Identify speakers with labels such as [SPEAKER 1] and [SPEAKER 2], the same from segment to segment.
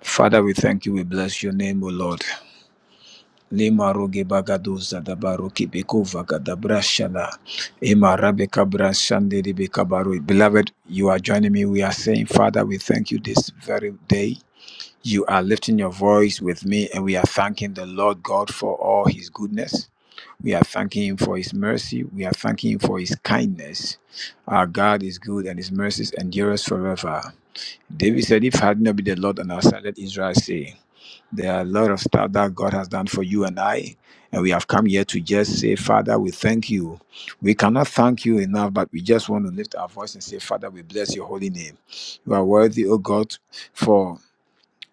[SPEAKER 1] Father, we thank you. We bless your name, O Lord. Limaroge bagadoza da baroke beko vagada brashana. Ema rabeka brashande de beka baro. Beloved, you are joining me. We are saying, Father, we thank you this very day. You are lifting your voice with me, and we are thanking the Lord God for all his goodness. We are thanking Him for His mercy. We are thanking Him for His kindness. Our God is good and His mercies endure us forever. David said, If had not been the Lord on our side, let Israel say, There are a lot of stuff that God has done for you and I. And we have come here to just say, Father, we thank you. We cannot thank you enough, but we just want to lift our voice and say, Father, we bless your holy name. You are worthy, O God, for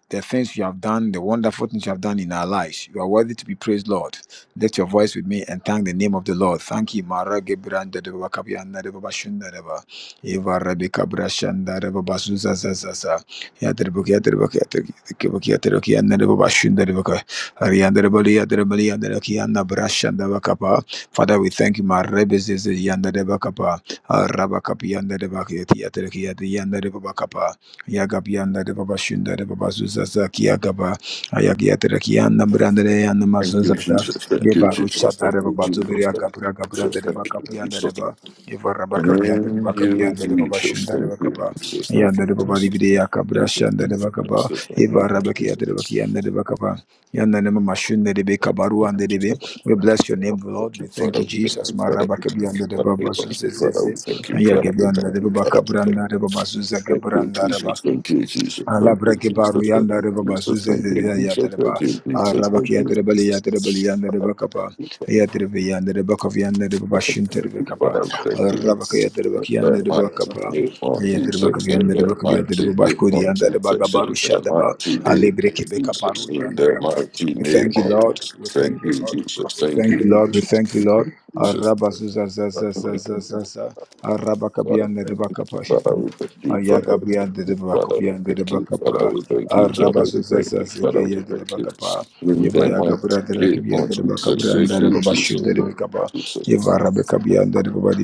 [SPEAKER 1] the things you have done, the wonderful things you have done in our lives. You are worthy to be praised, Lord. Lift your voice with me and thank the name of the Lord. Thank you. Mara gebranda de baba kabianda de baba shunda de baba. Eva rabi kabra shanda de baba zuza za za za. Ya de baba ya de baba ya de baba ya de baba ya de baba shunda de baba. Arianda de baba ya de baba ya de baba ya na bra shanda baba kapa. Father, we thank you. Mara bezeze yanda de baba kapa. Araba kapianda de baba ya de ya de ya de yanda de baba kapa. Yagabianda de Baba Shunda de Baba Zuzaza Kiagaba Ayagiatra Kiana Brandre and
[SPEAKER 2] Thank you,
[SPEAKER 1] Mazuzaza
[SPEAKER 2] Jesus. Thank you,
[SPEAKER 1] Yebaru
[SPEAKER 2] Jesus.
[SPEAKER 1] Shata
[SPEAKER 2] Thank
[SPEAKER 1] de
[SPEAKER 2] you,
[SPEAKER 1] Baba
[SPEAKER 2] Jesus.
[SPEAKER 1] Zubiria
[SPEAKER 2] Thank
[SPEAKER 1] Capra
[SPEAKER 2] you,
[SPEAKER 1] Capra
[SPEAKER 2] Jesus.
[SPEAKER 1] de
[SPEAKER 2] Thank you,
[SPEAKER 1] Bacapianda de
[SPEAKER 2] Jesus.
[SPEAKER 1] Ba Evara Bacapianda de
[SPEAKER 2] Thank
[SPEAKER 1] Bacapianda de
[SPEAKER 2] you,
[SPEAKER 1] Baba
[SPEAKER 2] Jesus.
[SPEAKER 1] Shunda de
[SPEAKER 2] Thank you, Jesus. Thank you,
[SPEAKER 1] Bacapa
[SPEAKER 2] Jesus. Thank
[SPEAKER 1] Yanda
[SPEAKER 2] you,
[SPEAKER 1] de Baba
[SPEAKER 2] Jesus. Thank
[SPEAKER 1] Libiria
[SPEAKER 2] you,
[SPEAKER 1] Cabra Shanda de Bacapa
[SPEAKER 2] Jesus. Thank you,
[SPEAKER 1] Evara Bakia
[SPEAKER 2] Jesus.
[SPEAKER 1] de Bakianda de Bacapa Yanda de Mama Shunda de Becabaru and de Be We bless your name,
[SPEAKER 2] Thank
[SPEAKER 1] Lord.
[SPEAKER 2] you,
[SPEAKER 1] We thank
[SPEAKER 2] Father.
[SPEAKER 1] you,
[SPEAKER 2] Thank
[SPEAKER 1] Jesus.
[SPEAKER 2] you, Father. We Thank you,
[SPEAKER 1] Marabacabianda de
[SPEAKER 2] Father. We
[SPEAKER 1] Baba
[SPEAKER 2] Thank you, Father. We
[SPEAKER 1] Zuzaze
[SPEAKER 2] Thank you, Father. We
[SPEAKER 1] Ayagianda
[SPEAKER 2] Thank
[SPEAKER 1] de
[SPEAKER 2] you,
[SPEAKER 1] Baba
[SPEAKER 2] Father. We Thank you.
[SPEAKER 1] Cabranda de Baba Zuzaga
[SPEAKER 2] Thank you,
[SPEAKER 1] Branda
[SPEAKER 2] Jesus. Thank you, Jesus. Thank you,
[SPEAKER 1] Alabra ke paru
[SPEAKER 2] Jesus. Thank
[SPEAKER 1] yanda reba
[SPEAKER 2] you,
[SPEAKER 1] basu
[SPEAKER 2] Jesus.
[SPEAKER 1] se se
[SPEAKER 2] Thank
[SPEAKER 1] se
[SPEAKER 2] you, Jesus.
[SPEAKER 1] yanda reba araba ke
[SPEAKER 2] Thank you,
[SPEAKER 1] yanda reba li
[SPEAKER 2] Jesus.
[SPEAKER 1] yanda reba li
[SPEAKER 2] Thank
[SPEAKER 1] yanda
[SPEAKER 2] you,
[SPEAKER 1] reba kapa
[SPEAKER 2] Jesus.
[SPEAKER 1] yanda reba yanda reba kafi yanda reba bashin terbe
[SPEAKER 2] for
[SPEAKER 1] kapa
[SPEAKER 2] them to do
[SPEAKER 1] araba ke
[SPEAKER 2] this.
[SPEAKER 1] yanda reba ki
[SPEAKER 2] If they
[SPEAKER 1] yanda
[SPEAKER 2] might
[SPEAKER 1] reba kapa
[SPEAKER 2] be more
[SPEAKER 1] yanda reba
[SPEAKER 2] Jesus,
[SPEAKER 1] kafi
[SPEAKER 2] if
[SPEAKER 1] yanda reba
[SPEAKER 2] they
[SPEAKER 1] kafi
[SPEAKER 2] might
[SPEAKER 1] yanda reba
[SPEAKER 2] be
[SPEAKER 1] bashkodi
[SPEAKER 2] more
[SPEAKER 1] yanda reba
[SPEAKER 2] Jesus,
[SPEAKER 1] gabaru
[SPEAKER 2] if they
[SPEAKER 1] shada ba
[SPEAKER 2] might be
[SPEAKER 1] alebre
[SPEAKER 2] more
[SPEAKER 1] ke be
[SPEAKER 2] Jesus,
[SPEAKER 1] kaparu
[SPEAKER 2] if
[SPEAKER 1] yanda
[SPEAKER 2] they
[SPEAKER 1] reba
[SPEAKER 2] might
[SPEAKER 1] we
[SPEAKER 2] be
[SPEAKER 1] thank you
[SPEAKER 2] more
[SPEAKER 1] lord
[SPEAKER 2] Jesus.
[SPEAKER 1] we thank
[SPEAKER 2] Thank
[SPEAKER 1] you
[SPEAKER 2] you,
[SPEAKER 1] lord
[SPEAKER 2] Jesus.
[SPEAKER 1] we
[SPEAKER 2] Thank
[SPEAKER 1] thank
[SPEAKER 2] you,
[SPEAKER 1] you lord we thank you lord
[SPEAKER 2] Jesus.
[SPEAKER 1] araba zuza za za za za za za araba kabi
[SPEAKER 2] Father,
[SPEAKER 1] yanda reba kapa
[SPEAKER 2] Father, we thank you, Father, we thank
[SPEAKER 1] Ayagabrian
[SPEAKER 2] you,
[SPEAKER 1] de
[SPEAKER 2] Father, we
[SPEAKER 1] Bracopian de
[SPEAKER 2] thank you, Father,
[SPEAKER 1] Bacapa,
[SPEAKER 2] we thank you, Father, we thank you, Father, we
[SPEAKER 1] Arabasuzazazakia de
[SPEAKER 2] thank you.
[SPEAKER 1] Bacapa,
[SPEAKER 2] In the
[SPEAKER 1] Evayagabra
[SPEAKER 2] mighty
[SPEAKER 1] de
[SPEAKER 2] name
[SPEAKER 1] Rakibia
[SPEAKER 2] of
[SPEAKER 1] de
[SPEAKER 2] Jesus,
[SPEAKER 1] Bacabran
[SPEAKER 2] thank
[SPEAKER 1] de
[SPEAKER 2] you,
[SPEAKER 1] Babashu
[SPEAKER 2] Jesus,
[SPEAKER 1] de
[SPEAKER 2] thank
[SPEAKER 1] Bicapa,
[SPEAKER 2] you, Jesus. Thank
[SPEAKER 1] Evarabecabian de Babadi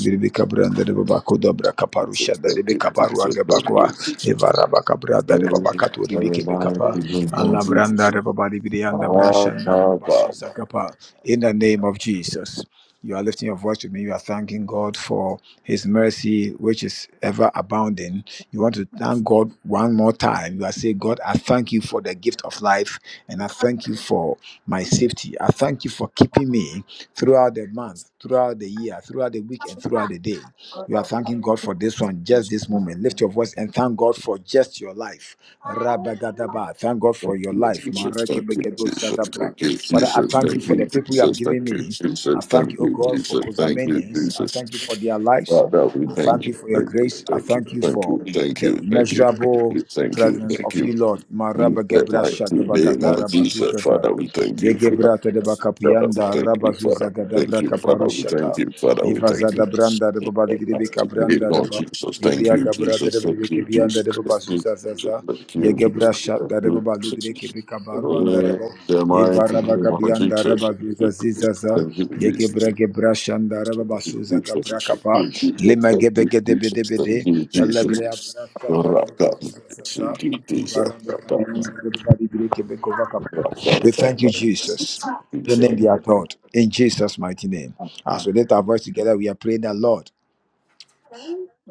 [SPEAKER 2] you,
[SPEAKER 1] Bicabran de Babacoda Bracaparusha
[SPEAKER 2] Jesus, thank
[SPEAKER 1] de
[SPEAKER 2] you,
[SPEAKER 1] Bicaparua
[SPEAKER 2] Jesus, thank
[SPEAKER 1] Gabacua,
[SPEAKER 2] you, Jesus.
[SPEAKER 1] Evarabacabra de
[SPEAKER 2] In
[SPEAKER 1] Babacato
[SPEAKER 2] the
[SPEAKER 1] Ribici
[SPEAKER 2] mighty
[SPEAKER 1] Bicapa,
[SPEAKER 2] name of
[SPEAKER 1] Alabranda
[SPEAKER 2] Jesus.
[SPEAKER 1] de Babadi Brianda
[SPEAKER 2] Ah,
[SPEAKER 1] Brashan de
[SPEAKER 2] ah, ah,
[SPEAKER 1] Babasuzagapa.
[SPEAKER 2] ah.
[SPEAKER 1] In the name of Jesus. You are lifting your voice with me. You are thanking God for His mercy, which is ever abounding you want to thank God one more time. You are saying, God, I thank you for the gift of life, and I thank you for my safety. I thank you for keeping me throughout the month, throughout the year, throughout the week, and throughout the day. You are thanking God for this one, just this
[SPEAKER 2] ah.
[SPEAKER 1] moment. Lift your voice and thank God for just your life. Rabagadaba. Thank God for
[SPEAKER 2] Thank
[SPEAKER 1] your
[SPEAKER 2] you,
[SPEAKER 1] life.
[SPEAKER 2] Jesus. Thank you, Jesus.
[SPEAKER 1] Marekebegedosadabra.
[SPEAKER 2] Thank you,
[SPEAKER 1] Father, I
[SPEAKER 2] Jesus.
[SPEAKER 1] thank you
[SPEAKER 2] Thank you,
[SPEAKER 1] for the people you have
[SPEAKER 2] Jesus. Thank
[SPEAKER 1] given
[SPEAKER 2] you,
[SPEAKER 1] me. I
[SPEAKER 2] Jesus.
[SPEAKER 1] thank
[SPEAKER 2] Thank
[SPEAKER 1] you, O
[SPEAKER 2] you,
[SPEAKER 1] God, for
[SPEAKER 2] Jesus. Thank you,
[SPEAKER 1] Kozamanians. I
[SPEAKER 2] Jesus.
[SPEAKER 1] thank you for their lives.
[SPEAKER 2] Father, we
[SPEAKER 1] I
[SPEAKER 2] thank
[SPEAKER 1] thank you
[SPEAKER 2] you.
[SPEAKER 1] for your
[SPEAKER 2] Thank you.
[SPEAKER 1] grace. I
[SPEAKER 2] Thank you.
[SPEAKER 1] thank you
[SPEAKER 2] Thank
[SPEAKER 1] for
[SPEAKER 2] you. Thank
[SPEAKER 1] the
[SPEAKER 2] you. Thank you. Thank
[SPEAKER 1] immeasurable
[SPEAKER 2] you. Thank you.
[SPEAKER 1] presence
[SPEAKER 2] Thank
[SPEAKER 1] of
[SPEAKER 2] you.
[SPEAKER 1] you, Lord.
[SPEAKER 2] You set like two big ones. You said,
[SPEAKER 1] Marabagebrashagabagadarabazuzaza.
[SPEAKER 2] Father, we thank you.
[SPEAKER 1] Yeke
[SPEAKER 2] for that.
[SPEAKER 1] brata de
[SPEAKER 2] Father,
[SPEAKER 1] bakapianda, rabazuza
[SPEAKER 2] we
[SPEAKER 1] gada
[SPEAKER 2] thank you.
[SPEAKER 1] braka
[SPEAKER 2] Father, we thank
[SPEAKER 1] parushata.
[SPEAKER 2] you. Father, we thank you. Father, we
[SPEAKER 1] Eva
[SPEAKER 2] thank
[SPEAKER 1] zada
[SPEAKER 2] you.
[SPEAKER 1] branda de baba di bidebeka
[SPEAKER 2] Nigga,
[SPEAKER 1] branda de
[SPEAKER 2] no,
[SPEAKER 1] ba.
[SPEAKER 2] Jesus, thank
[SPEAKER 1] Evia
[SPEAKER 2] you,
[SPEAKER 1] gabra de
[SPEAKER 2] Jesus, thank
[SPEAKER 1] bidebeke
[SPEAKER 2] you,
[SPEAKER 1] bianda
[SPEAKER 2] Jesus,
[SPEAKER 1] de baba
[SPEAKER 2] thank you, Jesus,
[SPEAKER 1] zuza zaza.
[SPEAKER 2] thank you,
[SPEAKER 1] Yeke
[SPEAKER 2] Jesus, thank
[SPEAKER 1] brashata de
[SPEAKER 2] you,
[SPEAKER 1] baba di bideke
[SPEAKER 2] Jesus.
[SPEAKER 1] beka baruanda de
[SPEAKER 2] In
[SPEAKER 1] ba.
[SPEAKER 2] the
[SPEAKER 1] Eva
[SPEAKER 2] mighty name
[SPEAKER 1] rabaga
[SPEAKER 2] of
[SPEAKER 1] bianda
[SPEAKER 2] Jesus,
[SPEAKER 1] rabazuza
[SPEAKER 2] thank you,
[SPEAKER 1] zizaza.
[SPEAKER 2] thank you,
[SPEAKER 1] Yeke
[SPEAKER 2] Jesus,
[SPEAKER 1] brake brashanda
[SPEAKER 2] thank
[SPEAKER 1] rababasuza
[SPEAKER 2] you, Jesus,
[SPEAKER 1] gabra
[SPEAKER 2] thank
[SPEAKER 1] kapa.
[SPEAKER 2] you, Jesus,
[SPEAKER 1] Lima
[SPEAKER 2] thank
[SPEAKER 1] gebeke de
[SPEAKER 2] you,
[SPEAKER 1] bede
[SPEAKER 2] Jesus, thank
[SPEAKER 1] bede.
[SPEAKER 2] you,
[SPEAKER 1] Elebrea
[SPEAKER 2] Jesus.
[SPEAKER 1] brashata
[SPEAKER 2] Rakam,
[SPEAKER 1] rababasuza
[SPEAKER 2] thank you,
[SPEAKER 1] zaza. We
[SPEAKER 2] Jesus, Praise
[SPEAKER 1] thank you, Jesus. Your name be adored in Jesus' mighty name. As we lift our voice together, we are praying that Lord.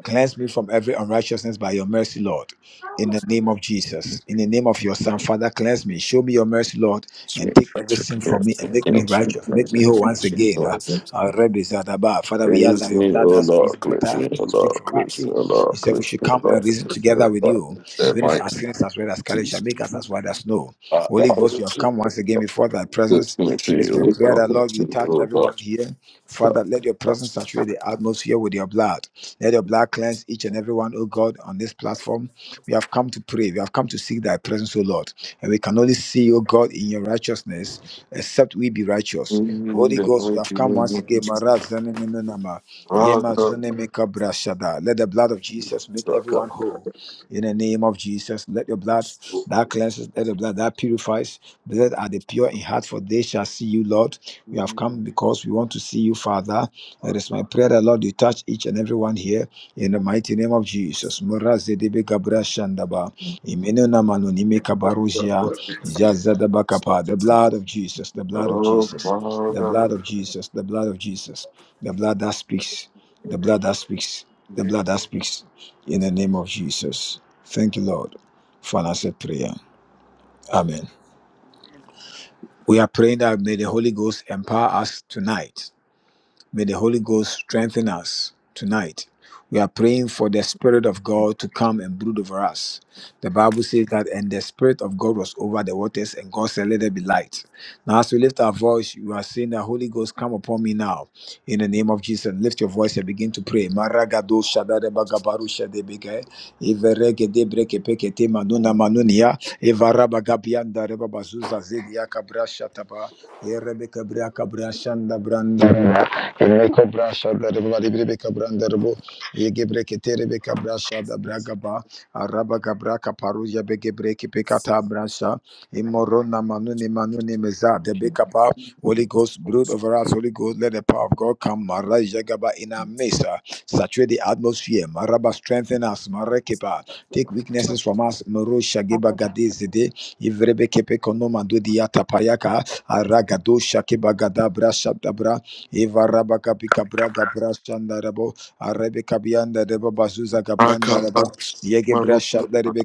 [SPEAKER 1] Cleanse me from every unrighteousness by your mercy, Lord. In the name of Jesus. In the name of your Son, Father, cleanse me. Show me your mercy, Lord, and take every sin from me and make me righteous. Make me whole once again. Uh, uh, Rebbe Zadaba. Father, we ask that your
[SPEAKER 2] me,
[SPEAKER 1] blood
[SPEAKER 2] O
[SPEAKER 1] that speaks
[SPEAKER 2] Lord, praise
[SPEAKER 1] better
[SPEAKER 2] me, O
[SPEAKER 1] will speak
[SPEAKER 2] Lord,
[SPEAKER 1] for
[SPEAKER 2] praise
[SPEAKER 1] us.
[SPEAKER 2] me, O
[SPEAKER 1] You
[SPEAKER 2] Lord,
[SPEAKER 1] said we
[SPEAKER 2] praise
[SPEAKER 1] should
[SPEAKER 2] me, O
[SPEAKER 1] come and
[SPEAKER 2] Lord,
[SPEAKER 1] reason together with you.
[SPEAKER 2] the
[SPEAKER 1] Even if our
[SPEAKER 2] might of
[SPEAKER 1] sins as red as scarlet shall
[SPEAKER 2] Jesus.
[SPEAKER 1] make us as white as snow.
[SPEAKER 2] Ah, the
[SPEAKER 1] Holy Ghost,
[SPEAKER 2] Holy
[SPEAKER 1] you have
[SPEAKER 2] Spirit,
[SPEAKER 1] come once again before thy presence.
[SPEAKER 2] praise
[SPEAKER 1] It
[SPEAKER 2] me,
[SPEAKER 1] is my
[SPEAKER 2] O
[SPEAKER 1] prayer
[SPEAKER 2] Lord,
[SPEAKER 1] that, Lord,
[SPEAKER 2] praise
[SPEAKER 1] you
[SPEAKER 2] me,
[SPEAKER 1] touch
[SPEAKER 2] O
[SPEAKER 1] everyone
[SPEAKER 2] Lord.
[SPEAKER 1] here. Father, let your presence
[SPEAKER 2] That's it.
[SPEAKER 1] saturate the atmosphere with your blood. Let your blood cleanse each and every one, oh God, on this platform. We have come to pray. We have come to seek thy presence, O Lord. And we can only see, O God, in your righteousness, except we be righteous.
[SPEAKER 2] In
[SPEAKER 1] Holy
[SPEAKER 2] the
[SPEAKER 1] Ghost, we have
[SPEAKER 2] mighty
[SPEAKER 1] come
[SPEAKER 2] name
[SPEAKER 1] once
[SPEAKER 2] of
[SPEAKER 1] again.
[SPEAKER 2] Jesus.
[SPEAKER 1] Mara zene meno nama,
[SPEAKER 2] Ah,
[SPEAKER 1] yema
[SPEAKER 2] God,
[SPEAKER 1] zene meka bra shada. Let the blood of Jesus make
[SPEAKER 2] God,
[SPEAKER 1] everyone
[SPEAKER 2] God,
[SPEAKER 1] whole. In the name of Jesus, let your blood that cleanses, let the blood that purifies. Blessed are the pure in heart, for they shall see you, Lord. We have come because we want to see you, Father. It is my prayer that Lord, you touch each and every one here in the mighty name of Jesus. Moraze debe gabra shandaba. Imeno na mano nime kabaruzia.
[SPEAKER 2] God,
[SPEAKER 1] Jazadaba kapa. The
[SPEAKER 2] God.
[SPEAKER 1] blood of Jesus, the blood of
[SPEAKER 2] Oh,
[SPEAKER 1] Jesus, the
[SPEAKER 2] Father,
[SPEAKER 1] blood of Jesus, the blood of Jesus, the blood that speaks, the blood that speaks,
[SPEAKER 2] we
[SPEAKER 1] the
[SPEAKER 2] thank you
[SPEAKER 1] blood that speaks in the name of Jesus. Thank you, Lord, for an answered prayer. Amen. We are praying that may the Holy Ghost empower us tonight May the Holy Ghost strengthen us tonight. We are praying for the Spirit of God to come and brood over us. The Bible says that, and the Spirit of God was over the waters, and God said, Let there be light. Now, as we lift our voice, you are saying, The Holy Ghost, come upon me now. In the name of Jesus, lift your voice and begin to pray. Maragado shadare bagabaru shadebege, iverege debreke pekete manuna manunia, ivarabagabianda rebabazuza zedia kabra shataba, erebeke bria kabra shanda branda. Reko brasha da reba libri beka branda rebo yege breke beka brasha da braga ba araba gabra kaparuja bege breke beka ta brasha imorona na manu ni manu ni meza de beka pa Holy Ghost brood over us Holy Ghost let the power of God come maraja gaba in our midst ah. saturate the atmosphere maraba strengthen us marakepa take weaknesses from us maro shageba gadezide ivrebe kepe konoma do diata payaka aragado shakeba gada brasha Eva kapi kapra kapra shanda rabo. Arebe kabianda rebo bazuza
[SPEAKER 2] for
[SPEAKER 1] kapranda rabo. Yege brasha darebe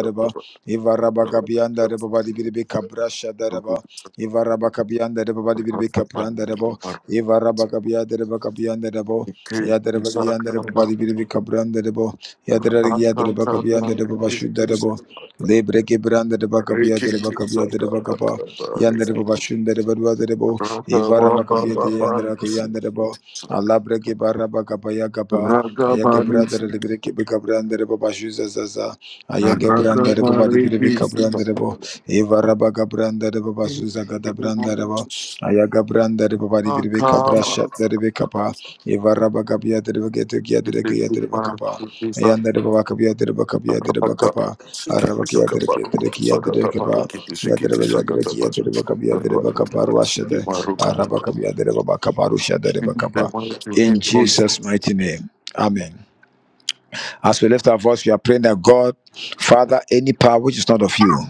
[SPEAKER 2] the grace of
[SPEAKER 1] rebo.
[SPEAKER 2] God.
[SPEAKER 1] Eva kabianda rebo badi biribe kabra shada rebo. Eva kabianda rebo badi biribe kapranda rebo. Eva kabianda rebo kabianda rebo.
[SPEAKER 2] We thank
[SPEAKER 1] Yadere
[SPEAKER 2] you,
[SPEAKER 1] kabianda rebo
[SPEAKER 2] Sakama.
[SPEAKER 1] badi biribe kabranda rebo. Yadere yadere kabianda
[SPEAKER 2] the we
[SPEAKER 1] rebo
[SPEAKER 2] thank
[SPEAKER 1] bashuda
[SPEAKER 2] you,
[SPEAKER 1] rebo.
[SPEAKER 2] Sakaka.
[SPEAKER 1] Lebre kebranda rebo kabianda rebo
[SPEAKER 2] Rikiti,
[SPEAKER 1] kabianda rebo kapa.
[SPEAKER 2] Sakakaka,
[SPEAKER 1] Yandere rebo
[SPEAKER 2] rikiti.
[SPEAKER 1] rebo duada rebo. Ivara bakapia de
[SPEAKER 2] Rakabababa,
[SPEAKER 1] andra
[SPEAKER 2] we thank you,
[SPEAKER 1] kuyandere bo.
[SPEAKER 2] Sakaka.
[SPEAKER 1] Allah breki bara bakapaya kapa. Ayake
[SPEAKER 2] Rakaba, we thank
[SPEAKER 1] brandere
[SPEAKER 2] you.
[SPEAKER 1] libere kibi kabrandere bo bashuza zaza. Ayake brandere
[SPEAKER 2] Rakaba,
[SPEAKER 1] bo badi bire
[SPEAKER 2] rikiti,
[SPEAKER 1] bikabrandere bo.
[SPEAKER 2] Sakaka.
[SPEAKER 1] Ivara bakabrandere bo
[SPEAKER 2] We thank
[SPEAKER 1] basuza gada
[SPEAKER 2] you,
[SPEAKER 1] brandere bo. Ayake brandere bo badi bire
[SPEAKER 2] Sakaka.
[SPEAKER 1] bikabrasha dere bikapa. Ivara bakapia dere bakete kia
[SPEAKER 2] We
[SPEAKER 1] dere
[SPEAKER 2] thank
[SPEAKER 1] kia dere bakapa.
[SPEAKER 2] you, Sakaka.
[SPEAKER 1] Ayandere bo bakapia dere
[SPEAKER 2] Thank
[SPEAKER 1] bakapia dere bakapa. Arabakia dere kia dere kia dere kapa. Yadere ba yadere kia dere bakapia dere bakapa ruasha in Jesus' mighty name. Amen. As we lift our voice, we are praying that God, Father, any power which is not of you.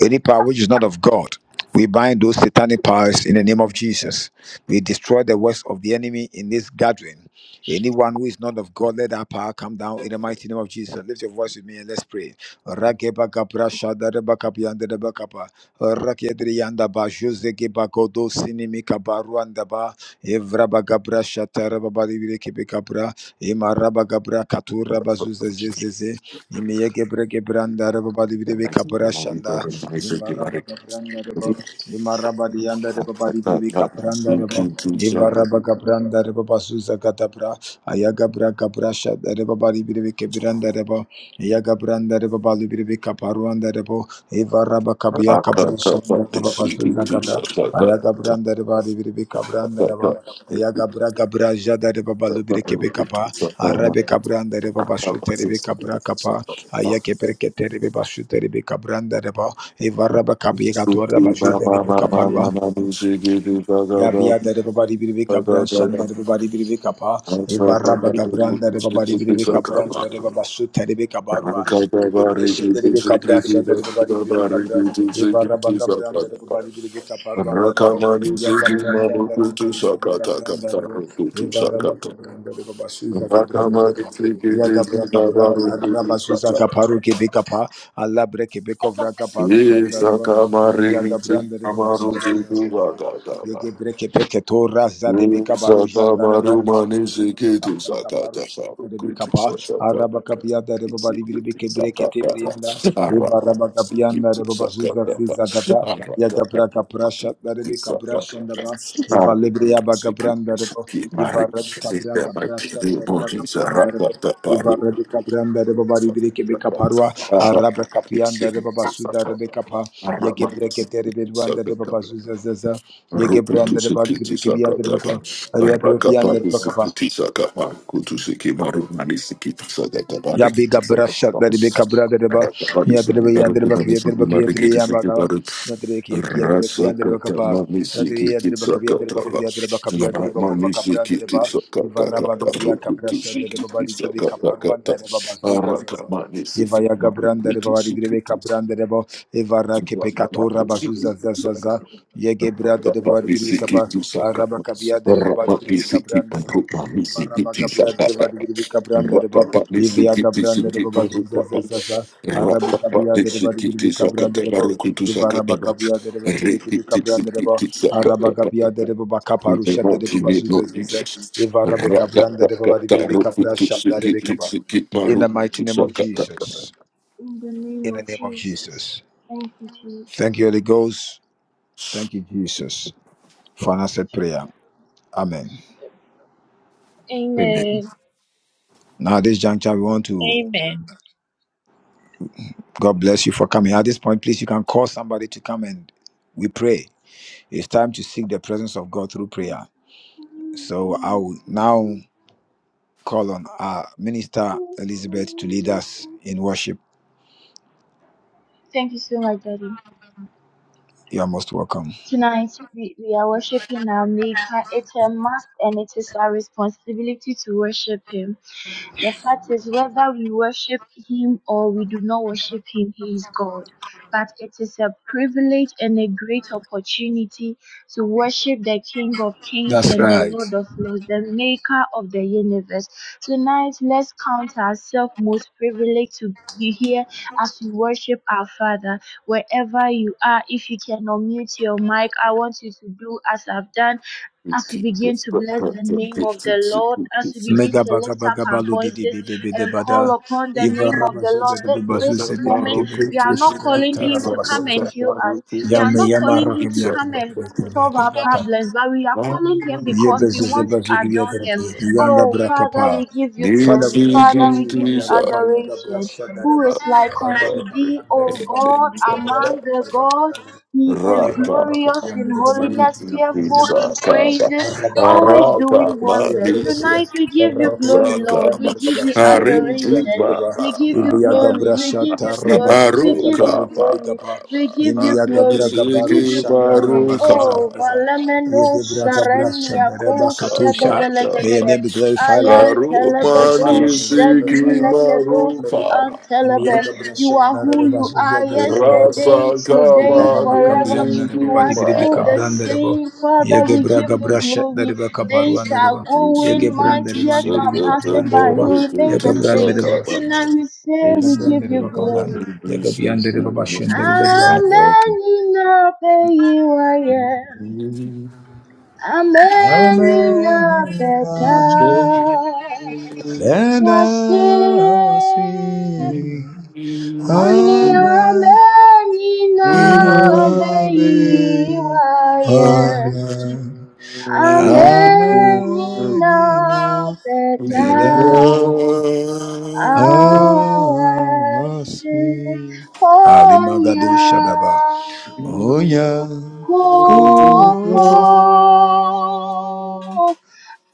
[SPEAKER 1] Any power which is not of God, we bind those satanic powers in the name of Jesus. We destroy the works of the enemy in this gathering. Anyone who is not of God, let that power come down in the mighty name of Jesus. Lift your voice with me and let's pray. Rageba gabra shada reba kabianda reba kapa. Rakedri yanda ba jose geba godo sinimi kabaru anda ba. Evra ba gabra shata reba ba libire kebe kabra. Ima raba gabra katura ba zuze zeze ze. Imi ye gebre gebranda reba ba libire be kabra shanda. Ivaraba Capranda Rebo, Imaraba Dianda Rebo Baribi Capranda Rebo, Ivaraba Capranda Rebo Basuza Catapra, Ayagabra Caprasha, the Rebo Baribi Capranda Rebo, Yagabranda reba balu biribi kaparuanda rebo Eva raba kabia kabrushanda reba basu zagada Ayagabranda reba biribi kabranda reba Yagabra gabra jada reba balu biri kebe kapa Arabe kabranda reba basu terebe kabra kapa Ayake perke terebe basu terebe kabranda reba Eva raba kabia katua reba basu terebe kapalua Ya
[SPEAKER 2] you.
[SPEAKER 1] biya da da babadi biri be kabran shanda
[SPEAKER 2] Rakamani
[SPEAKER 1] da babadi biri be kapa. Eva raba gabran da da babadi biri be kabran da da babasu tari be kabarua. Ya de breshe da da be kabran shanda da babadi biri be kabran. Eva raba gabran da da babadi biri be kaparua da da bo. Ya gabran shanda da babadi biri be kabran da da bo. Eva raba gabran da da babasu za gabran da da bo braka branta rabazuza kaparu kebeka pa alabre kebeko vraka paru shanda reba imiya gabranda reba basuza zaza gege breke peke tora zade beka baru
[SPEAKER 2] Saka
[SPEAKER 1] janda reba
[SPEAKER 2] maru mani
[SPEAKER 1] ivara
[SPEAKER 2] siki
[SPEAKER 1] beka
[SPEAKER 2] tu
[SPEAKER 1] braka
[SPEAKER 2] saka
[SPEAKER 1] paru
[SPEAKER 2] taka
[SPEAKER 1] shanda
[SPEAKER 2] ruku
[SPEAKER 1] rebeka
[SPEAKER 2] tu
[SPEAKER 1] pa
[SPEAKER 2] saka taka
[SPEAKER 1] araba kapia da reba bari
[SPEAKER 2] siki
[SPEAKER 1] biri
[SPEAKER 2] tu
[SPEAKER 1] beke
[SPEAKER 2] saka
[SPEAKER 1] breke
[SPEAKER 2] taka
[SPEAKER 1] tebriyanda
[SPEAKER 2] ara
[SPEAKER 1] ivara
[SPEAKER 2] mani
[SPEAKER 1] baka
[SPEAKER 2] siki
[SPEAKER 1] piyanda
[SPEAKER 2] tu
[SPEAKER 1] reba
[SPEAKER 2] saka
[SPEAKER 1] basuza
[SPEAKER 2] taka
[SPEAKER 1] ziza gata
[SPEAKER 2] ara
[SPEAKER 1] Yada
[SPEAKER 2] taka
[SPEAKER 1] braka prasha
[SPEAKER 2] tu
[SPEAKER 1] daribi
[SPEAKER 2] saka
[SPEAKER 1] kabrasha ndaba
[SPEAKER 2] ara
[SPEAKER 1] iva libria baka
[SPEAKER 2] siki
[SPEAKER 1] branda rebo
[SPEAKER 2] siki mari
[SPEAKER 1] iva rabi kabra
[SPEAKER 2] siki mari
[SPEAKER 1] kabrasha
[SPEAKER 2] di
[SPEAKER 1] dariba
[SPEAKER 2] bodi saka
[SPEAKER 1] kabranda rebo
[SPEAKER 2] taka
[SPEAKER 1] iva
[SPEAKER 2] paru
[SPEAKER 1] rabi kabranda rebo bari
[SPEAKER 2] saka
[SPEAKER 1] biri kebe
[SPEAKER 2] taka ara
[SPEAKER 1] araba kapianda
[SPEAKER 2] siki
[SPEAKER 1] rebo basuda
[SPEAKER 2] saka
[SPEAKER 1] rebe kapa
[SPEAKER 2] ara
[SPEAKER 1] yege
[SPEAKER 2] mani
[SPEAKER 1] breke deribi
[SPEAKER 2] saka
[SPEAKER 1] bazuza zaza yege branda rebo bari
[SPEAKER 2] Rukutusukiti
[SPEAKER 1] biri kebe yanda
[SPEAKER 2] sakataba, rakapaku sikiti sakapa, kutusiki marumani sikiti sakataba,
[SPEAKER 1] Ya biga
[SPEAKER 2] rikiti
[SPEAKER 1] up shot
[SPEAKER 2] sakataba,
[SPEAKER 1] that big deba
[SPEAKER 2] rakapani
[SPEAKER 1] ya
[SPEAKER 2] sikiti
[SPEAKER 1] deba ya deba
[SPEAKER 2] marumani
[SPEAKER 1] ya
[SPEAKER 2] sikiti
[SPEAKER 1] deba ya deba
[SPEAKER 2] marikiti
[SPEAKER 1] ya
[SPEAKER 2] sikiti
[SPEAKER 1] baga
[SPEAKER 2] maru,
[SPEAKER 1] ya deba ki ya deba ki ya deba kapa
[SPEAKER 2] rasakatama ni
[SPEAKER 1] ya deba ya
[SPEAKER 2] sikiti
[SPEAKER 1] deba kapa ya deba kofi
[SPEAKER 2] sakataba,
[SPEAKER 1] ya deba kapa ya deba kofa
[SPEAKER 2] naramani
[SPEAKER 1] kapra
[SPEAKER 2] sikiti
[SPEAKER 1] deba ivara ba
[SPEAKER 2] sakatakata,
[SPEAKER 1] bibria kapra deba ba
[SPEAKER 2] rukutusikiti
[SPEAKER 1] di deba kapa
[SPEAKER 2] sakatakata,
[SPEAKER 1] deba ba zuza
[SPEAKER 2] arakamani
[SPEAKER 1] Eva
[SPEAKER 2] sikiti
[SPEAKER 1] yaga branda reba wari direbe
[SPEAKER 2] marikutusikiti
[SPEAKER 1] kabranda reba Eva rake pekatora bazuza zazaza
[SPEAKER 2] sakataba,
[SPEAKER 1] Yege branda reba
[SPEAKER 2] Amen.
[SPEAKER 1] wari direbe kapa Araba kabiyade reba wari direbe kabranda reba Eva raba kabiyade reba wari direbe kabranda reba Eva yaga branda reba bazuza zazaza Arabe kabiyade reba wari direbe kabranda reba Eva raba kabiyade reba wari direbe kabranda reba Araba kabiyade reba baka parusha reba bazuza zazaza Eva rabe kabranda reba wari direbe kapra shadda reba kaba in the mighty name of Jesus.
[SPEAKER 3] In the name
[SPEAKER 1] In the
[SPEAKER 3] of
[SPEAKER 1] name of
[SPEAKER 3] Jesus.
[SPEAKER 1] Jesus.
[SPEAKER 3] Thank you,
[SPEAKER 1] Thank
[SPEAKER 3] Jesus.
[SPEAKER 1] you, Holy Ghost. Thank you, Jesus, for an answered prayer. Amen.
[SPEAKER 3] Amen.
[SPEAKER 1] Now, at this juncture, we want to,
[SPEAKER 4] Amen.
[SPEAKER 1] God bless you for coming. At this point, please, you can call somebody to come and we pray. It's time to seek the presence of God through prayer. So I will now call on our minister, Elizabeth, to lead us in worship.
[SPEAKER 3] Thank you so much, Daddy.
[SPEAKER 1] You are most welcome.
[SPEAKER 3] Tonight we, we are worshiping our Maker. It's a must and it is our responsibility to worship Him. The fact is, whether we worship Him or we do not worship Him, He is God. But it is a privilege and a great opportunity to worship the King of Kings
[SPEAKER 1] That's
[SPEAKER 3] and the
[SPEAKER 1] right.
[SPEAKER 3] Lord of Lords, the Maker of the universe. Tonight, let's count ourselves most privileged to be here as we worship our Father. Wherever you are, if you can unmute your mic, I want you to do as I've done as we begin to bless the name of the Lord, as we begin
[SPEAKER 1] Mega
[SPEAKER 3] to
[SPEAKER 1] baga
[SPEAKER 3] lift up
[SPEAKER 1] baga
[SPEAKER 3] our
[SPEAKER 1] balu di di
[SPEAKER 3] voices
[SPEAKER 1] bi di bi di
[SPEAKER 3] and
[SPEAKER 1] bada
[SPEAKER 3] call upon the
[SPEAKER 1] Iva
[SPEAKER 3] name of
[SPEAKER 1] raba
[SPEAKER 3] the
[SPEAKER 1] shada
[SPEAKER 3] Lord.
[SPEAKER 1] di
[SPEAKER 2] Raka,
[SPEAKER 1] bi
[SPEAKER 3] This,
[SPEAKER 1] bazu
[SPEAKER 3] this
[SPEAKER 1] se di bi
[SPEAKER 3] moment,
[SPEAKER 1] kibri
[SPEAKER 3] we are
[SPEAKER 1] kibri
[SPEAKER 3] not
[SPEAKER 1] kabra
[SPEAKER 3] calling
[SPEAKER 1] tara
[SPEAKER 3] Him to
[SPEAKER 1] raba
[SPEAKER 3] come and
[SPEAKER 1] suza
[SPEAKER 3] heal us, we are
[SPEAKER 1] Yame
[SPEAKER 3] not
[SPEAKER 1] yama
[SPEAKER 3] calling
[SPEAKER 1] raka
[SPEAKER 3] Him to
[SPEAKER 1] biyan
[SPEAKER 3] come
[SPEAKER 1] kibri
[SPEAKER 3] and
[SPEAKER 1] kibri kibri
[SPEAKER 3] solve
[SPEAKER 1] yatir
[SPEAKER 3] our
[SPEAKER 1] braka
[SPEAKER 3] problems, but we are calling Him
[SPEAKER 1] Ye
[SPEAKER 3] because we
[SPEAKER 1] bezu se
[SPEAKER 3] want to
[SPEAKER 1] bezu kibri
[SPEAKER 3] adore
[SPEAKER 1] yatir
[SPEAKER 3] Him.
[SPEAKER 1] braka Yanda
[SPEAKER 3] Oh,
[SPEAKER 1] braka
[SPEAKER 3] Father,
[SPEAKER 1] pa
[SPEAKER 3] we give you
[SPEAKER 1] Father,
[SPEAKER 3] glory,
[SPEAKER 1] we
[SPEAKER 3] Father,
[SPEAKER 1] exalt
[SPEAKER 3] we
[SPEAKER 1] you, my
[SPEAKER 3] give you
[SPEAKER 1] Yagaba, Yagabra
[SPEAKER 3] adoration. Who
[SPEAKER 1] Shadareba,
[SPEAKER 3] is like
[SPEAKER 1] Arabic,
[SPEAKER 3] unto thee, O God, among the gods?
[SPEAKER 1] Rabba,
[SPEAKER 3] He
[SPEAKER 1] May
[SPEAKER 3] is glorious
[SPEAKER 1] your
[SPEAKER 3] in holiness, fearful in praises, always doing wonders. Tonight we give you glory, Lord.
[SPEAKER 2] Sakaba.
[SPEAKER 3] We give you
[SPEAKER 2] Arinji
[SPEAKER 3] adoration. We give you
[SPEAKER 2] Baba
[SPEAKER 3] glory. We give you glory. We give you
[SPEAKER 2] Aruka ba
[SPEAKER 3] glory.
[SPEAKER 2] ba ba
[SPEAKER 3] We give
[SPEAKER 2] ba
[SPEAKER 3] you glory. We
[SPEAKER 2] nisiki
[SPEAKER 3] give you glory.
[SPEAKER 2] maruka
[SPEAKER 3] Oh,
[SPEAKER 2] ba ba ba
[SPEAKER 3] valameno Sarenia Ko
[SPEAKER 2] sakata ba
[SPEAKER 3] Shedevelegedehe.
[SPEAKER 1] name be
[SPEAKER 3] I
[SPEAKER 1] glorified,
[SPEAKER 3] am
[SPEAKER 1] Lord. Let me
[SPEAKER 2] Aruma
[SPEAKER 1] glorify
[SPEAKER 3] Telebedo
[SPEAKER 1] Lord, let me
[SPEAKER 2] nisiki
[SPEAKER 1] glorify Lord.
[SPEAKER 3] Shedibilekedoski
[SPEAKER 2] maruka ba ba
[SPEAKER 3] Antelebe.
[SPEAKER 1] Imiyaga
[SPEAKER 3] You
[SPEAKER 1] brashanda
[SPEAKER 3] are
[SPEAKER 1] raba
[SPEAKER 3] who you are
[SPEAKER 1] basuzaga baraba rabo.
[SPEAKER 2] Rasa
[SPEAKER 3] yesterday,
[SPEAKER 2] kama
[SPEAKER 3] today,
[SPEAKER 1] Ibara
[SPEAKER 3] forever.
[SPEAKER 1] makabranda
[SPEAKER 2] nisiki
[SPEAKER 1] rabo
[SPEAKER 3] You
[SPEAKER 1] badi
[SPEAKER 3] are
[SPEAKER 2] ba
[SPEAKER 1] biri
[SPEAKER 3] still
[SPEAKER 2] ba
[SPEAKER 3] the
[SPEAKER 1] bikabranda rabo.
[SPEAKER 3] same. Father,
[SPEAKER 1] Yege
[SPEAKER 3] we give
[SPEAKER 1] braga
[SPEAKER 3] you
[SPEAKER 1] brashanda
[SPEAKER 3] glory.
[SPEAKER 1] rabo
[SPEAKER 3] Days
[SPEAKER 1] kaparwanda rabo.
[SPEAKER 3] are
[SPEAKER 1] Yege
[SPEAKER 3] going,
[SPEAKER 2] Nisiki
[SPEAKER 1] branda
[SPEAKER 3] months,
[SPEAKER 1] rabo
[SPEAKER 3] years
[SPEAKER 1] badi
[SPEAKER 2] kisa
[SPEAKER 1] biri
[SPEAKER 3] are
[SPEAKER 2] kata
[SPEAKER 3] passing
[SPEAKER 1] bikabranda
[SPEAKER 3] by.
[SPEAKER 1] rabo.
[SPEAKER 3] You
[SPEAKER 2] baruku
[SPEAKER 3] remain
[SPEAKER 1] Yege
[SPEAKER 3] the
[SPEAKER 1] branda
[SPEAKER 2] kisa
[SPEAKER 3] same.
[SPEAKER 1] rabo
[SPEAKER 2] kaba
[SPEAKER 1] bashanda
[SPEAKER 3] Tonight
[SPEAKER 1] rabo.
[SPEAKER 3] we say
[SPEAKER 1] Yege
[SPEAKER 3] we
[SPEAKER 1] branda
[SPEAKER 3] give
[SPEAKER 2] Nisiki
[SPEAKER 3] you
[SPEAKER 1] rabo kabranda.
[SPEAKER 2] mari
[SPEAKER 3] glory.
[SPEAKER 1] Yege
[SPEAKER 2] nisiki
[SPEAKER 1] branda rabo bashanda rabo branda.
[SPEAKER 3] Amen. You know, pay you are, yeah.
[SPEAKER 2] Thank
[SPEAKER 3] Amen. You
[SPEAKER 1] Amen.
[SPEAKER 3] know, better.
[SPEAKER 1] And
[SPEAKER 3] Was
[SPEAKER 1] I was
[SPEAKER 3] it?
[SPEAKER 1] singing,
[SPEAKER 3] Oh, I'm in
[SPEAKER 1] Amen,
[SPEAKER 3] a
[SPEAKER 1] in
[SPEAKER 3] midnight
[SPEAKER 1] Amen,
[SPEAKER 3] highway.
[SPEAKER 1] Amen,
[SPEAKER 3] I'm in
[SPEAKER 1] Amen,
[SPEAKER 3] a bed
[SPEAKER 1] in Amen,
[SPEAKER 3] of arrows, holding
[SPEAKER 1] Shadaba,
[SPEAKER 3] on,
[SPEAKER 1] Oya, Kopo.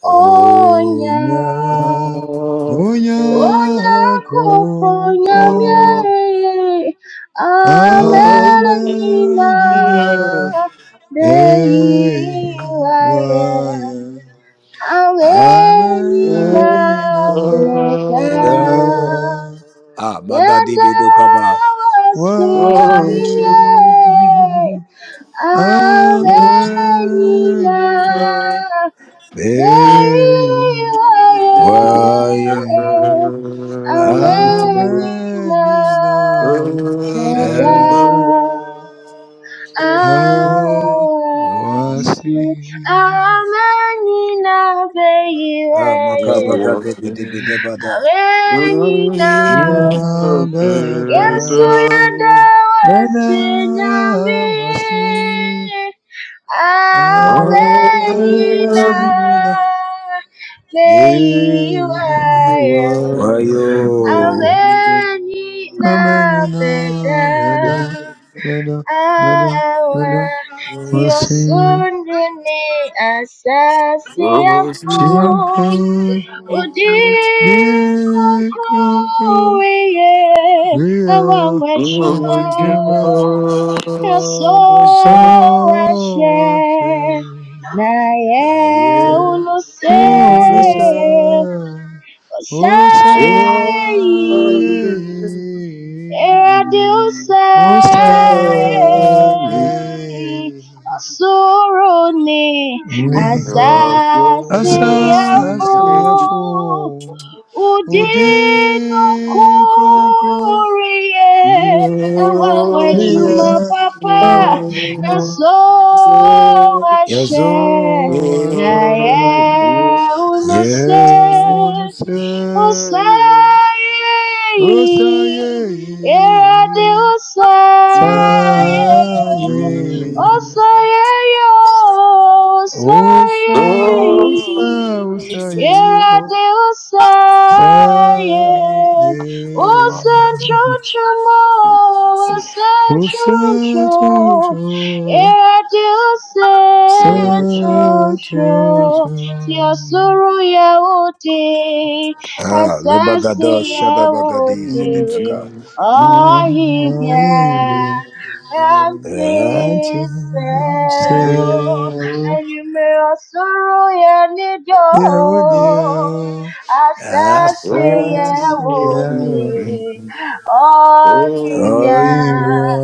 [SPEAKER 3] holding
[SPEAKER 1] Onya,
[SPEAKER 3] on.
[SPEAKER 1] onya
[SPEAKER 3] Onye akụkụ
[SPEAKER 1] kofo,
[SPEAKER 2] you.
[SPEAKER 3] nyamie
[SPEAKER 2] Thank
[SPEAKER 3] amenina
[SPEAKER 1] amenyina eiwaya,
[SPEAKER 3] beyilaye amenina
[SPEAKER 1] amenyina
[SPEAKER 3] beta
[SPEAKER 1] eda. Ah, magadi
[SPEAKER 3] yada
[SPEAKER 1] bedokaba.
[SPEAKER 3] wasi
[SPEAKER 1] Wasi,
[SPEAKER 3] ahinie amenina
[SPEAKER 1] amenyina eiwaya.
[SPEAKER 3] beyilaye Amenina
[SPEAKER 1] Ameninao
[SPEAKER 3] Reda
[SPEAKER 1] Mega Hawasi
[SPEAKER 3] Awasi Amenina Beyeye
[SPEAKER 1] Amakabaga Debi Debi
[SPEAKER 2] you.
[SPEAKER 1] Debada
[SPEAKER 3] Amenina
[SPEAKER 2] Thank
[SPEAKER 1] Nina
[SPEAKER 3] Yesu
[SPEAKER 1] Beda
[SPEAKER 3] yadawa
[SPEAKER 1] Beda
[SPEAKER 3] sinyami
[SPEAKER 1] Wasi
[SPEAKER 3] amenyina
[SPEAKER 1] Amenina Be
[SPEAKER 3] meyiwaye
[SPEAKER 1] Wayo
[SPEAKER 3] Avena
[SPEAKER 1] Amenina
[SPEAKER 3] beda
[SPEAKER 1] Beda Beda
[SPEAKER 3] awa
[SPEAKER 1] Beda Oshin,
[SPEAKER 3] tiosunde ne asasi afo
[SPEAKER 1] shima,
[SPEAKER 3] udi
[SPEAKER 1] dekro kro,
[SPEAKER 3] kokoye
[SPEAKER 1] vio,
[SPEAKER 3] awa mwechuma
[SPEAKER 1] jima,
[SPEAKER 3] yaso
[SPEAKER 1] sawashi,
[SPEAKER 3] ashe na ye
[SPEAKER 1] ayer,
[SPEAKER 3] unuse
[SPEAKER 1] o sa,
[SPEAKER 2] you.
[SPEAKER 1] o sa,
[SPEAKER 3] osaye
[SPEAKER 1] yayi,
[SPEAKER 3] Heard you
[SPEAKER 1] o
[SPEAKER 3] say,
[SPEAKER 1] sa, yayi,
[SPEAKER 3] Osuruni
[SPEAKER 1] ne, asa,
[SPEAKER 3] Asasiafu
[SPEAKER 1] asia, fu, u
[SPEAKER 3] Udinu
[SPEAKER 1] dekro kro.
[SPEAKER 3] Kurie Awawejuma
[SPEAKER 1] Here,
[SPEAKER 3] Papa
[SPEAKER 1] our redeemer.
[SPEAKER 3] Yaso Ashe
[SPEAKER 1] Yazo
[SPEAKER 3] Naye
[SPEAKER 1] Asher,
[SPEAKER 3] Unuse was slain.
[SPEAKER 1] Yehunuseya, Osaye,
[SPEAKER 3] Yeah, they were slain.
[SPEAKER 1] Saye,
[SPEAKER 3] Oh,
[SPEAKER 2] Hallelujah.
[SPEAKER 3] slain, oh,
[SPEAKER 1] Osa, Osa,
[SPEAKER 3] slain. Yeah,
[SPEAKER 1] Osaye,
[SPEAKER 3] they were
[SPEAKER 1] Saye,
[SPEAKER 3] slain.
[SPEAKER 2] of
[SPEAKER 3] Oh,
[SPEAKER 2] our
[SPEAKER 3] central,
[SPEAKER 2] feet.
[SPEAKER 3] oh,
[SPEAKER 1] Osa,
[SPEAKER 3] central,
[SPEAKER 1] Tutu,
[SPEAKER 3] yeah, they
[SPEAKER 1] Sa,
[SPEAKER 3] were
[SPEAKER 2] Thank you.
[SPEAKER 3] central, Tia
[SPEAKER 1] Tutu.
[SPEAKER 3] suru ya udi,
[SPEAKER 1] Ah, Lebagada
[SPEAKER 3] Asasi
[SPEAKER 1] Shadabagadi
[SPEAKER 3] wote
[SPEAKER 1] Zidibaka.
[SPEAKER 3] ohibia
[SPEAKER 1] Oimia. Ati
[SPEAKER 3] antise
[SPEAKER 1] Seu
[SPEAKER 3] enyume osoro ya nido
[SPEAKER 1] Yahunio.
[SPEAKER 3] asasi
[SPEAKER 1] Asasi Yahuni.
[SPEAKER 3] wote ohibia
[SPEAKER 1] Oimia.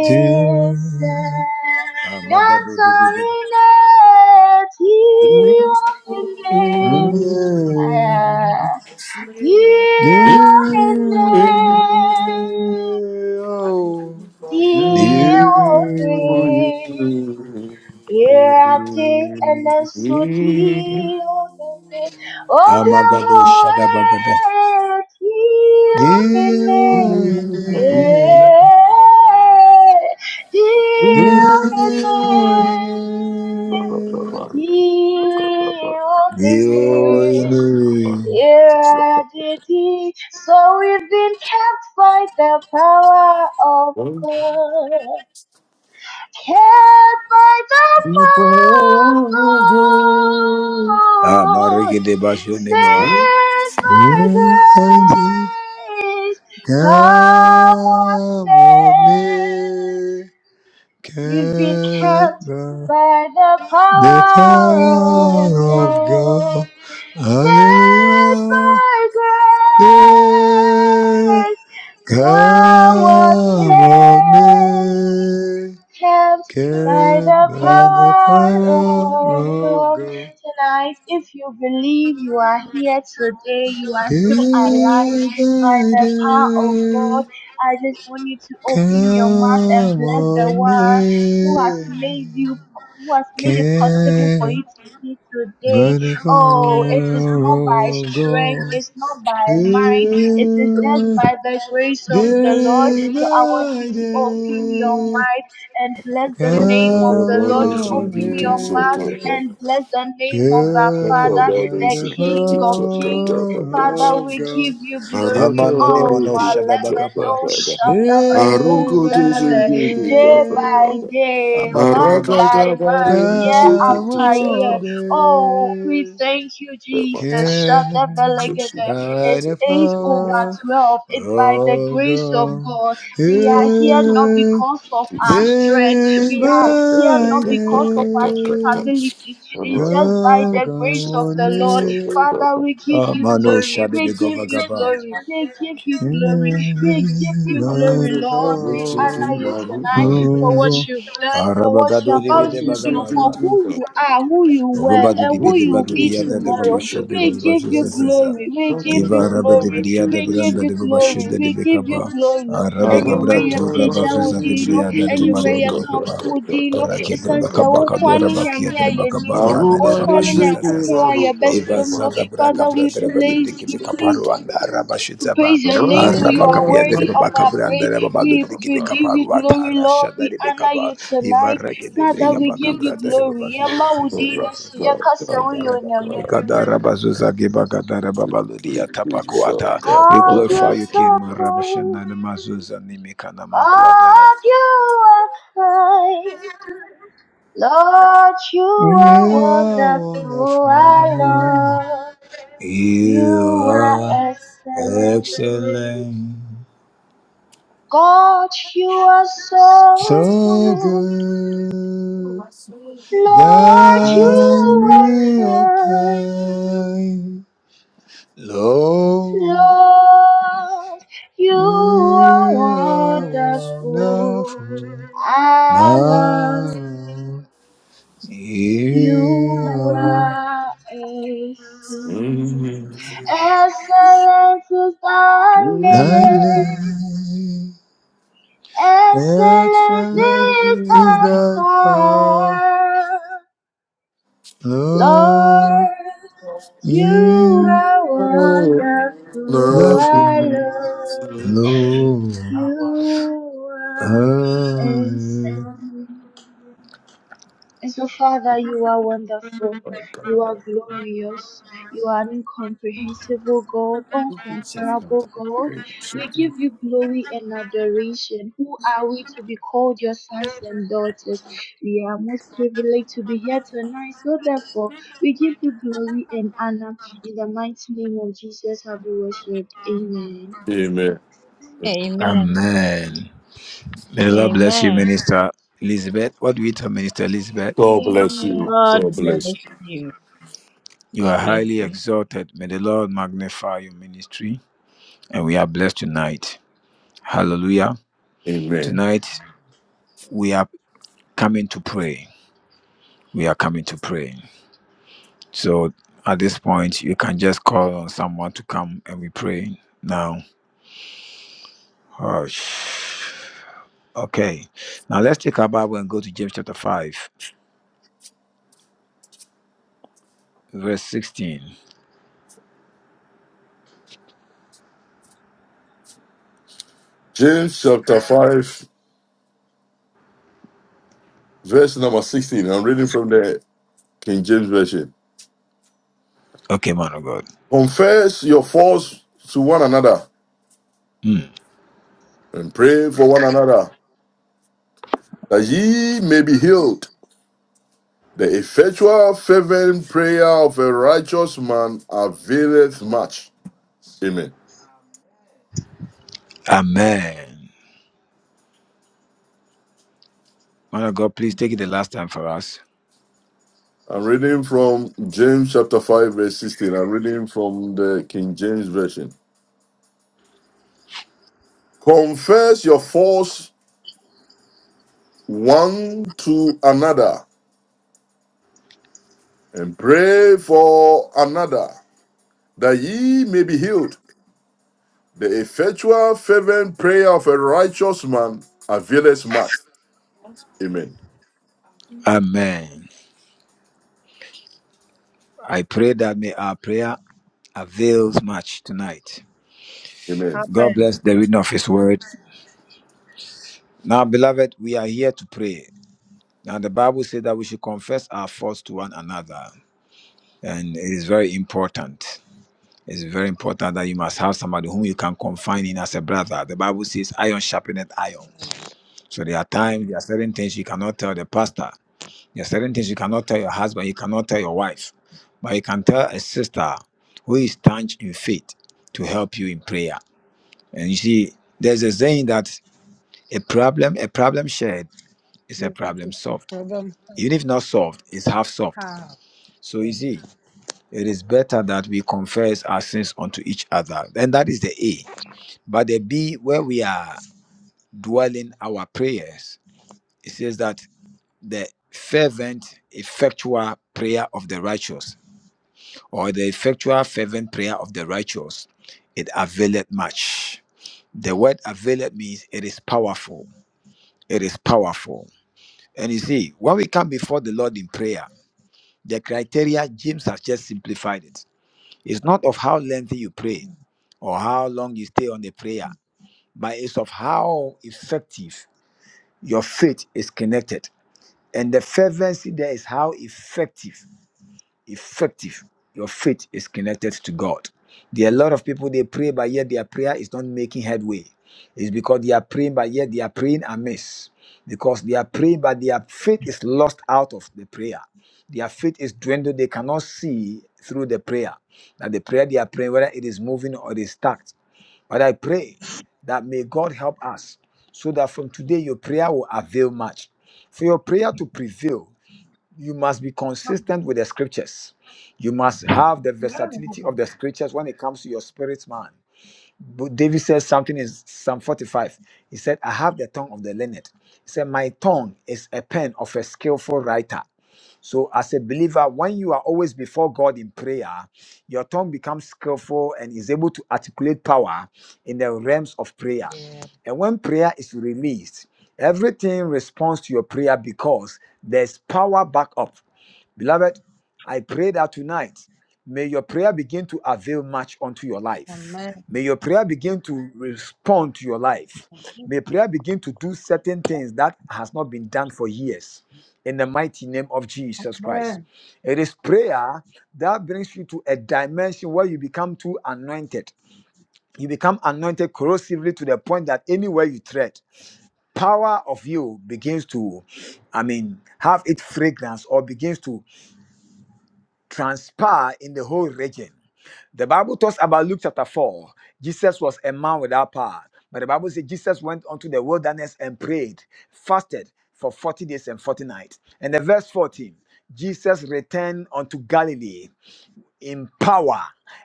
[SPEAKER 1] Ti. Ah, Magado Dibida.
[SPEAKER 3] Dancing in the uh, Diohine,
[SPEAKER 2] Oh, Thank
[SPEAKER 1] Oh. yeah, yeah.
[SPEAKER 3] Diohine, Yate enesu Diohine,
[SPEAKER 1] Amagado Shadabagada.
[SPEAKER 3] Obiamoe Diohine,
[SPEAKER 1] Dioine,
[SPEAKER 3] yeah, Diohine,
[SPEAKER 1] Dioine,
[SPEAKER 3] Diogenes.
[SPEAKER 2] you.
[SPEAKER 1] Dioine.
[SPEAKER 3] Yeah, did he? So we've been kept by the power of God. Kept by the power
[SPEAKER 1] Ah,
[SPEAKER 3] of God.
[SPEAKER 1] Mariki de Basio Nemewa.
[SPEAKER 3] Saved by
[SPEAKER 1] Dioine,
[SPEAKER 3] grace. Come what
[SPEAKER 1] Come on
[SPEAKER 3] may.
[SPEAKER 1] me,
[SPEAKER 3] We've been kept
[SPEAKER 1] Keba,
[SPEAKER 3] by the
[SPEAKER 1] the power
[SPEAKER 3] power of
[SPEAKER 1] of
[SPEAKER 3] God.
[SPEAKER 1] God.
[SPEAKER 3] Saved
[SPEAKER 1] Hallelujah.
[SPEAKER 3] by grace,
[SPEAKER 1] Come
[SPEAKER 3] thou art
[SPEAKER 1] on
[SPEAKER 3] saved
[SPEAKER 1] me,
[SPEAKER 3] kept by
[SPEAKER 1] carried
[SPEAKER 3] the
[SPEAKER 1] by the
[SPEAKER 3] power
[SPEAKER 1] power
[SPEAKER 3] of
[SPEAKER 1] of
[SPEAKER 3] God.
[SPEAKER 1] God.
[SPEAKER 3] Tonight, if you believe you are here today, you are still alive
[SPEAKER 1] Day
[SPEAKER 3] by
[SPEAKER 1] by
[SPEAKER 3] the power of God.
[SPEAKER 1] day,
[SPEAKER 3] I just want you to open your mouth and
[SPEAKER 1] come
[SPEAKER 3] bless the
[SPEAKER 1] on
[SPEAKER 3] one who has
[SPEAKER 1] me,
[SPEAKER 3] made you, who has made it possible for
[SPEAKER 1] carried
[SPEAKER 3] you to see today.
[SPEAKER 1] by the
[SPEAKER 3] Oh, it is
[SPEAKER 1] power
[SPEAKER 3] not by
[SPEAKER 1] of
[SPEAKER 3] strength,
[SPEAKER 1] God.
[SPEAKER 3] it's not by might, it is just
[SPEAKER 1] Day
[SPEAKER 3] by the grace of the Lord.
[SPEAKER 1] day
[SPEAKER 3] So I want you
[SPEAKER 1] by
[SPEAKER 3] to open your mind
[SPEAKER 1] day,
[SPEAKER 3] and bless the name of
[SPEAKER 1] come
[SPEAKER 3] the Lord. Open
[SPEAKER 1] on
[SPEAKER 3] your mouth
[SPEAKER 1] me.
[SPEAKER 3] and bless the name of our
[SPEAKER 1] Pure
[SPEAKER 3] Father,
[SPEAKER 2] Rakata
[SPEAKER 1] by
[SPEAKER 3] the
[SPEAKER 1] the
[SPEAKER 3] King of
[SPEAKER 1] power
[SPEAKER 3] Kings. Father,
[SPEAKER 1] of
[SPEAKER 3] we give
[SPEAKER 1] God.
[SPEAKER 3] you glory.
[SPEAKER 1] Amano ni
[SPEAKER 3] Oh,
[SPEAKER 1] nimono shadabakapa.
[SPEAKER 3] Malemeno Shatabreko
[SPEAKER 1] Day by
[SPEAKER 3] Seleve. Day by
[SPEAKER 1] day.
[SPEAKER 3] day,
[SPEAKER 1] Amakono
[SPEAKER 3] month by
[SPEAKER 1] masha.
[SPEAKER 3] month, year
[SPEAKER 1] Come
[SPEAKER 3] after year.
[SPEAKER 1] on,
[SPEAKER 3] Oh, we
[SPEAKER 1] day.
[SPEAKER 3] thank you, Jesus.
[SPEAKER 1] Care
[SPEAKER 3] Shatabelegede.
[SPEAKER 1] by
[SPEAKER 3] It's
[SPEAKER 1] the
[SPEAKER 3] 8 over
[SPEAKER 1] power
[SPEAKER 3] 12. It's by the
[SPEAKER 1] of
[SPEAKER 3] grace of God. We are here not
[SPEAKER 1] yeah,
[SPEAKER 3] because of our
[SPEAKER 1] Day
[SPEAKER 3] strength. We are here
[SPEAKER 2] I
[SPEAKER 1] by
[SPEAKER 3] not
[SPEAKER 1] day.
[SPEAKER 3] because of our capabilities, it's just by the grace of the Lord.
[SPEAKER 2] can't.
[SPEAKER 3] Father, we give you
[SPEAKER 1] Amano
[SPEAKER 3] glory. We give you
[SPEAKER 1] shadabakapa.
[SPEAKER 3] glory. We give you glory. We give you glory, Lord. We honor you tonight
[SPEAKER 2] I'm
[SPEAKER 3] for what
[SPEAKER 1] Rogo,
[SPEAKER 3] you've done, for what
[SPEAKER 1] Arabagado
[SPEAKER 3] you're
[SPEAKER 2] I'm
[SPEAKER 1] di
[SPEAKER 3] about
[SPEAKER 2] going
[SPEAKER 1] bide
[SPEAKER 2] to
[SPEAKER 3] to
[SPEAKER 2] say,
[SPEAKER 3] do,
[SPEAKER 2] do, do,
[SPEAKER 1] bagabarwa.
[SPEAKER 3] for
[SPEAKER 2] do,
[SPEAKER 3] who
[SPEAKER 2] do.
[SPEAKER 3] you are, who you were,
[SPEAKER 1] Robadu
[SPEAKER 2] I'm
[SPEAKER 1] di
[SPEAKER 3] and
[SPEAKER 2] going
[SPEAKER 3] who
[SPEAKER 1] bide
[SPEAKER 3] you'll
[SPEAKER 1] badu
[SPEAKER 2] to
[SPEAKER 3] be
[SPEAKER 1] di
[SPEAKER 2] say,
[SPEAKER 1] yada de Bede
[SPEAKER 2] do, do, do,
[SPEAKER 3] tomorrow.
[SPEAKER 1] Bagabarua, Robado de Bede Bagudiada
[SPEAKER 3] We
[SPEAKER 1] de
[SPEAKER 2] do,
[SPEAKER 3] give
[SPEAKER 1] Babashu
[SPEAKER 2] do.
[SPEAKER 3] you
[SPEAKER 1] sasa.
[SPEAKER 3] glory. We give you
[SPEAKER 1] Iva araba de Babasusa, Eva Rabba de
[SPEAKER 3] glory.
[SPEAKER 2] Rakatavari,
[SPEAKER 1] Briada
[SPEAKER 2] do,
[SPEAKER 3] We
[SPEAKER 2] do,
[SPEAKER 3] give
[SPEAKER 1] Branda
[SPEAKER 2] do,
[SPEAKER 3] you
[SPEAKER 1] de
[SPEAKER 2] do.
[SPEAKER 1] Babashu
[SPEAKER 3] glory.
[SPEAKER 1] de
[SPEAKER 3] We give you
[SPEAKER 1] Becaba,
[SPEAKER 3] glory. And you may
[SPEAKER 1] Arabegabrato
[SPEAKER 3] appear with
[SPEAKER 1] Rabasusa
[SPEAKER 2] Arakatavari,
[SPEAKER 1] de
[SPEAKER 3] you
[SPEAKER 2] do,
[SPEAKER 1] Briada
[SPEAKER 2] do,
[SPEAKER 1] de
[SPEAKER 2] do,
[SPEAKER 1] Babadi
[SPEAKER 3] anwummere
[SPEAKER 2] do,
[SPEAKER 1] de
[SPEAKER 2] do,
[SPEAKER 3] yɛkamfo
[SPEAKER 1] Becaba,
[SPEAKER 2] do,
[SPEAKER 3] wo
[SPEAKER 2] do,
[SPEAKER 3] din no
[SPEAKER 2] do,
[SPEAKER 1] Raketer
[SPEAKER 2] do,
[SPEAKER 3] esiane sɛ wo
[SPEAKER 2] do,
[SPEAKER 3] nko
[SPEAKER 2] do.
[SPEAKER 3] ara
[SPEAKER 1] Bacabacadora
[SPEAKER 3] ne nyame
[SPEAKER 1] Bakiater
[SPEAKER 3] a yɛnim no
[SPEAKER 1] Bacabarua de bakabaru anda
[SPEAKER 3] wo
[SPEAKER 1] de
[SPEAKER 3] nko ara
[SPEAKER 2] Arumani,
[SPEAKER 3] ne
[SPEAKER 1] Babashu
[SPEAKER 2] say, do,
[SPEAKER 3] nyankopɔn
[SPEAKER 1] Sasa,
[SPEAKER 3] a
[SPEAKER 2] varu, do,
[SPEAKER 1] Eva
[SPEAKER 2] do,
[SPEAKER 3] yɛbɛsom no
[SPEAKER 2] varu,
[SPEAKER 1] Sada
[SPEAKER 2] do,
[SPEAKER 3] father
[SPEAKER 1] Bracabra
[SPEAKER 3] we
[SPEAKER 1] de
[SPEAKER 2] do,
[SPEAKER 1] Babadi
[SPEAKER 2] do, do,
[SPEAKER 3] praise
[SPEAKER 1] de
[SPEAKER 3] you
[SPEAKER 2] do, do,
[SPEAKER 3] please
[SPEAKER 1] bekaba Arabashitaba,
[SPEAKER 3] Praise
[SPEAKER 2] do,
[SPEAKER 3] your name, you are
[SPEAKER 1] Arabakabia de
[SPEAKER 3] worthy of our
[SPEAKER 1] Babacabran, the
[SPEAKER 3] praise.
[SPEAKER 1] Babalu
[SPEAKER 3] We,
[SPEAKER 1] de
[SPEAKER 3] we give you
[SPEAKER 1] Kibicaparua,
[SPEAKER 3] glory,
[SPEAKER 1] Tarasha
[SPEAKER 3] Lord. We
[SPEAKER 1] de
[SPEAKER 3] honor
[SPEAKER 1] Bicaba,
[SPEAKER 3] you tonight.
[SPEAKER 1] Ivareke de
[SPEAKER 3] Father, we give
[SPEAKER 2] do.
[SPEAKER 3] you
[SPEAKER 1] Bricabacabra de
[SPEAKER 3] glory. Yama
[SPEAKER 2] Rakatavari,
[SPEAKER 3] udino
[SPEAKER 1] Babazuza,
[SPEAKER 3] suyakase uyonyame.
[SPEAKER 1] Ivarabacabicada Rabazuza, Gibagada Babaludia Tapacuata. We
[SPEAKER 3] God,
[SPEAKER 2] do,
[SPEAKER 1] glorify
[SPEAKER 3] you're
[SPEAKER 2] do,
[SPEAKER 1] you,
[SPEAKER 3] so
[SPEAKER 1] King
[SPEAKER 3] good.
[SPEAKER 1] Marabashana Mazuza Nimikana Makuadara.
[SPEAKER 3] God, you are kind. Lord, you are wonderful. Our Lord,
[SPEAKER 1] You
[SPEAKER 3] you are
[SPEAKER 1] are
[SPEAKER 3] excellent.
[SPEAKER 1] excellent,
[SPEAKER 3] God, you are so
[SPEAKER 1] so
[SPEAKER 3] good.
[SPEAKER 1] good.
[SPEAKER 3] Lord,
[SPEAKER 2] Amen.
[SPEAKER 1] God,
[SPEAKER 3] you
[SPEAKER 1] real
[SPEAKER 3] are kind.
[SPEAKER 1] kind. Lord,
[SPEAKER 3] Lord, you are
[SPEAKER 1] you are
[SPEAKER 3] wonderful.
[SPEAKER 1] wonderful.
[SPEAKER 3] Our Lord,
[SPEAKER 1] My, you
[SPEAKER 3] you
[SPEAKER 1] are
[SPEAKER 3] are
[SPEAKER 2] God
[SPEAKER 3] excellent. Excellent is thy
[SPEAKER 1] thy
[SPEAKER 3] name.
[SPEAKER 1] name.
[SPEAKER 3] Excellent
[SPEAKER 1] Excellent
[SPEAKER 3] is
[SPEAKER 1] is
[SPEAKER 3] thy
[SPEAKER 1] thy power.
[SPEAKER 3] power. Lord,
[SPEAKER 1] Lord,
[SPEAKER 3] you
[SPEAKER 1] you
[SPEAKER 3] are wonderful. I
[SPEAKER 1] the
[SPEAKER 3] love
[SPEAKER 1] Lord.
[SPEAKER 3] you. You are
[SPEAKER 1] Amen.
[SPEAKER 3] excellent. And so, Father, you are wonderful. You are glorious. You are an incomprehensible God, uncomparable God. We give you glory and adoration. Who are we to be called your sons and daughters? We are most privileged to be here tonight. So, therefore, we give you glory and honor. In the mighty name of Jesus, have we worshipped. Amen.
[SPEAKER 4] Amen.
[SPEAKER 1] Amen. May the Lord bless you,
[SPEAKER 4] Amen.
[SPEAKER 1] Minister Elizabeth. What do we tell Minister Elizabeth?
[SPEAKER 2] bless
[SPEAKER 3] Amen.
[SPEAKER 2] you.
[SPEAKER 4] God
[SPEAKER 2] God bless
[SPEAKER 4] bless
[SPEAKER 2] you.
[SPEAKER 4] you.
[SPEAKER 1] You are
[SPEAKER 4] God bless
[SPEAKER 1] highly
[SPEAKER 4] you.
[SPEAKER 1] exalted. May the Lord magnify your ministry. And we are blessed tonight. Hallelujah.
[SPEAKER 2] Amen.
[SPEAKER 1] Tonight, we are coming to pray. We are coming to pray. So at this point, you can just call on someone to come and we pray now. Hush. Okay. Now let's take our Bible and go to James chapter 5, verse 16.
[SPEAKER 2] James chapter 5, verse number 16. I'm reading from the King James Version.
[SPEAKER 1] Okay, man of God.
[SPEAKER 2] Confess your faults to one another
[SPEAKER 1] Hmm.
[SPEAKER 2] and pray for one another that ye may be healed. The effectual fervent prayer of a righteous man availeth much. Amen.
[SPEAKER 1] Amen. Man of God, please take it the last time for us.
[SPEAKER 2] I'm reading from James chapter 5, verse 16. I'm reading from the King James Version. Confess your faults one to another and pray for another that ye may be healed. The effectual fervent prayer of a righteous man availeth much. Amen.
[SPEAKER 1] Amen. I pray that may our prayer avails much tonight.
[SPEAKER 2] Amen.
[SPEAKER 1] God
[SPEAKER 5] Amen.
[SPEAKER 1] bless the reading of His word. Now, beloved, we are here to pray. Now, the Bible says that we should confess our faults to one another, and it is very important. It's very important that you must have somebody whom you can confine in as a brother. The Bible says, iron sharpeneth iron. So there are times, there are certain things you cannot tell the pastor. There are certain things you cannot tell your husband, you cannot tell your wife, but you can tell a sister who is staunch in faith to help you in prayer. And you see, there's a saying that a problem, a problem shared is a
[SPEAKER 5] You got
[SPEAKER 1] problem solved.
[SPEAKER 5] a problem.
[SPEAKER 1] Even if not solved, it's half solved.
[SPEAKER 5] Ah,
[SPEAKER 1] So you
[SPEAKER 5] yeah.
[SPEAKER 1] see, it is better that we confess our sins unto each other. And that is the A. But the B, where we are dwelling our prayers, it says that the fervent, effectual prayer of the righteous or the effectual fervent prayer of the righteous, it availeth much. The word availeth means it is powerful. It is powerful. And you see, when we come before the Lord in prayer, the criteria, James has just simplified it. It's not of how lengthy you pray or how long you stay on the prayer, but it's of how effective your faith is connected. And the fervency there is how effective effective. Your faith is connected to God. There are a lot of people they pray, but yet their prayer is not making headway. It's because they are praying, but yet they are praying amiss. Because they are praying, but their faith is lost out of the prayer. Their faith is dwindled. They cannot see through the prayer. That the prayer they are praying, whether it is moving or it is stuck. But I pray that may God help us so that from today your prayer will avail much. For your prayer to prevail, you must be
[SPEAKER 5] Ah,
[SPEAKER 1] consistent with the scriptures. You must have the
[SPEAKER 5] the problem is not
[SPEAKER 1] versatility of
[SPEAKER 5] for-
[SPEAKER 1] the scriptures when it comes to your spirit man. But David says something in Psalm 45. He said, I have the tongue of the learned. He said, My tongue is a pen of a skillful writer. So, as a believer, when you are always before God in prayer, your tongue becomes skillful and is able to articulate power in the realms of prayer.
[SPEAKER 5] Yeah.
[SPEAKER 1] And when prayer is released, everything responds to your prayer because there's power back up. Beloved, I pray that tonight, may your prayer begin to avail much unto your life.
[SPEAKER 5] Amen.
[SPEAKER 1] May your prayer begin to respond to your life. May prayer begin to do certain things that has not been done for years. In the mighty name of Jesus Christ.
[SPEAKER 5] Amen.
[SPEAKER 1] It is prayer that brings you to a dimension where you become too anointed. You become anointed corrosively to the point that anywhere you tread, power of you begins to, I mean, have its fragrance or begins to transpire in the whole region. The Bible talks about Luke chapter 4. Jesus was a man without power. But the Bible says Jesus went onto the wilderness and prayed, fasted for 40 days and 40 nights. And the verse 14, Jesus returned unto Galilee in power,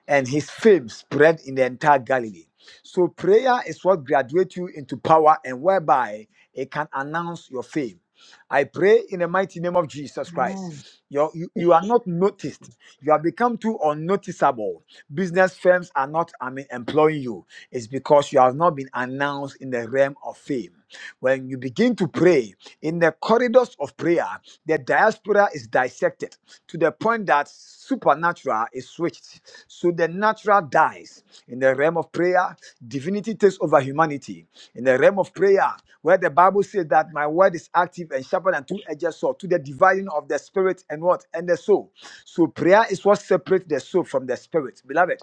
[SPEAKER 1] and his fame spread in the entire Galilee. So prayer is what graduates you into power and whereby it can announce your fame. I pray in the mighty name of Jesus Christ. You're- You, you are not noticed. You have become too unnoticeable. Business firms are not I mean, employing you. It's because you have not been announced in the realm of fame. When you begin to pray in the corridors of prayer, the diaspora is dissected to the point that supernatural is switched. So the natural dies. In the realm of prayer, divinity takes over humanity. In the realm of prayer, where the Bible says that my word is active and sharper than two-edged sword to the dividing of the spirit and what and the soul. So prayer is what separates the soul from the spirit, beloved.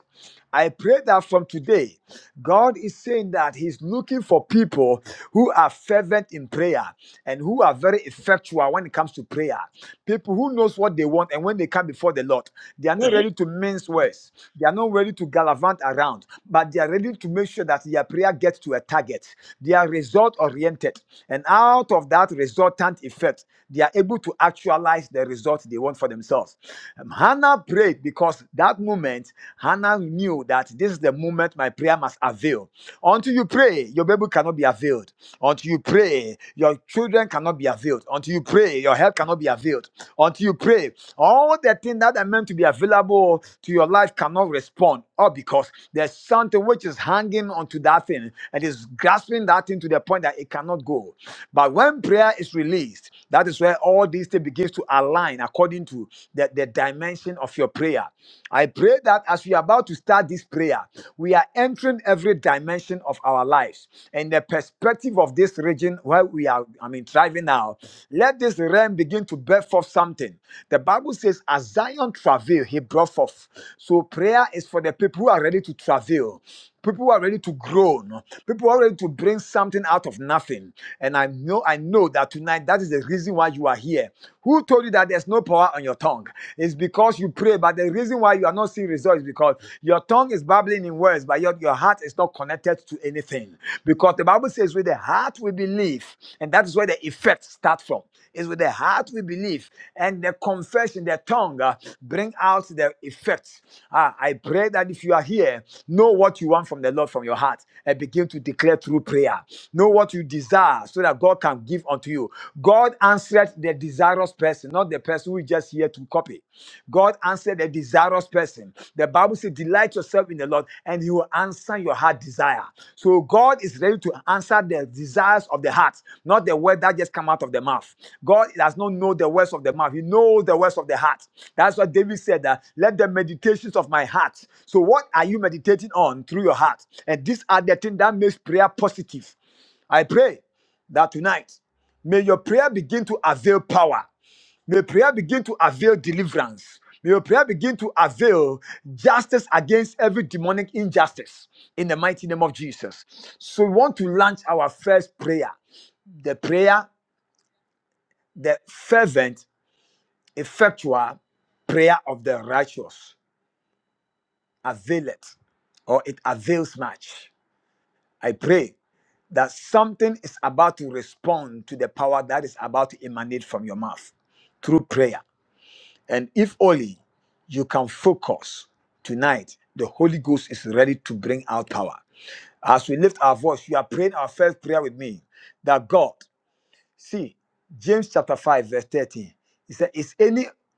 [SPEAKER 1] I pray that from today, God is saying that He's looking for people who are fervent in prayer and who are very effectual when it comes to prayer. People who knows what they want and when they come before the Lord, they are not ready to mince words. They are not ready to gallivant around, but they are ready to make sure that their prayer gets to a target. Their result oriented. And out of that resultant effect, they are able to actualize the result they want for themselves. Um, Hannah prayed because that moment, Hannah knew that this is the moment my prayer must avail. Until you pray, your baby cannot be availed. Until you pray, your children cannot be availed. Until you pray, your health cannot be availed. Until you pray, all the things that are meant to be available to your life cannot respond or because there's something which is hanging onto that thing and is grasping that thing to the point that it cannot go. But when prayer is released, that is where all these things begins to align according to the, the dimension of your prayer. I pray that as we are about to start this prayer, we are entering every dimension of our lives. And the perspective of this region where we are, I mean, thriving now, Let this realm begin to bear forth something. The Bible says, as Zion travail, he brought forth. So prayer is for the people who are ready to travail. People who are ready to groan. People who are ready to bring something out of nothing. And I know, I know that tonight that is the reason why you are here. Who told you that there's no power on your tongue? It's because you pray, but the reason why you are not seeing results is because your tongue is babbling in words, but your, your heart is not not connected to anything. Because the Bible says, with the heart we believe, and that is where the effect starts from. It's with the heart we believe, and the confession, the tongue uh, bring out the effects. Ah, I pray that if you are here, know what you want from the Lord from your heart and begin to declare through prayer. Know what you desire so that God can give unto you. God answered the desirous person, not the person who is just here here to copy. God answered a desirous person. The Bible says, Delight yourself in the Lord, and He will answer your heart desire. So God is ready to answer the desires of the heart, not the word that just come out of the mouth. God does not know the words of the mouth, He knows the words of the heart. That's what David said that let the meditations of my heart. So, what are you meditating on through your heart? And these are the things that makes prayer positive. I pray that tonight may your prayer begin to avail power. May prayer begin to avail deliverance. May your prayer begin to avail justice against every demonic injustice in the mighty name of Jesus. So we want to launch our first prayer. The prayer, the fervent, effectual prayer of the righteous. Avail it, or it avails much. I pray that something is about to respond to the power that is about to emanate from your mouth through prayer. And if only you can focus tonight, the Holy Ghost is ready to bring out power. As we lift our voice, you are praying our first prayer with me that God, see, James chapter 5, verse 13, he said, Is anyone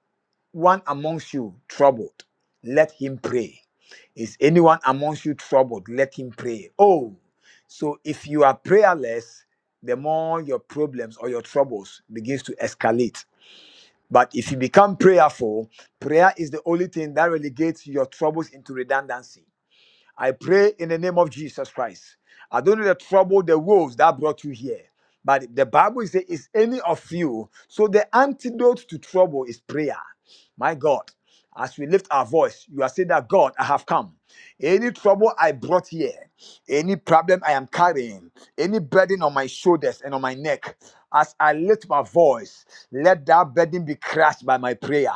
[SPEAKER 1] amongst you troubled? Let him pray. Is anyone amongst you troubled? Let him pray. Oh, so if you are prayerless, the more your problems or your troubles begins to escalate but if you become prayerful, prayer is the only thing that relegates your troubles into redundancy. I pray in the name of Jesus Christ. I don't know the trouble, the woes that brought you here. But the Bible says, is any of you. So the antidote to trouble is prayer. My God, as we lift our voice, you are saying that God, I have come. Any trouble I brought here, any problem I am carrying, any burden on my shoulders and on my neck, as I lift my voice, let that burden be crushed by my prayer.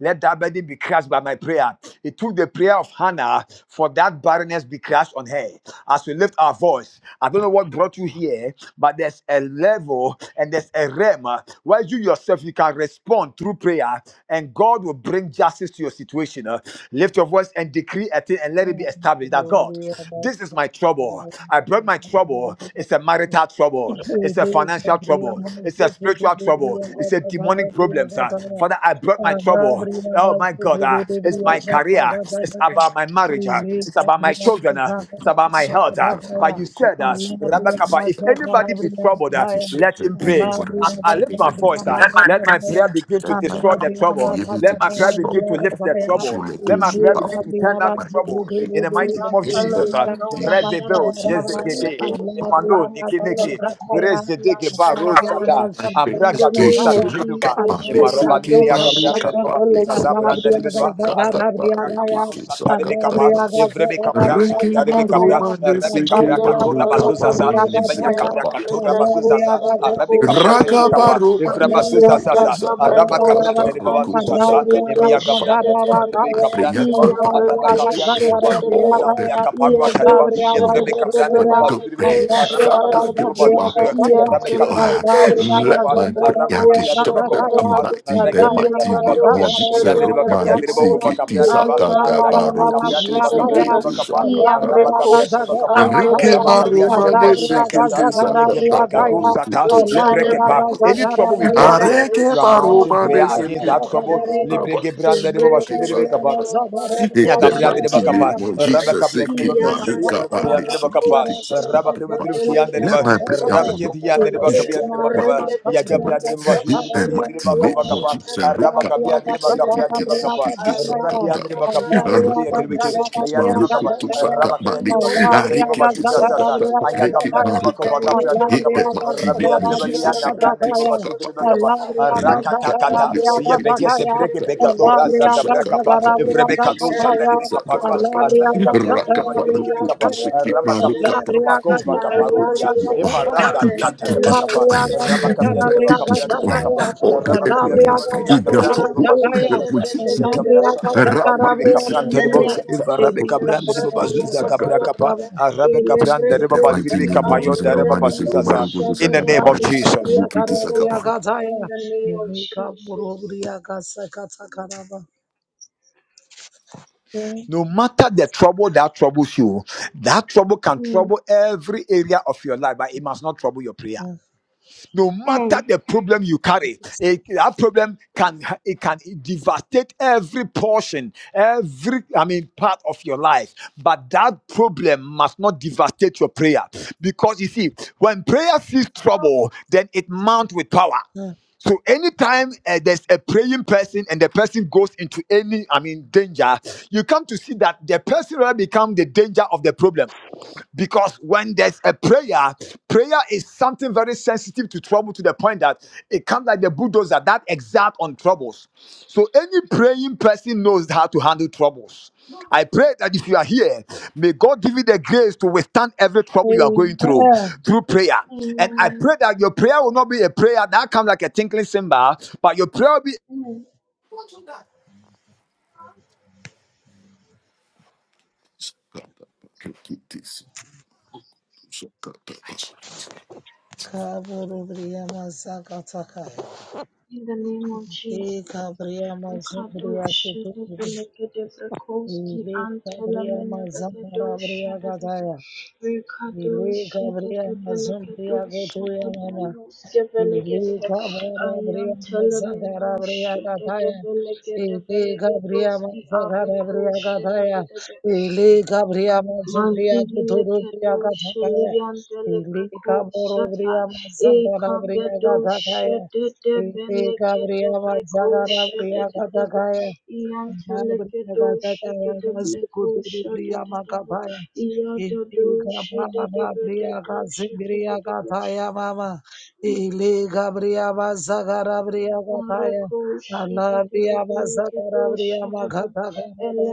[SPEAKER 1] Let that burden be crushed by my prayer. It took the prayer of Hannah for that barrenness be crushed on her. As we lift our voice, I don't know what brought you here, but there's there's a level and there's a realm uh, where you yourself you can respond through prayer and God will bring justice to your situation. uh. Lift your voice and decree a thing and let it be
[SPEAKER 5] Amen.
[SPEAKER 1] established that God, this is my trouble. I brought my trouble. It's a
[SPEAKER 5] Amen.
[SPEAKER 1] marital trouble.
[SPEAKER 5] Thank you.
[SPEAKER 1] It's a financial trouble. It's a spiritual trouble. It's a demonic problem, sir. Father, I brought my trouble. Oh my God, uh, it's my
[SPEAKER 2] If this
[SPEAKER 1] career. It's about my marriage uh, it's about my children, uh, it's about my health. uh, but you said, uh, Rabbi Kappa, if anybody be troubled, uh, let him pray.
[SPEAKER 2] anybody was
[SPEAKER 1] As
[SPEAKER 2] in
[SPEAKER 1] I
[SPEAKER 2] trouble,
[SPEAKER 1] lift my
[SPEAKER 2] let me
[SPEAKER 1] voice,
[SPEAKER 2] pray.
[SPEAKER 1] uh, let my prayer begin to
[SPEAKER 2] That
[SPEAKER 1] destroy the
[SPEAKER 2] I
[SPEAKER 1] trouble.
[SPEAKER 2] be able to
[SPEAKER 1] Let my prayer
[SPEAKER 2] destroy
[SPEAKER 1] begin to lift the trouble.
[SPEAKER 2] actually
[SPEAKER 1] Let
[SPEAKER 2] those
[SPEAKER 1] my
[SPEAKER 2] who
[SPEAKER 1] prayer
[SPEAKER 2] are
[SPEAKER 1] begin
[SPEAKER 2] who
[SPEAKER 1] to turn down
[SPEAKER 2] my
[SPEAKER 1] the trouble.
[SPEAKER 2] body.
[SPEAKER 1] In the mighty name of
[SPEAKER 2] It's
[SPEAKER 1] Jesus,
[SPEAKER 2] the
[SPEAKER 1] uh,
[SPEAKER 3] Yantelemanos,
[SPEAKER 2] thing
[SPEAKER 1] Rebbe
[SPEAKER 2] of
[SPEAKER 1] Bill,
[SPEAKER 2] Jesus.
[SPEAKER 1] Jezegebe,
[SPEAKER 3] Shadadabalakadoski,
[SPEAKER 1] Emmanuel Niki Niki Grace
[SPEAKER 3] Antelebrakovski,
[SPEAKER 1] Dege Baro
[SPEAKER 3] Antedabal.
[SPEAKER 1] Shada
[SPEAKER 2] I pray
[SPEAKER 3] In
[SPEAKER 2] this
[SPEAKER 3] the
[SPEAKER 1] Ambragado
[SPEAKER 2] dish
[SPEAKER 3] name
[SPEAKER 2] to
[SPEAKER 3] of
[SPEAKER 2] rock up
[SPEAKER 1] Satibeduba
[SPEAKER 3] Jesus,
[SPEAKER 2] my listen,
[SPEAKER 1] Emaroba
[SPEAKER 2] keep
[SPEAKER 1] Libria
[SPEAKER 3] Rekados,
[SPEAKER 2] my rook
[SPEAKER 1] Gabrianda
[SPEAKER 2] up my
[SPEAKER 1] Riboba Susa
[SPEAKER 2] listen,
[SPEAKER 3] Shadabalakados,
[SPEAKER 2] it
[SPEAKER 1] Sabranda
[SPEAKER 2] is a
[SPEAKER 1] Ribedua
[SPEAKER 2] cut
[SPEAKER 1] Arabe
[SPEAKER 2] up my
[SPEAKER 1] Capra
[SPEAKER 2] ricky,
[SPEAKER 1] Caparo
[SPEAKER 2] it's a cut
[SPEAKER 1] Satarebe
[SPEAKER 2] up
[SPEAKER 1] Capa
[SPEAKER 2] my
[SPEAKER 1] Evrebe Capra
[SPEAKER 2] Ricky
[SPEAKER 1] Satarebe Capra
[SPEAKER 2] Baruma,
[SPEAKER 1] Arabe
[SPEAKER 2] listen,
[SPEAKER 1] Capra
[SPEAKER 2] keep my
[SPEAKER 1] Catora
[SPEAKER 2] rook up
[SPEAKER 1] Bazuza
[SPEAKER 2] my
[SPEAKER 3] Shadabalakadoski,
[SPEAKER 1] Emaya
[SPEAKER 2] listen,
[SPEAKER 1] Capra
[SPEAKER 2] kappa.
[SPEAKER 1] Catora Bazuza
[SPEAKER 3] Antelebrakos,
[SPEAKER 1] Arabe
[SPEAKER 3] Abrakos,
[SPEAKER 1] Capra Terebe
[SPEAKER 2] Raka
[SPEAKER 3] Shadadab.
[SPEAKER 1] Capa
[SPEAKER 2] Baruma, listen,
[SPEAKER 1] Evrabazuza
[SPEAKER 2] keep this a cut
[SPEAKER 1] Araba
[SPEAKER 2] up, cut
[SPEAKER 1] Cabranda
[SPEAKER 2] up,
[SPEAKER 5] Alabria
[SPEAKER 2] rook
[SPEAKER 1] Riboba
[SPEAKER 5] Thank
[SPEAKER 2] to
[SPEAKER 1] Susa Emaya
[SPEAKER 2] Sakata,
[SPEAKER 1] Gabranda Riboba Libri
[SPEAKER 2] my
[SPEAKER 1] Cabranda
[SPEAKER 2] prayer,
[SPEAKER 1] Riboba
[SPEAKER 2] Father,
[SPEAKER 1] Araba
[SPEAKER 2] destroy
[SPEAKER 1] Cabianda Riboba
[SPEAKER 2] all the
[SPEAKER 1] Susa
[SPEAKER 2] people,
[SPEAKER 1] kaparua tereba
[SPEAKER 2] people,
[SPEAKER 1] evrebe
[SPEAKER 2] Lord,
[SPEAKER 1] kabia
[SPEAKER 2] my
[SPEAKER 1] dereba bazu biribe
[SPEAKER 2] glory,
[SPEAKER 1] araba kabia
[SPEAKER 2] Father,
[SPEAKER 1] dereba
[SPEAKER 2] those who
[SPEAKER 1] bazu
[SPEAKER 2] are
[SPEAKER 1] biribe
[SPEAKER 2] plotting to
[SPEAKER 1] arabe
[SPEAKER 2] kill
[SPEAKER 1] kabia
[SPEAKER 2] her,
[SPEAKER 1] dereba bazu biribe
[SPEAKER 2] let
[SPEAKER 1] kapa
[SPEAKER 2] my
[SPEAKER 1] araba
[SPEAKER 2] prayer
[SPEAKER 1] kabia
[SPEAKER 2] destroy
[SPEAKER 1] dereba
[SPEAKER 2] them
[SPEAKER 1] kova
[SPEAKER 5] you.
[SPEAKER 1] kapa
[SPEAKER 2] tonight in the
[SPEAKER 1] arake debra
[SPEAKER 2] mighty
[SPEAKER 1] dereba
[SPEAKER 2] name
[SPEAKER 1] kapia
[SPEAKER 2] of Jesus.
[SPEAKER 1] ya dereba kabia
[SPEAKER 2] Rukmani
[SPEAKER 1] dereba kova
[SPEAKER 2] sikiti
[SPEAKER 1] kapia
[SPEAKER 2] sakata
[SPEAKER 1] arake pa kapia
[SPEAKER 2] barukutu
[SPEAKER 1] dereba kabia dereba
[SPEAKER 2] sikiti
[SPEAKER 1] kapa
[SPEAKER 2] sakata
[SPEAKER 1] araba kabia dereba kapa
[SPEAKER 2] Enrique
[SPEAKER 1] araba kabia dereba
[SPEAKER 2] marumane
[SPEAKER 1] bazu zaza
[SPEAKER 2] sikiti
[SPEAKER 1] yege pa
[SPEAKER 2] sakata
[SPEAKER 1] kadu sata
[SPEAKER 2] barukutu
[SPEAKER 1] lebrekepa.
[SPEAKER 2] sakata
[SPEAKER 1] any trouble we brought here
[SPEAKER 2] Areke
[SPEAKER 1] you are mounting
[SPEAKER 2] baroba
[SPEAKER 1] prayer against
[SPEAKER 2] deseke
[SPEAKER 1] that trouble
[SPEAKER 2] baroba baba
[SPEAKER 1] lebreke brande dereba
[SPEAKER 2] deseke
[SPEAKER 1] bazu biribe
[SPEAKER 2] kisaka.
[SPEAKER 1] kapa
[SPEAKER 2] In
[SPEAKER 1] Ya
[SPEAKER 2] that
[SPEAKER 1] Gabriel, de
[SPEAKER 5] Allah,
[SPEAKER 2] mighty name
[SPEAKER 1] Bacapa,
[SPEAKER 5] you.
[SPEAKER 2] of Jesus,
[SPEAKER 1] Rabacapia
[SPEAKER 2] it
[SPEAKER 1] de
[SPEAKER 2] keep
[SPEAKER 1] Baca,
[SPEAKER 2] my hook up, I
[SPEAKER 1] Yakibakian
[SPEAKER 2] need
[SPEAKER 1] de
[SPEAKER 2] to keep
[SPEAKER 1] Bacapa,
[SPEAKER 2] things up.
[SPEAKER 1] Rabacaba de Bakian de
[SPEAKER 2] Let
[SPEAKER 1] Bac,
[SPEAKER 2] my prayer, O Lord,
[SPEAKER 1] Rabaketian de
[SPEAKER 2] destroy
[SPEAKER 1] Bacabia de
[SPEAKER 2] my
[SPEAKER 1] Bacaba,
[SPEAKER 2] enemies
[SPEAKER 1] Yagabria de
[SPEAKER 2] tonight.
[SPEAKER 1] Bashu
[SPEAKER 2] In
[SPEAKER 1] de
[SPEAKER 2] the
[SPEAKER 1] Bakia de
[SPEAKER 2] mighty name of
[SPEAKER 1] Bacovacapa,
[SPEAKER 2] Jesus, hook up, I
[SPEAKER 1] Rabacabia de
[SPEAKER 2] need to
[SPEAKER 1] Bacapia
[SPEAKER 2] keep
[SPEAKER 1] de
[SPEAKER 2] things up,
[SPEAKER 1] Bacapa,
[SPEAKER 2] keep things up, cut
[SPEAKER 1] Rakian
[SPEAKER 2] up.
[SPEAKER 1] de Bacapian de
[SPEAKER 2] Araba,
[SPEAKER 1] Bakia
[SPEAKER 2] I
[SPEAKER 1] de
[SPEAKER 2] need
[SPEAKER 1] Baki,
[SPEAKER 2] to keep my
[SPEAKER 1] Yan de
[SPEAKER 2] hook up,
[SPEAKER 1] Bacapa,
[SPEAKER 2] I
[SPEAKER 1] Rabacaya de
[SPEAKER 2] need-
[SPEAKER 1] Bacapian
[SPEAKER 2] I
[SPEAKER 1] de
[SPEAKER 2] need to keep
[SPEAKER 1] Babashu
[SPEAKER 2] things
[SPEAKER 1] Sasa,
[SPEAKER 2] up, I need to
[SPEAKER 1] Ayagabria
[SPEAKER 2] keep
[SPEAKER 1] de
[SPEAKER 2] my hook up.
[SPEAKER 1] Bacovacapia de
[SPEAKER 2] Hit
[SPEAKER 1] Bacapa,
[SPEAKER 2] that my team, it
[SPEAKER 1] Rabia de
[SPEAKER 2] means
[SPEAKER 1] Balian,
[SPEAKER 2] Jesus, it i
[SPEAKER 1] Nabrian
[SPEAKER 2] take
[SPEAKER 1] de
[SPEAKER 2] some
[SPEAKER 1] Babashu de
[SPEAKER 2] papa.
[SPEAKER 1] Bacapa,
[SPEAKER 2] Rock that my lips, it
[SPEAKER 1] Rakatakata,
[SPEAKER 2] can take
[SPEAKER 1] bekete
[SPEAKER 2] some
[SPEAKER 1] breke
[SPEAKER 2] papa. Rick,
[SPEAKER 1] bekatora
[SPEAKER 2] it can
[SPEAKER 1] zata
[SPEAKER 2] suck up
[SPEAKER 1] brakapa
[SPEAKER 2] that my rick,
[SPEAKER 1] evrebe
[SPEAKER 2] it can
[SPEAKER 1] kano
[SPEAKER 2] suck it,
[SPEAKER 5] Alabria,
[SPEAKER 1] shatane
[SPEAKER 2] can
[SPEAKER 1] be
[SPEAKER 2] suck up that papa.
[SPEAKER 1] arabi
[SPEAKER 5] Alabriaga
[SPEAKER 1] kabia de
[SPEAKER 2] Rock up
[SPEAKER 1] baba
[SPEAKER 2] my
[SPEAKER 1] libiri
[SPEAKER 2] rook,
[SPEAKER 1] ke
[SPEAKER 5] Zakarabriaga
[SPEAKER 2] it
[SPEAKER 1] bekapa
[SPEAKER 2] can
[SPEAKER 5] Zaya,
[SPEAKER 2] suck it,
[SPEAKER 1] arama
[SPEAKER 2] my rook
[SPEAKER 1] kabia de
[SPEAKER 2] up.
[SPEAKER 1] baba
[SPEAKER 5] Alabriaga
[SPEAKER 2] Let
[SPEAKER 1] kova kaparudia
[SPEAKER 5] Zakarabriaga Zakaya,
[SPEAKER 1] emarada dia tada
[SPEAKER 2] it
[SPEAKER 1] bakapa
[SPEAKER 2] destroy,
[SPEAKER 5] Alabriaga
[SPEAKER 1] arama kabia de
[SPEAKER 2] let
[SPEAKER 1] baba
[SPEAKER 2] it
[SPEAKER 5] Zakarabriaga
[SPEAKER 1] kapria de baba
[SPEAKER 2] destroy
[SPEAKER 5] Zakaya,
[SPEAKER 1] kapa
[SPEAKER 2] all the
[SPEAKER 1] kabia de baba
[SPEAKER 2] enemies
[SPEAKER 5] Alabriaga
[SPEAKER 1] libiri
[SPEAKER 2] in
[SPEAKER 1] anda
[SPEAKER 2] their
[SPEAKER 1] branda
[SPEAKER 5] Zakarabriaga
[SPEAKER 1] de
[SPEAKER 2] soul.
[SPEAKER 1] baba zuza
[SPEAKER 5] Zakaya,
[SPEAKER 2] That
[SPEAKER 1] zaza
[SPEAKER 2] which is
[SPEAKER 1] ya
[SPEAKER 2] deep.
[SPEAKER 1] kabra
[SPEAKER 5] Alabriaga
[SPEAKER 1] shanda de
[SPEAKER 2] Rock
[SPEAKER 1] baba
[SPEAKER 2] my
[SPEAKER 1] libiri be
[SPEAKER 2] lips, it
[SPEAKER 5] Zakarabriaga
[SPEAKER 2] can
[SPEAKER 1] de baba
[SPEAKER 5] Zaya,
[SPEAKER 2] take some
[SPEAKER 1] evarabe
[SPEAKER 5] Elisa
[SPEAKER 1] kabra de baba zuza
[SPEAKER 5] Barabriaga
[SPEAKER 1] kabra
[SPEAKER 2] that papa.
[SPEAKER 1] kapa
[SPEAKER 5] Zakarabra,
[SPEAKER 1] arabe kabra
[SPEAKER 2] In
[SPEAKER 1] de
[SPEAKER 2] the
[SPEAKER 5] Alabriaga
[SPEAKER 1] baba libiri
[SPEAKER 2] mighty
[SPEAKER 1] be
[SPEAKER 2] name of Jesus,
[SPEAKER 1] de
[SPEAKER 5] Zakarabriaga
[SPEAKER 1] baba
[SPEAKER 2] Romani Seki
[SPEAKER 1] zuza za
[SPEAKER 5] Zakaya,
[SPEAKER 2] Maruku
[SPEAKER 1] in the
[SPEAKER 2] Dusakata
[SPEAKER 1] name of
[SPEAKER 2] Barek,
[SPEAKER 5] Alabriaga
[SPEAKER 1] Jesus
[SPEAKER 2] Rikiti Sakaba,
[SPEAKER 5] Zakarabriaga Zaya, Elika Burubriaga Sakatakarabriaga.
[SPEAKER 1] No matter the trouble that troubles you, that trouble can trouble every area of your life, but it must not trouble your prayer. No matter
[SPEAKER 3] Mm,
[SPEAKER 1] the problem you carry, it- that problem can it can devastate every portion, every I mean part of your life. But that problem must not devastate your prayer, because you see, when prayer sees trouble, then it mounts with power. So anytime uh, there's a praying person and the person goes into any, I mean, danger, you come to see that the person will become the danger of the problem. Because when there's a prayer, prayer is something very sensitive to trouble to the point that it comes like the bulldozer that exact on troubles. So any praying person knows how to handle troubles. I pray that if you are here, may God give you the grace to withstand every trouble you are going through
[SPEAKER 5] Amen.
[SPEAKER 1] through prayer. And I pray that your prayer will not be a prayer that comes like a tinkling cymbal, but your prayer will be
[SPEAKER 2] Sakata, Rikiti Sakata,
[SPEAKER 5] Kabriya Mazakataka. de Kabriya Mazubriya Kutubi. Ile Kabriya Mazambarabriya Kataya. Ile Kabriya Mazumbriya Kutuya mama. Ili kabara bria masagara bria kathaya. Ili kabria masagara bria kathaya. Ili kabria masubria tuturu bria kathaya. Ili kaboro bria masagara bria kathaya. Ili kabria masagara bria kathaya. Na bria kathaya masukuturu bria makathaya. Iliga baba bria kazindria kathaya mama. Iliga bria bazagara bria kathaya. Anabria bazagara bria makatha baba.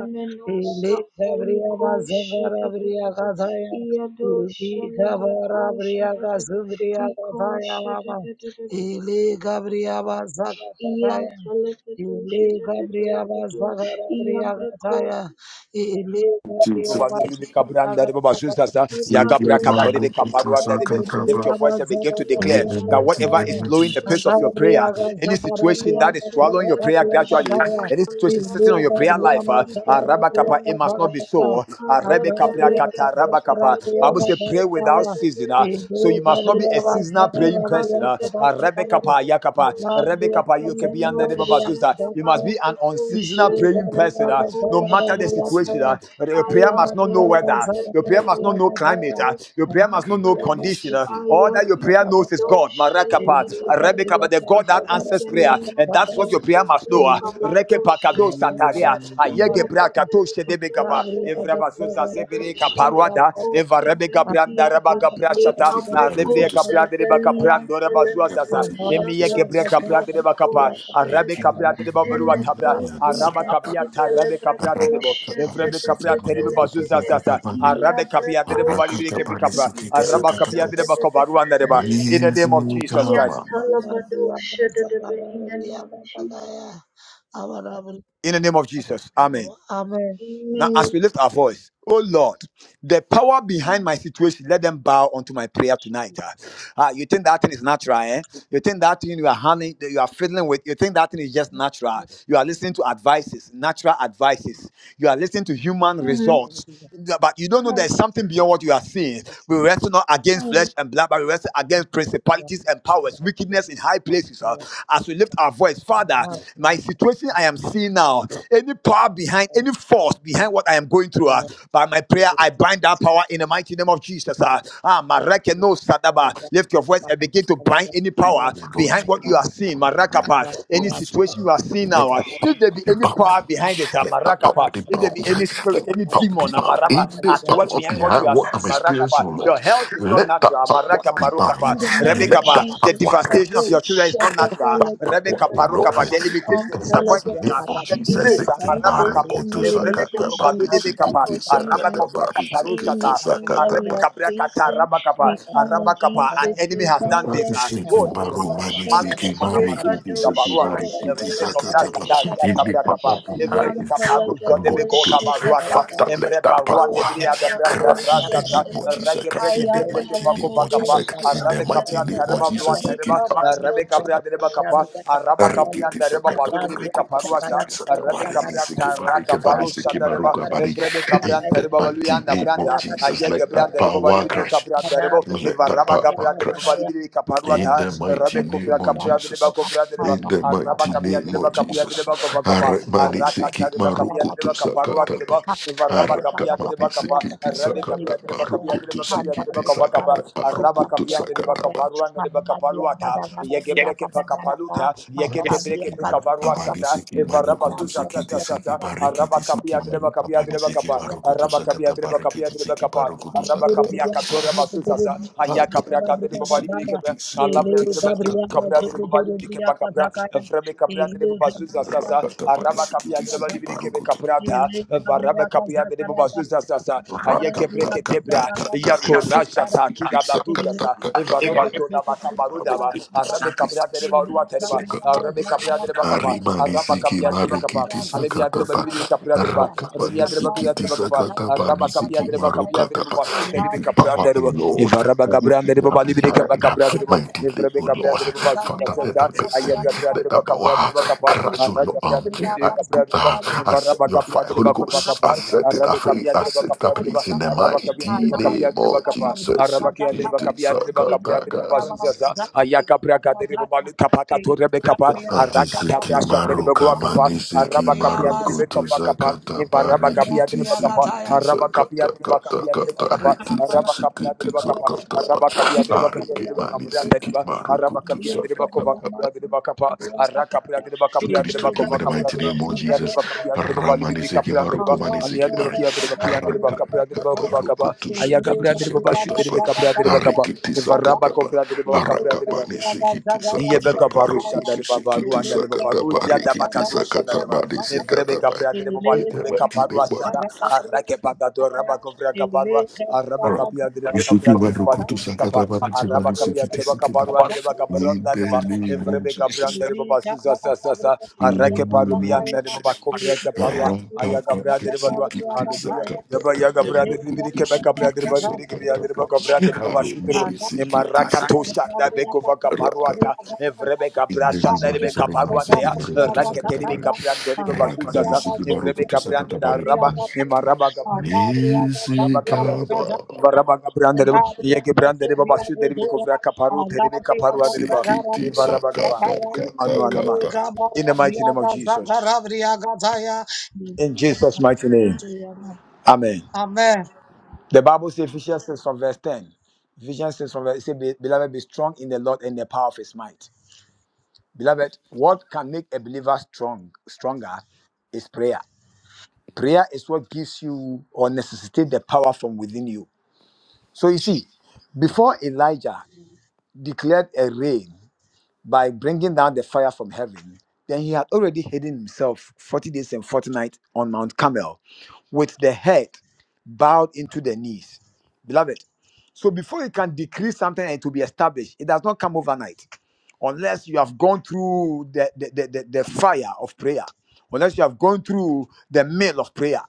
[SPEAKER 5] Iliga bria bazagara bria kathaya. Iliga bara bria kazindria kathaya mama. Iliga bria bazagara kathaya. Iliga bria bazagara bria kathaya. Amen.
[SPEAKER 2] Jesus,
[SPEAKER 1] Baba,
[SPEAKER 2] Seki Maruku Dusakata
[SPEAKER 1] Lift
[SPEAKER 2] Ba,
[SPEAKER 1] your voice and begin to
[SPEAKER 2] in
[SPEAKER 1] declare
[SPEAKER 2] the
[SPEAKER 1] that
[SPEAKER 2] mighty
[SPEAKER 1] whatever is
[SPEAKER 2] name of
[SPEAKER 1] slowing the pace of
[SPEAKER 2] Jesus.
[SPEAKER 1] your prayer, any situation that is swallowing your prayer gradually,
[SPEAKER 2] Thank
[SPEAKER 1] any situation sitting on your prayer life, uh, uh, Rabba it must not be so. Uh,
[SPEAKER 2] you,
[SPEAKER 1] Rebbe
[SPEAKER 2] Jesus.
[SPEAKER 1] Kapra Kata, Rabba Kappa. Bible say pray without season. uh, so you must not be a seasonal praying
[SPEAKER 2] Seki
[SPEAKER 1] person. Uh, uh, Yakapa, Yakapa, Rebekapa, you can be
[SPEAKER 2] Maruku
[SPEAKER 1] under the Baba
[SPEAKER 2] Dusakata
[SPEAKER 1] You must be an
[SPEAKER 5] Thank
[SPEAKER 1] unseasonal
[SPEAKER 5] you.
[SPEAKER 1] praying person. ah. no matter the
[SPEAKER 2] Ba,
[SPEAKER 1] situation, ah,
[SPEAKER 2] Seki
[SPEAKER 1] your prayer must not know weather. Your prayer must not know climate. ah. your prayer
[SPEAKER 2] Maruku
[SPEAKER 1] must not know
[SPEAKER 2] Dusakata
[SPEAKER 1] condition. ah. all that your prayer knows is God. Marakapa, Rebekapa, the God that answers prayer. And that's what your prayer
[SPEAKER 2] Ba,
[SPEAKER 1] must know. ah. Rekepa
[SPEAKER 2] Easy,
[SPEAKER 1] sataria,
[SPEAKER 2] God.
[SPEAKER 1] Ayegebra kato shedebekapa. Evrabazuza zebere kaparuada, evarebe gabranda raba gabrashata,
[SPEAKER 2] Seki Maruku
[SPEAKER 1] alebre
[SPEAKER 2] Dusakata
[SPEAKER 1] gabrande
[SPEAKER 2] Ba.
[SPEAKER 1] reba kaprando reba
[SPEAKER 2] Arakata
[SPEAKER 1] zuazaza, emiye gebre gabrande reba kapa, arabe gabrande reba berua tabra, araba kapia tarabe gabrande rebo, evrebe kapia terebe bazuza zaza, arabe kapia terebe balibire kebi kapra, araba kapia terebe kaparuanda reba. In the name of
[SPEAKER 2] Amazing
[SPEAKER 1] Jesus
[SPEAKER 2] God,
[SPEAKER 1] Christ.
[SPEAKER 2] Mama.
[SPEAKER 1] In the name of Jesus. Amen. Now, as we lift our voice, oh Lord, the power behind my situation, let them bow unto my prayer tonight. Ah, Ah, you think that thing is natural, eh? You think that thing you are handling, that you are fiddling with, you think that thing is just natural. You are listening to advices, natural advices. You are listening to human
[SPEAKER 3] mm,
[SPEAKER 1] results,
[SPEAKER 5] Amen.
[SPEAKER 1] Yeah, but you don't know
[SPEAKER 3] mm,
[SPEAKER 1] there's something beyond what you are seeing. We wrestle not against flesh and blood, but we wrestle against principalities and powers, wickedness in high places. ah. as we lift our voice, Father, my situation I am seeing now, any power behind behind any force behind what I am going through. ah. by my prayer, I bind that power in the mighty name of Jesus. ah. Ah, Mareke no Sadaba. Lift your voice and begin to bind any
[SPEAKER 2] We
[SPEAKER 1] power
[SPEAKER 2] will go to
[SPEAKER 1] behind what you are seeing.
[SPEAKER 2] the behind.
[SPEAKER 1] Marakapa.
[SPEAKER 2] We'll
[SPEAKER 1] Any
[SPEAKER 5] Thank
[SPEAKER 2] see.
[SPEAKER 1] situation you are seeing
[SPEAKER 2] Let
[SPEAKER 1] now. ah.
[SPEAKER 2] the pop
[SPEAKER 1] If there be
[SPEAKER 2] be
[SPEAKER 1] any
[SPEAKER 2] pop.
[SPEAKER 1] power behind it, ah,
[SPEAKER 2] Let the pop be
[SPEAKER 1] Marakapa. If there
[SPEAKER 2] pop.
[SPEAKER 1] be
[SPEAKER 2] Let
[SPEAKER 1] any spirit,
[SPEAKER 2] the
[SPEAKER 1] any
[SPEAKER 2] pop be
[SPEAKER 1] demon, ah,
[SPEAKER 2] pop. In
[SPEAKER 1] Maraba,
[SPEAKER 2] the
[SPEAKER 1] at work
[SPEAKER 2] power
[SPEAKER 1] behind what you
[SPEAKER 2] behind
[SPEAKER 1] are
[SPEAKER 2] what I'm
[SPEAKER 1] seeing,
[SPEAKER 2] experiencing,
[SPEAKER 1] Marakapa.
[SPEAKER 2] O
[SPEAKER 5] you.
[SPEAKER 1] Your
[SPEAKER 2] Lord.
[SPEAKER 1] health is not
[SPEAKER 5] Thank
[SPEAKER 2] Let the
[SPEAKER 1] natural.
[SPEAKER 2] power be
[SPEAKER 1] Marakapa, Rokapa,
[SPEAKER 2] behind. Let the
[SPEAKER 1] Rebekapa. The
[SPEAKER 2] power.
[SPEAKER 1] devastation of your children is not natural.
[SPEAKER 2] what will
[SPEAKER 1] Rebekapa,
[SPEAKER 2] not
[SPEAKER 1] Rokapa. The
[SPEAKER 2] hurt It
[SPEAKER 1] limitation, the
[SPEAKER 2] can pass in
[SPEAKER 1] disappointment,
[SPEAKER 2] the
[SPEAKER 1] ah,
[SPEAKER 2] mighty name of
[SPEAKER 1] the delay
[SPEAKER 2] Jesus.
[SPEAKER 1] le zamaraba kaba
[SPEAKER 2] Imaruko to
[SPEAKER 1] evremeko
[SPEAKER 2] Sakata
[SPEAKER 1] domado
[SPEAKER 2] Bari
[SPEAKER 1] de bekapa
[SPEAKER 2] Sikiti
[SPEAKER 1] araba
[SPEAKER 2] Sakata
[SPEAKER 1] kovra
[SPEAKER 2] Bari Sikiti
[SPEAKER 1] kaparushata
[SPEAKER 2] Sakata
[SPEAKER 1] emarebe
[SPEAKER 2] Bari
[SPEAKER 1] kabra kata araba kapa araba kapa an enemy has done this ah. oh
[SPEAKER 2] Siki
[SPEAKER 1] it is not
[SPEAKER 2] Maru Mani
[SPEAKER 1] natural male
[SPEAKER 2] Siki
[SPEAKER 1] kona
[SPEAKER 2] Mari
[SPEAKER 1] madu de
[SPEAKER 2] Kiti Siki
[SPEAKER 1] bekabaruata
[SPEAKER 2] Mari Kiti
[SPEAKER 1] evrebe kovra
[SPEAKER 2] Sakata
[SPEAKER 1] sata
[SPEAKER 2] Bari
[SPEAKER 1] via
[SPEAKER 2] Give me
[SPEAKER 1] tabra kapa evrebe
[SPEAKER 2] behind what
[SPEAKER 1] kaparu
[SPEAKER 2] I'm
[SPEAKER 1] zode
[SPEAKER 2] going
[SPEAKER 1] beko
[SPEAKER 2] through.
[SPEAKER 1] kabaruaka
[SPEAKER 2] Father, let
[SPEAKER 1] emre
[SPEAKER 2] that power
[SPEAKER 1] baruan
[SPEAKER 5] you.
[SPEAKER 1] bria da
[SPEAKER 5] Thank
[SPEAKER 1] branda
[SPEAKER 2] crash in
[SPEAKER 1] rasata
[SPEAKER 2] the name of Jesus,
[SPEAKER 1] reke
[SPEAKER 2] crash in
[SPEAKER 1] breke te
[SPEAKER 2] the
[SPEAKER 1] breke
[SPEAKER 2] mighty
[SPEAKER 1] pako
[SPEAKER 2] name of
[SPEAKER 1] vakapa
[SPEAKER 2] Jesus, crash in the
[SPEAKER 1] arabe
[SPEAKER 2] mighty
[SPEAKER 1] kabra
[SPEAKER 2] name of
[SPEAKER 1] tareba vlua
[SPEAKER 2] Jesus. Siki
[SPEAKER 1] tereba arabe
[SPEAKER 2] Maru
[SPEAKER 1] kabra dereba kapa araba kapian
[SPEAKER 2] Arikiti
[SPEAKER 1] dereba
[SPEAKER 2] sakata
[SPEAKER 1] balu
[SPEAKER 2] parikuti sikiti
[SPEAKER 1] paruasha rebe
[SPEAKER 2] sakabari ini
[SPEAKER 1] kabra
[SPEAKER 5] you.
[SPEAKER 2] sikibari
[SPEAKER 1] taraga
[SPEAKER 2] kebari
[SPEAKER 1] barusha
[SPEAKER 2] sikibaru
[SPEAKER 1] dareba
[SPEAKER 2] kabari.
[SPEAKER 1] evrebe
[SPEAKER 2] sikimaruka bari.
[SPEAKER 1] kabran
[SPEAKER 2] In the
[SPEAKER 1] tereba
[SPEAKER 2] mighty
[SPEAKER 1] baluyanda
[SPEAKER 2] name of
[SPEAKER 1] branda
[SPEAKER 2] Jesus,
[SPEAKER 1] ayege
[SPEAKER 2] let that
[SPEAKER 1] branda reba bali
[SPEAKER 2] power
[SPEAKER 1] bir
[SPEAKER 2] crash.
[SPEAKER 1] kabran dereba
[SPEAKER 2] Let that
[SPEAKER 1] evaraba
[SPEAKER 2] power
[SPEAKER 1] kabran dereba
[SPEAKER 2] crash.
[SPEAKER 1] bali bir kaparua
[SPEAKER 2] In
[SPEAKER 1] da
[SPEAKER 2] the mighty
[SPEAKER 1] rebe kovra
[SPEAKER 2] name of
[SPEAKER 1] kapra dereba
[SPEAKER 2] Jesus.
[SPEAKER 1] kovra dereba
[SPEAKER 2] In the
[SPEAKER 1] araba
[SPEAKER 2] mighty
[SPEAKER 1] kapia
[SPEAKER 2] name of
[SPEAKER 1] dereba kapia
[SPEAKER 2] Jesus.
[SPEAKER 1] dereba kova kapa
[SPEAKER 2] Aramani
[SPEAKER 1] araka
[SPEAKER 2] siki
[SPEAKER 1] tereba kapia dereba
[SPEAKER 2] marukutu
[SPEAKER 1] kaparua
[SPEAKER 2] sakata pa.
[SPEAKER 1] dereba evaraba kapia
[SPEAKER 2] Arakamani
[SPEAKER 1] dereba kapa
[SPEAKER 2] sikiti
[SPEAKER 1] rebe
[SPEAKER 2] sakata
[SPEAKER 1] kapia dereba kapia
[SPEAKER 2] parukutu
[SPEAKER 1] dereba kapia
[SPEAKER 2] sikiti
[SPEAKER 1] dereba kova kapa
[SPEAKER 2] sakata
[SPEAKER 1] araba
[SPEAKER 2] parukutu
[SPEAKER 1] kapia dereba
[SPEAKER 2] sakata
[SPEAKER 1] kaparua dereba kapaluata yege breke
[SPEAKER 2] Yes.
[SPEAKER 1] pakapaluta kabarua sata
[SPEAKER 2] Kabanisiki
[SPEAKER 1] evaraba
[SPEAKER 2] Maruko to
[SPEAKER 1] suza
[SPEAKER 5] Ada
[SPEAKER 1] sa
[SPEAKER 2] Siki
[SPEAKER 1] sa
[SPEAKER 5] dia
[SPEAKER 1] sa
[SPEAKER 2] Tisiki
[SPEAKER 1] sa
[SPEAKER 2] Bariki
[SPEAKER 5] Thank
[SPEAKER 1] araba
[SPEAKER 5] you,
[SPEAKER 2] Tisiki
[SPEAKER 1] kapia
[SPEAKER 5] Father,
[SPEAKER 1] dreba
[SPEAKER 2] Maruka
[SPEAKER 1] kapia
[SPEAKER 5] for
[SPEAKER 1] dreba
[SPEAKER 2] Banisiki
[SPEAKER 1] kapa
[SPEAKER 5] the
[SPEAKER 2] Maruko to
[SPEAKER 1] araba kapia
[SPEAKER 2] Sakata
[SPEAKER 1] dreba
[SPEAKER 2] Bariki
[SPEAKER 1] kapia dreba
[SPEAKER 2] Tisiki
[SPEAKER 1] kapa
[SPEAKER 2] Baruko to
[SPEAKER 5] Thank
[SPEAKER 1] araba
[SPEAKER 2] sakata
[SPEAKER 1] kapia
[SPEAKER 2] ba,
[SPEAKER 1] katora basuza sa aya kabra
[SPEAKER 2] Katapa
[SPEAKER 1] kadreba bali bili
[SPEAKER 2] Tisiki
[SPEAKER 1] kebra alla
[SPEAKER 2] Tisiki
[SPEAKER 1] bra dreba bili
[SPEAKER 2] Tisakata
[SPEAKER 1] kabra dreba
[SPEAKER 2] Baruko
[SPEAKER 1] bali bili kebra evrebe kabra dreba basuza sa
[SPEAKER 2] Rakata
[SPEAKER 1] araba
[SPEAKER 2] Banisiki
[SPEAKER 1] kapia dreba
[SPEAKER 2] Tisiki
[SPEAKER 1] bali bili kebra
[SPEAKER 2] Baruko
[SPEAKER 1] kapra da varaba kapia dreba basuza sa sa aya kebre
[SPEAKER 2] Rakata Kata
[SPEAKER 1] ketebra
[SPEAKER 2] Kata
[SPEAKER 1] ya
[SPEAKER 2] Risiki
[SPEAKER 1] torasha ta ki gada duza
[SPEAKER 2] Tisakata
[SPEAKER 1] sa
[SPEAKER 2] Kata
[SPEAKER 1] evarobe to da arabe kabra dreba ruwa tereba Arabe Capria de Bacapa,
[SPEAKER 2] Arimani
[SPEAKER 1] Araba
[SPEAKER 2] siki
[SPEAKER 1] Capia de Bacapa,
[SPEAKER 2] marikiti
[SPEAKER 1] Alevia de
[SPEAKER 2] sakatapa.
[SPEAKER 1] Balibi Capria de Ba,
[SPEAKER 2] Rakapani
[SPEAKER 1] Arabia de Bacria
[SPEAKER 2] sikiti
[SPEAKER 1] de Bacapa,
[SPEAKER 2] sakatapa.
[SPEAKER 1] Araba Capia
[SPEAKER 2] Nisiki
[SPEAKER 1] de Bacapia
[SPEAKER 5] you.
[SPEAKER 1] de
[SPEAKER 2] marukatapa.
[SPEAKER 1] Basuta
[SPEAKER 2] In
[SPEAKER 1] de
[SPEAKER 2] the
[SPEAKER 1] Capria
[SPEAKER 2] power,
[SPEAKER 1] de
[SPEAKER 2] O
[SPEAKER 1] Ba,
[SPEAKER 2] Lord,
[SPEAKER 1] Evaraba
[SPEAKER 2] who
[SPEAKER 1] Gabria de
[SPEAKER 2] we are
[SPEAKER 1] Babalibi
[SPEAKER 2] behind
[SPEAKER 1] Capria de Ba,
[SPEAKER 2] my delay,
[SPEAKER 1] Evrebe
[SPEAKER 2] O
[SPEAKER 1] Capria
[SPEAKER 2] Lord.
[SPEAKER 1] de Basuta,
[SPEAKER 2] Father, let that
[SPEAKER 1] Aya
[SPEAKER 2] person,
[SPEAKER 1] Capria
[SPEAKER 2] let
[SPEAKER 1] de
[SPEAKER 2] that
[SPEAKER 1] Bacapria de
[SPEAKER 2] power
[SPEAKER 1] Bacapa,
[SPEAKER 2] crash, O
[SPEAKER 1] Araba Capria
[SPEAKER 2] Lord.
[SPEAKER 1] de Balibi
[SPEAKER 2] I
[SPEAKER 1] Capria
[SPEAKER 2] put
[SPEAKER 1] de Ba,
[SPEAKER 2] that, I set
[SPEAKER 1] Evaraba
[SPEAKER 2] your
[SPEAKER 1] Capria
[SPEAKER 2] fire,
[SPEAKER 1] de
[SPEAKER 2] Holy
[SPEAKER 1] Bacova
[SPEAKER 2] Ghost. I
[SPEAKER 1] Capa,
[SPEAKER 2] set it, I
[SPEAKER 1] Arabe
[SPEAKER 2] faith,
[SPEAKER 1] Capia
[SPEAKER 2] I
[SPEAKER 1] de
[SPEAKER 2] set it, I
[SPEAKER 1] Bacapia de Ba,
[SPEAKER 2] place in the
[SPEAKER 1] Araba Capia de
[SPEAKER 2] mighty name
[SPEAKER 1] Bacapia de
[SPEAKER 2] of
[SPEAKER 1] Bacapa,
[SPEAKER 2] Jesus.
[SPEAKER 1] Araba Capia de
[SPEAKER 2] Sikiti
[SPEAKER 1] Bacapia de Bacapria de
[SPEAKER 2] sakataka.
[SPEAKER 1] Basuta, Aya Capria Malika paka to Rebecca pa, Arakata
[SPEAKER 2] Antisiki
[SPEAKER 1] brasha de
[SPEAKER 2] maruka
[SPEAKER 1] Rebegua
[SPEAKER 5] Yabazaya,
[SPEAKER 1] capa,
[SPEAKER 2] manisiki
[SPEAKER 1] Araba capia de
[SPEAKER 2] maruku
[SPEAKER 1] Rebecca vacapa,
[SPEAKER 2] tisakata
[SPEAKER 1] Invaraba capia de
[SPEAKER 2] barikiti
[SPEAKER 1] Rebacapa,
[SPEAKER 2] sikiti
[SPEAKER 1] Araba capia
[SPEAKER 2] sakata
[SPEAKER 1] de
[SPEAKER 2] kata
[SPEAKER 1] Rebacapia de
[SPEAKER 2] kata
[SPEAKER 1] Rebacapa,
[SPEAKER 2] rikiti
[SPEAKER 1] Araba capia de
[SPEAKER 2] sikiti
[SPEAKER 1] Rebacapa,
[SPEAKER 2] sakata ba
[SPEAKER 1] Araba capia de Rebacapia
[SPEAKER 2] ariki
[SPEAKER 1] de
[SPEAKER 2] manisiki
[SPEAKER 1] Rebacapa,
[SPEAKER 2] maruku
[SPEAKER 1] Araba
[SPEAKER 5] Thank
[SPEAKER 1] capia de
[SPEAKER 2] tisakata
[SPEAKER 1] Rebacova capia de Rebacapa, Aracapia de
[SPEAKER 2] Su
[SPEAKER 1] Rebacapia de
[SPEAKER 2] Cristo, in
[SPEAKER 1] Rebacova
[SPEAKER 2] the
[SPEAKER 1] capia
[SPEAKER 2] mighty
[SPEAKER 1] de
[SPEAKER 2] name of Jesus.
[SPEAKER 1] Rebacapia de Rebacapia de
[SPEAKER 2] Ramani
[SPEAKER 1] Rebali
[SPEAKER 2] seki
[SPEAKER 1] Capra de
[SPEAKER 2] maruko
[SPEAKER 1] Reba,
[SPEAKER 2] mani
[SPEAKER 1] Alia
[SPEAKER 2] seki
[SPEAKER 1] de
[SPEAKER 2] barai.
[SPEAKER 1] Rebacia de Rebacia de
[SPEAKER 2] Rakata
[SPEAKER 1] Rebacapia de
[SPEAKER 2] kata
[SPEAKER 1] Rebacova
[SPEAKER 2] ruku
[SPEAKER 1] capa,
[SPEAKER 2] tu seki tu
[SPEAKER 1] Ayagabria de Rebacapia
[SPEAKER 2] sakata
[SPEAKER 1] de
[SPEAKER 2] pa.
[SPEAKER 1] Rebacapia de Rebacapa,
[SPEAKER 2] Ariki ti
[SPEAKER 1] Invaraba
[SPEAKER 2] sakata pa.
[SPEAKER 1] covra de Rebacapia de Rebacapa,
[SPEAKER 2] Arakapani seki ti sakata
[SPEAKER 1] Yebeka
[SPEAKER 2] pa.
[SPEAKER 1] baru
[SPEAKER 2] Ruku
[SPEAKER 1] shadare
[SPEAKER 2] tu
[SPEAKER 1] baba
[SPEAKER 2] seki ti
[SPEAKER 1] ruanda de baba
[SPEAKER 2] sakata pa.
[SPEAKER 1] ruya da
[SPEAKER 2] Ariki ti
[SPEAKER 1] bakatu
[SPEAKER 2] sakata
[SPEAKER 1] shadare
[SPEAKER 2] pa.
[SPEAKER 1] ba
[SPEAKER 2] Ni
[SPEAKER 1] evrebe
[SPEAKER 2] kata pa.
[SPEAKER 1] kapria de baba de
[SPEAKER 2] In the
[SPEAKER 1] birbe
[SPEAKER 2] mighty
[SPEAKER 1] kaparu
[SPEAKER 2] name of
[SPEAKER 1] ashada arake bakato raba kapria kaparu araba kapia de baba
[SPEAKER 2] Jesus. Isuki
[SPEAKER 1] kapria de baba de
[SPEAKER 2] maruko tu
[SPEAKER 1] birbe
[SPEAKER 5] you.
[SPEAKER 2] sakata
[SPEAKER 1] kapa
[SPEAKER 2] pa. Nisi
[SPEAKER 5] Thank
[SPEAKER 1] araba
[SPEAKER 2] mani
[SPEAKER 1] kapia
[SPEAKER 2] seki
[SPEAKER 1] de
[SPEAKER 2] ti
[SPEAKER 1] baba
[SPEAKER 2] seki
[SPEAKER 1] kaparu
[SPEAKER 2] pa.
[SPEAKER 1] ande de baba kaparu
[SPEAKER 2] In
[SPEAKER 1] de
[SPEAKER 2] the
[SPEAKER 1] baba
[SPEAKER 2] name of
[SPEAKER 1] evrebe kapria
[SPEAKER 2] Jesus.
[SPEAKER 1] de baba suza sa sa sa
[SPEAKER 2] In the
[SPEAKER 1] arake paru
[SPEAKER 2] name of
[SPEAKER 1] Nare
[SPEAKER 2] Jesus.
[SPEAKER 1] baba kovra kaparwa
[SPEAKER 2] Nisi
[SPEAKER 1] aya
[SPEAKER 2] kama
[SPEAKER 1] gabra dere balwa
[SPEAKER 2] sikiti
[SPEAKER 1] arabiya yaba ya gabra dere biri kebe gabra dere bali biri kebe ya dere baba kovra dere baba shi dere e maraka to shanda be kova kaparwa ta e vrebe gabra shanda be kaparwa te ya rakete be gabra dere baba su sasa e vrebe gabra da raba e maraba gabra maraba gabra dere baba
[SPEAKER 5] you.
[SPEAKER 1] varaba gabra dere baba ye gabra dere baba shi dere be kovra kaparu dere be kaparwa dere baba e varaba
[SPEAKER 2] sakata
[SPEAKER 1] gaba in the
[SPEAKER 2] kata
[SPEAKER 1] manuanama
[SPEAKER 2] kata
[SPEAKER 1] in the mighty name of Jesus in Jesus' mighty name. Amen.
[SPEAKER 5] Amen.
[SPEAKER 1] The Bible says Ephesians 6 from verse 10. Ephesians 6 from verse 10 say, Beloved, be strong in the Lord and the power of his might. Beloved, what can make a believer strong, stronger is prayer. Prayer is what gives you or necessitates the power from within you. So you see, before Elijah declared a rain, by bringing down the fire from heaven, then he had already hidden himself 40 days and 40 nights on Mount Carmel with the head bowed into the knees. Beloved, so before you can decree something and it will be established, it does not come overnight unless you have gone through the, the, the, the, the fire of prayer, unless you have gone through the mill of prayer,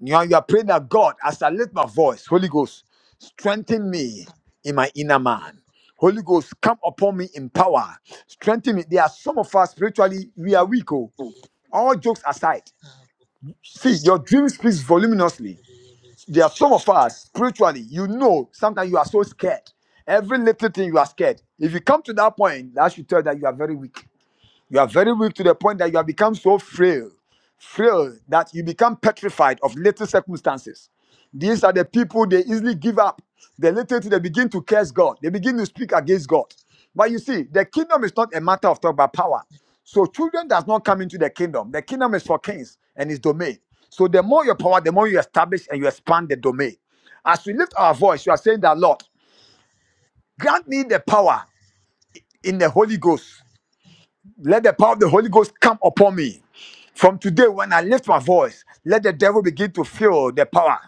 [SPEAKER 1] you are, you are praying that God, as I lift my voice, Holy Ghost, strengthen me in my inner man. Holy Ghost, come upon me in power. Strengthen me. There are some of us spiritually, we are weak. Oh. All jokes aside, see, your dream speaks voluminously. There are some of us spiritually, you know, sometimes you are so scared. Every little thing you are scared. If you come to that point, that should tell that you are very weak. You are very weak to the point that you have become so frail, frail that you become petrified of little circumstances. These are the people they easily give up. The little thing, they begin to curse God. They begin to speak against God. But you see, the kingdom is not a matter of talk but power. So children does not come into the kingdom. The kingdom is for kings and its domain. So the more your power, the more you establish and you expand the domain. As we lift our voice, you are saying that Lord, grant me the power in the Holy Ghost let the power of the Holy Ghost come upon me. From today, when I lift my voice, let the devil begin to feel the power.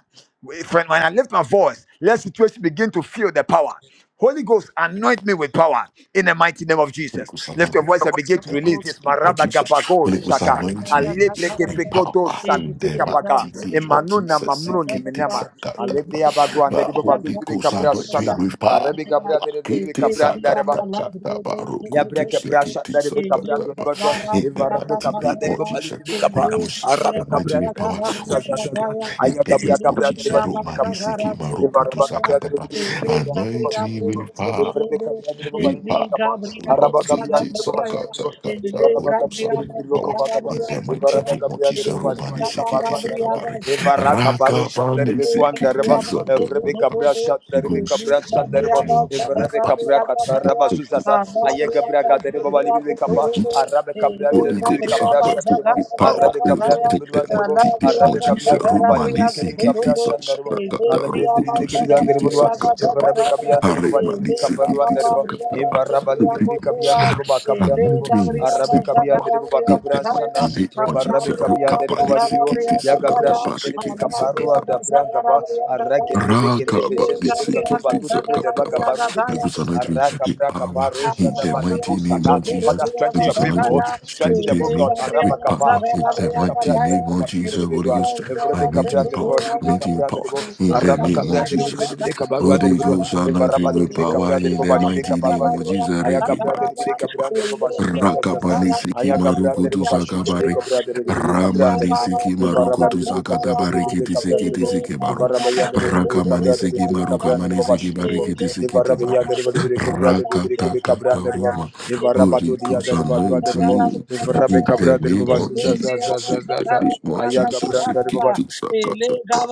[SPEAKER 1] If- When I lift my voice, let situation begin to feel the power. Holy Ghost, anoint me with power in the mighty name of
[SPEAKER 2] Holy
[SPEAKER 1] Jesus.
[SPEAKER 2] Ghost,
[SPEAKER 1] Lift
[SPEAKER 2] anoint
[SPEAKER 1] your voice and begin to release
[SPEAKER 5] Thank
[SPEAKER 1] this.
[SPEAKER 2] me, of
[SPEAKER 1] Maraba
[SPEAKER 2] Jesus.
[SPEAKER 1] gabago
[SPEAKER 2] Holy Ghost,
[SPEAKER 1] shaka.
[SPEAKER 2] anoint me
[SPEAKER 1] Alebre
[SPEAKER 2] with power
[SPEAKER 1] gebegodo
[SPEAKER 2] in the
[SPEAKER 1] santika baga.
[SPEAKER 2] mighty name of
[SPEAKER 1] Emanuna
[SPEAKER 2] Jesus.
[SPEAKER 1] mamruni
[SPEAKER 2] Sikiti
[SPEAKER 1] minema. Alebre abago
[SPEAKER 2] sakataba.
[SPEAKER 1] ande
[SPEAKER 2] Uh,
[SPEAKER 1] di baba.
[SPEAKER 2] Holy
[SPEAKER 1] Bibri
[SPEAKER 2] Ghost,
[SPEAKER 1] kabra
[SPEAKER 2] anoint me
[SPEAKER 1] shada.
[SPEAKER 2] with power.
[SPEAKER 1] Arabi gabra de di bibri
[SPEAKER 2] Kiti
[SPEAKER 1] kabra ande
[SPEAKER 2] sakataba. Rokuti
[SPEAKER 1] Yabreke prasha
[SPEAKER 2] sikiti
[SPEAKER 1] dari beka brado ni
[SPEAKER 2] sakataba.
[SPEAKER 1] badwa
[SPEAKER 2] In the
[SPEAKER 1] evara beka
[SPEAKER 2] mighty name
[SPEAKER 1] brado ni
[SPEAKER 2] of
[SPEAKER 1] baba libi
[SPEAKER 2] Jesus.
[SPEAKER 1] beka pa
[SPEAKER 2] Holy Ghost,
[SPEAKER 1] araba
[SPEAKER 2] anoint me
[SPEAKER 1] kabra
[SPEAKER 2] with
[SPEAKER 1] dari
[SPEAKER 2] power.
[SPEAKER 1] baba
[SPEAKER 2] Holy
[SPEAKER 1] suza za
[SPEAKER 2] Jesus,
[SPEAKER 1] za za
[SPEAKER 2] in
[SPEAKER 1] aya
[SPEAKER 2] the
[SPEAKER 1] kabra
[SPEAKER 2] name of
[SPEAKER 1] kabra dari
[SPEAKER 2] Jesus.
[SPEAKER 1] baba libi beka
[SPEAKER 2] Romani
[SPEAKER 1] brado ni baba
[SPEAKER 2] sikima
[SPEAKER 1] evara
[SPEAKER 2] rokutu
[SPEAKER 1] beka
[SPEAKER 5] you.
[SPEAKER 1] brado
[SPEAKER 2] sakataba.
[SPEAKER 1] dari libi beka brado ni baba
[SPEAKER 2] Anoint me
[SPEAKER 1] suza ni baba
[SPEAKER 2] with power
[SPEAKER 1] evara beka brado dari baba
[SPEAKER 2] in
[SPEAKER 1] libi
[SPEAKER 2] Power,
[SPEAKER 1] beka pa
[SPEAKER 2] O Lord,
[SPEAKER 1] araba kabra
[SPEAKER 2] Kitty,
[SPEAKER 1] dari baba
[SPEAKER 2] Saka,
[SPEAKER 1] suza ni baba
[SPEAKER 2] Saka, Saka, Holy
[SPEAKER 1] Evarabaka
[SPEAKER 2] Ghost, I
[SPEAKER 1] brandere
[SPEAKER 2] make me
[SPEAKER 1] libiri boko
[SPEAKER 2] power.
[SPEAKER 1] vagaba.
[SPEAKER 2] In the mighty name
[SPEAKER 1] Evarabaka
[SPEAKER 2] of
[SPEAKER 1] brandere
[SPEAKER 2] Jesus,
[SPEAKER 1] baba libiri
[SPEAKER 2] Romani,
[SPEAKER 1] beka baru
[SPEAKER 2] Sikiti,
[SPEAKER 1] andere
[SPEAKER 2] Saka,
[SPEAKER 1] ba.
[SPEAKER 2] Bari,
[SPEAKER 1] Evaraka baru
[SPEAKER 2] Raka,
[SPEAKER 1] shandere
[SPEAKER 2] Bani,
[SPEAKER 1] beku andere ba.
[SPEAKER 2] Sikiti, Saka,
[SPEAKER 1] Evrebe kabra
[SPEAKER 2] Saka, Holy
[SPEAKER 1] shandere beka
[SPEAKER 2] Ghost,
[SPEAKER 1] bra shandere
[SPEAKER 2] anoint
[SPEAKER 1] ba.
[SPEAKER 2] me with
[SPEAKER 1] Evrebe
[SPEAKER 2] power.
[SPEAKER 1] kabra
[SPEAKER 2] in
[SPEAKER 1] katara ba
[SPEAKER 2] the name of
[SPEAKER 1] zuzaza.
[SPEAKER 2] Jesus.
[SPEAKER 1] Aye kabra katere baba libiri beka pa. Arabe kabra andere
[SPEAKER 2] Holy
[SPEAKER 1] libiri beka
[SPEAKER 2] Ghost, I
[SPEAKER 1] bra
[SPEAKER 2] pray with power over
[SPEAKER 5] Gabriel,
[SPEAKER 2] the demati
[SPEAKER 5] Alabriaga,
[SPEAKER 2] moji serumani
[SPEAKER 5] Zagarabriaga,
[SPEAKER 2] sikiti
[SPEAKER 5] Budubu,
[SPEAKER 2] sakata kata
[SPEAKER 1] Alabre andere
[SPEAKER 5] Ezebriaga,
[SPEAKER 1] libiri
[SPEAKER 2] rokutu
[SPEAKER 1] kebe andere
[SPEAKER 2] sikiti
[SPEAKER 1] ba.
[SPEAKER 5] Zagarabriaga,
[SPEAKER 2] sakata ba
[SPEAKER 1] Evarabeka
[SPEAKER 5] Zagarabra,
[SPEAKER 2] haremani sikiti
[SPEAKER 5] Ezekabarabria,
[SPEAKER 1] bo
[SPEAKER 2] sakata ba
[SPEAKER 1] emaraba
[SPEAKER 2] Holy
[SPEAKER 5] Zibriago,
[SPEAKER 1] libiribi
[SPEAKER 5] Zua,
[SPEAKER 1] kabiyande de bo
[SPEAKER 2] Ghost,
[SPEAKER 1] bakabrande de
[SPEAKER 2] anoint
[SPEAKER 1] bo
[SPEAKER 2] me
[SPEAKER 5] Ezegabriaga,
[SPEAKER 1] arabe
[SPEAKER 2] with power
[SPEAKER 1] kabiyande de bo
[SPEAKER 2] in
[SPEAKER 5] Zagarabriaga,
[SPEAKER 2] the
[SPEAKER 1] bakabran
[SPEAKER 5] Zaya,
[SPEAKER 1] sana
[SPEAKER 2] mighty name of
[SPEAKER 1] emarabe
[SPEAKER 2] Jesus.
[SPEAKER 5] Alabriaga,
[SPEAKER 1] kabiyande de bo
[SPEAKER 2] Rukapani
[SPEAKER 1] balibiro
[SPEAKER 2] sikiti
[SPEAKER 5] Zagarabriaga,
[SPEAKER 1] yagabra
[SPEAKER 2] sakata
[SPEAKER 5] Zaya,
[SPEAKER 1] shande de be
[SPEAKER 2] sikiti
[SPEAKER 1] kaparu
[SPEAKER 2] sakata
[SPEAKER 5] Alabriaga,
[SPEAKER 1] da branga ba
[SPEAKER 5] Zagarabriaga, Zaya,
[SPEAKER 1] aragende be gende be
[SPEAKER 2] Rakaba,
[SPEAKER 1] jende be gando
[SPEAKER 5] Ezegabriaga,
[SPEAKER 2] Nisikiti,
[SPEAKER 1] badu de be de
[SPEAKER 2] Sakataba.
[SPEAKER 5] Zagarabriaga,
[SPEAKER 1] bagabaru de
[SPEAKER 2] There
[SPEAKER 1] be
[SPEAKER 5] Zaya,
[SPEAKER 2] is an anointing
[SPEAKER 1] araka
[SPEAKER 2] in
[SPEAKER 1] braka
[SPEAKER 2] power
[SPEAKER 1] baru
[SPEAKER 5] Thank
[SPEAKER 2] in
[SPEAKER 1] shada
[SPEAKER 2] the
[SPEAKER 1] bakatu
[SPEAKER 2] mighty name
[SPEAKER 1] sata
[SPEAKER 2] of Jesus.
[SPEAKER 1] father
[SPEAKER 2] There
[SPEAKER 1] strengthen your
[SPEAKER 2] is an anointing
[SPEAKER 1] people strengthen the
[SPEAKER 2] strengthen
[SPEAKER 1] book
[SPEAKER 2] me
[SPEAKER 1] of maraba
[SPEAKER 2] with
[SPEAKER 1] kapa
[SPEAKER 2] power in the
[SPEAKER 1] arabe kabra
[SPEAKER 2] mighty
[SPEAKER 1] de
[SPEAKER 2] name
[SPEAKER 1] bo
[SPEAKER 2] of
[SPEAKER 1] bashu
[SPEAKER 2] Jesus.
[SPEAKER 1] de be
[SPEAKER 2] Holy
[SPEAKER 1] doa
[SPEAKER 2] Ghost,
[SPEAKER 1] evrebe
[SPEAKER 2] anointing
[SPEAKER 1] kabra
[SPEAKER 2] with
[SPEAKER 1] de
[SPEAKER 2] power,
[SPEAKER 1] bo libiribi
[SPEAKER 2] anointing with
[SPEAKER 1] kabra de
[SPEAKER 2] power
[SPEAKER 1] bo
[SPEAKER 2] in the
[SPEAKER 1] araba
[SPEAKER 2] name of
[SPEAKER 1] kabra
[SPEAKER 2] Jesus.
[SPEAKER 1] bire kabarwa deri
[SPEAKER 2] Holy
[SPEAKER 1] bire
[SPEAKER 2] Ghost,
[SPEAKER 1] evara
[SPEAKER 2] anointing
[SPEAKER 1] bali
[SPEAKER 2] with
[SPEAKER 1] bire
[SPEAKER 2] power
[SPEAKER 1] kabra deri
[SPEAKER 2] in
[SPEAKER 1] ba
[SPEAKER 2] the
[SPEAKER 1] bali bire
[SPEAKER 2] mighty
[SPEAKER 1] kabarwa
[SPEAKER 2] name
[SPEAKER 1] deri
[SPEAKER 2] of
[SPEAKER 1] ba
[SPEAKER 2] Jesus.
[SPEAKER 1] aya kabra
[SPEAKER 2] Rikiba,
[SPEAKER 1] deri bire
[SPEAKER 2] Nisikeba.
[SPEAKER 1] kabra deri ba basu sa sa sa
[SPEAKER 2] Rakaba,
[SPEAKER 1] sa aya
[SPEAKER 2] Nisikima,
[SPEAKER 1] kabra deri ba
[SPEAKER 2] Rukutu,
[SPEAKER 1] basu deri bire kabra deri bire kabra deri
[SPEAKER 2] Ramani
[SPEAKER 1] ba
[SPEAKER 2] Siki
[SPEAKER 1] evara
[SPEAKER 2] Maruko to
[SPEAKER 1] bali bire
[SPEAKER 2] Sakata
[SPEAKER 1] kabra deri bire
[SPEAKER 2] Barikiti
[SPEAKER 1] kabra deri
[SPEAKER 2] Sikiti
[SPEAKER 1] ba
[SPEAKER 2] Siki Baru.
[SPEAKER 1] evara bayan deri bire
[SPEAKER 2] Rakamani
[SPEAKER 1] kabra deri
[SPEAKER 2] Siki
[SPEAKER 1] bire kabra deri
[SPEAKER 5] you.
[SPEAKER 2] Marukamani
[SPEAKER 1] ba
[SPEAKER 2] Siki
[SPEAKER 1] basu deri ba
[SPEAKER 5] Thank
[SPEAKER 2] Barikiti
[SPEAKER 1] evara
[SPEAKER 2] Sikiti
[SPEAKER 1] bayan
[SPEAKER 2] Bara.
[SPEAKER 1] deri bali bire kabra deri bire
[SPEAKER 2] Rakata
[SPEAKER 1] kabra kabra deri ba
[SPEAKER 2] Kataruma.
[SPEAKER 1] evara badu
[SPEAKER 2] Holy
[SPEAKER 1] diya
[SPEAKER 2] Ghost
[SPEAKER 1] deri ba dua
[SPEAKER 2] anoint
[SPEAKER 1] deri ba
[SPEAKER 2] me.
[SPEAKER 1] evara be
[SPEAKER 2] In
[SPEAKER 1] kabra
[SPEAKER 2] the
[SPEAKER 1] deri ba
[SPEAKER 2] name of
[SPEAKER 1] basu sa sa sa
[SPEAKER 2] Jesus.
[SPEAKER 1] sa
[SPEAKER 2] In
[SPEAKER 1] sa
[SPEAKER 2] the
[SPEAKER 1] sa
[SPEAKER 2] name of
[SPEAKER 1] aya kabra
[SPEAKER 2] Jesus.
[SPEAKER 1] deri ba
[SPEAKER 2] Sikiti Sakata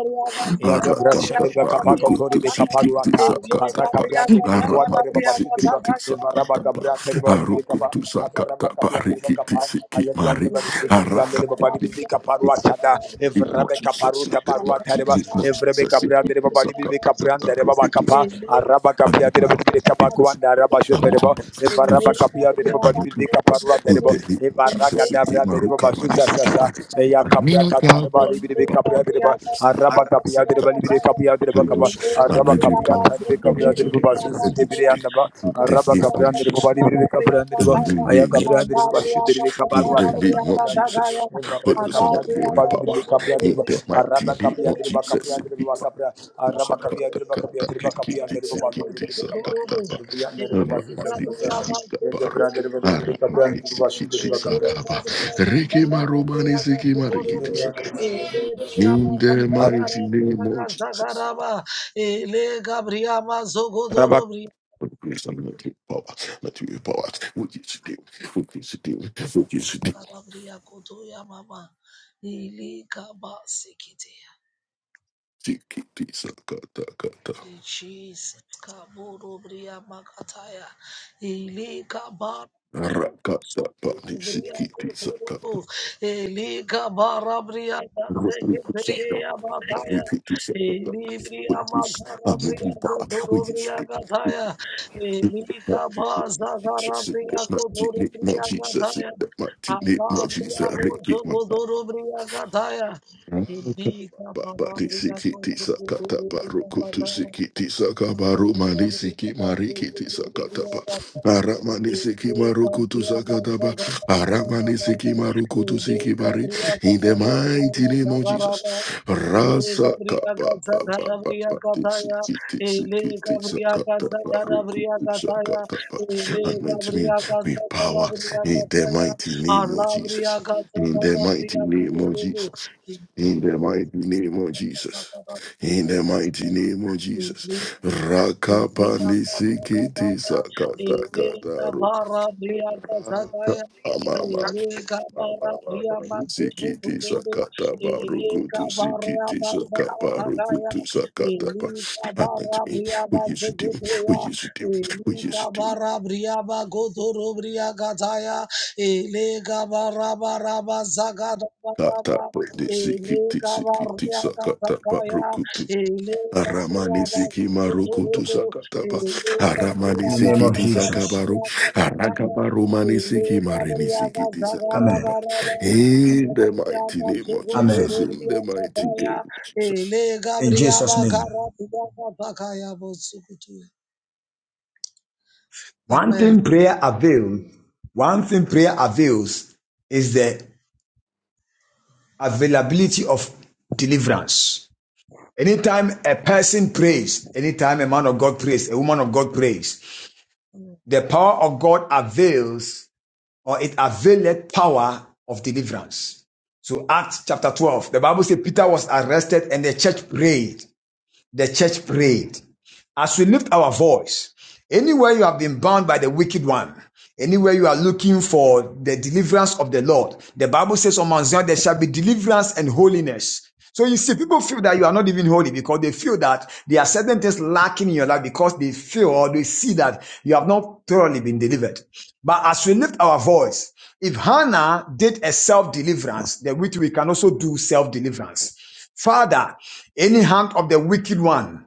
[SPEAKER 1] Yagabra
[SPEAKER 2] Arakata
[SPEAKER 1] Shadriba Kapako
[SPEAKER 2] barukutu
[SPEAKER 1] Toribe
[SPEAKER 2] sikiti
[SPEAKER 1] Kaparuata, Araka
[SPEAKER 2] sakatapa.
[SPEAKER 1] Brand Deribe Quadariba
[SPEAKER 2] Aramati
[SPEAKER 1] Shudriba,
[SPEAKER 2] sikiti
[SPEAKER 1] Evaraba
[SPEAKER 2] sakatapa.
[SPEAKER 1] Gabra Teriba Libre Kapa,
[SPEAKER 2] Arukutu sakata
[SPEAKER 1] Avaraba Kapia Deriba
[SPEAKER 2] parikiti siki
[SPEAKER 1] ayadi andere
[SPEAKER 2] mari.
[SPEAKER 1] bagi diri kiri baba
[SPEAKER 2] Arakapati.
[SPEAKER 1] diri bika
[SPEAKER 2] I'm
[SPEAKER 1] parua sada
[SPEAKER 2] eating
[SPEAKER 1] evrebe
[SPEAKER 2] box.
[SPEAKER 1] kaparu tabarua tareba evrebe kapri andere baba diri bika pri andere
[SPEAKER 5] you.
[SPEAKER 1] baba kapa
[SPEAKER 5] Thank
[SPEAKER 1] araba kapri andere baba diri kapa kuanda araba
[SPEAKER 2] I'm
[SPEAKER 1] shotereba
[SPEAKER 2] eating I'm eating box. It
[SPEAKER 1] evaraba kapri
[SPEAKER 2] is.
[SPEAKER 1] andere
[SPEAKER 2] I
[SPEAKER 1] baba
[SPEAKER 2] need
[SPEAKER 1] diri
[SPEAKER 2] to
[SPEAKER 1] bika
[SPEAKER 2] box.
[SPEAKER 1] parua
[SPEAKER 2] In
[SPEAKER 1] tereba
[SPEAKER 2] the name of
[SPEAKER 1] evaraga
[SPEAKER 2] Jesus, I
[SPEAKER 1] dabri
[SPEAKER 2] give my
[SPEAKER 1] andere
[SPEAKER 2] root
[SPEAKER 1] baba
[SPEAKER 2] cover, I need
[SPEAKER 1] susa
[SPEAKER 2] to give
[SPEAKER 1] sasa
[SPEAKER 2] my root.
[SPEAKER 1] eya
[SPEAKER 2] I
[SPEAKER 1] kapri
[SPEAKER 2] need your
[SPEAKER 1] katareba diri bika kapri
[SPEAKER 2] love.
[SPEAKER 1] andere baba araba kapri andere baba diri kapri andere baba
[SPEAKER 2] I
[SPEAKER 1] kapa
[SPEAKER 2] let you
[SPEAKER 1] Kabya
[SPEAKER 2] go.
[SPEAKER 1] taribe
[SPEAKER 2] Oh, you to
[SPEAKER 1] kabrandiri bu
[SPEAKER 2] do it.
[SPEAKER 1] basu
[SPEAKER 2] Oh,
[SPEAKER 1] zete
[SPEAKER 2] you to
[SPEAKER 1] biri
[SPEAKER 2] do it. In the
[SPEAKER 1] Araba
[SPEAKER 2] name of
[SPEAKER 1] kabrandiri bu
[SPEAKER 2] Jesus.
[SPEAKER 1] bari biri kabrandiri
[SPEAKER 2] In
[SPEAKER 1] bu.
[SPEAKER 2] the
[SPEAKER 1] Aya
[SPEAKER 2] name of
[SPEAKER 1] kabrandiri bu
[SPEAKER 2] Jesus.
[SPEAKER 1] basu diri bir
[SPEAKER 2] In
[SPEAKER 1] kabaru
[SPEAKER 2] the
[SPEAKER 1] atariba
[SPEAKER 2] name of
[SPEAKER 1] kabrandiri bu.
[SPEAKER 2] Jesus. Holy
[SPEAKER 1] Evarrabe
[SPEAKER 2] Ghost, I let
[SPEAKER 1] kabrandiri
[SPEAKER 2] you
[SPEAKER 1] bu
[SPEAKER 2] with
[SPEAKER 1] bari
[SPEAKER 2] power.
[SPEAKER 1] biri kabrandiri
[SPEAKER 2] In the mighty
[SPEAKER 1] Araba
[SPEAKER 2] name of
[SPEAKER 1] kabrandiri bu
[SPEAKER 2] Jesus. In
[SPEAKER 1] kabrandiri
[SPEAKER 2] the
[SPEAKER 1] bu kabra. Araba
[SPEAKER 2] Sakata
[SPEAKER 1] kabrandiri bu kabrandiri bu
[SPEAKER 2] rikiti
[SPEAKER 1] kabrandiri bu bari biri
[SPEAKER 2] sikiti
[SPEAKER 1] kibri kaba.
[SPEAKER 2] sakata ba
[SPEAKER 1] Evriyandiri bu basu
[SPEAKER 2] ramani
[SPEAKER 1] zete zete.
[SPEAKER 2] sikita
[SPEAKER 1] Yete
[SPEAKER 2] baru
[SPEAKER 1] brandiri bu biri
[SPEAKER 2] aramani
[SPEAKER 1] kabrandiri bu
[SPEAKER 2] sikiti sakaba riki marumani sikima Rikiti in the mighty name of Jesus. for the grace and the mighty power, not with power. What you should do, what you should do, what you should do. Siki tisa kata kata.
[SPEAKER 5] Jesus, Kaburu Bria Makataya, Ili Kabar.
[SPEAKER 2] Rakata pati siki tisa kata.
[SPEAKER 5] Elika barabria danse gete ge abataya.
[SPEAKER 2] Riki tisa kata.
[SPEAKER 5] Elibria
[SPEAKER 2] Holy Ghost, I'm with
[SPEAKER 5] makarabria
[SPEAKER 2] you, power. What you should
[SPEAKER 5] gotorobria
[SPEAKER 2] do, what
[SPEAKER 5] gataya.
[SPEAKER 2] you should
[SPEAKER 5] Elika
[SPEAKER 2] do.
[SPEAKER 5] baza
[SPEAKER 2] Jesus, in
[SPEAKER 5] garabria
[SPEAKER 2] the mighty name of
[SPEAKER 5] gotorobria
[SPEAKER 2] Jesus, in
[SPEAKER 5] gataya.
[SPEAKER 2] the mighty name of Jesus,
[SPEAKER 5] Ababria
[SPEAKER 2] Riki
[SPEAKER 5] bozo
[SPEAKER 2] Manama.
[SPEAKER 5] gotorobria gataya. Elika
[SPEAKER 2] Babati
[SPEAKER 5] barabria
[SPEAKER 2] sikiti sakata
[SPEAKER 5] gotorobria
[SPEAKER 2] barukutu
[SPEAKER 5] gataya.
[SPEAKER 2] sikiti sakabaru mani siki marikiti sakata ba aramani siki marukutu sakata ba aramani siki marukutu siki bari in the mighty name of Jesus rasa kaba baba babati sikiti sikiti sakata barukutu sakata ba anoint me with power in the mighty name of Jesus in the mighty name of Jesus
[SPEAKER 5] Illegabria
[SPEAKER 2] in the mighty name of Jesus. In the mighty name of Jesus. Rakapani sikiti sakata
[SPEAKER 5] Ele
[SPEAKER 2] kataru.
[SPEAKER 5] gabara bria gazagaya,
[SPEAKER 2] Amama mama mama sikiti sakata barukutu sikiti sakaparukutu sakata. pa. Happen to me. We you should do. What you should do. What you should do. it. Kata sikiti sikiti sakata
[SPEAKER 5] Ele
[SPEAKER 2] Aramani
[SPEAKER 5] Gabriaba
[SPEAKER 2] siki maruku tu
[SPEAKER 5] Zodorobo,
[SPEAKER 2] sakataba.
[SPEAKER 5] Ele
[SPEAKER 2] Aramani
[SPEAKER 6] In the
[SPEAKER 5] Gabriaba
[SPEAKER 6] name
[SPEAKER 2] siki
[SPEAKER 6] of
[SPEAKER 2] ti
[SPEAKER 6] Jesus.
[SPEAKER 5] Zagarabia Kataya,
[SPEAKER 2] Arakabaru mani siki
[SPEAKER 5] Ele
[SPEAKER 2] marini siki
[SPEAKER 5] Gabriaba
[SPEAKER 2] ti
[SPEAKER 6] Amen.
[SPEAKER 5] Zagarabaraba,
[SPEAKER 2] In the mighty
[SPEAKER 5] Gabriaba
[SPEAKER 2] name of Jesus.
[SPEAKER 6] Amen.
[SPEAKER 2] In
[SPEAKER 5] Zogodorabia
[SPEAKER 2] the mighty name
[SPEAKER 5] Kataya,
[SPEAKER 2] of Jesus.
[SPEAKER 5] Ele
[SPEAKER 6] In Jesus'
[SPEAKER 5] Gabriaba
[SPEAKER 6] name.
[SPEAKER 5] Garabia Kataya Bosukutu.
[SPEAKER 6] One
[SPEAKER 5] Amen.
[SPEAKER 6] thing prayer avails, one thing prayer avails is the availability of deliverance. Anytime a person prays, anytime a man of God prays, a woman of God prays, the power of God avails or it availeth power of deliverance. So Acts chapter 12, the Bible says Peter was arrested and the church prayed. The church prayed. As we lift our voice, anywhere you have been bound by the wicked one, anywhere you are looking for the deliverance of the Lord, the Bible says on Mount Zion there shall be deliverance and holiness. So you see, people feel that you are not even holy because they feel that there are certain things lacking in your life because they feel or they see that you have not thoroughly been delivered. But as we lift our voice, if Hannah did a self-deliverance, then which we can also do self-deliverance. Father, any hand of the wicked one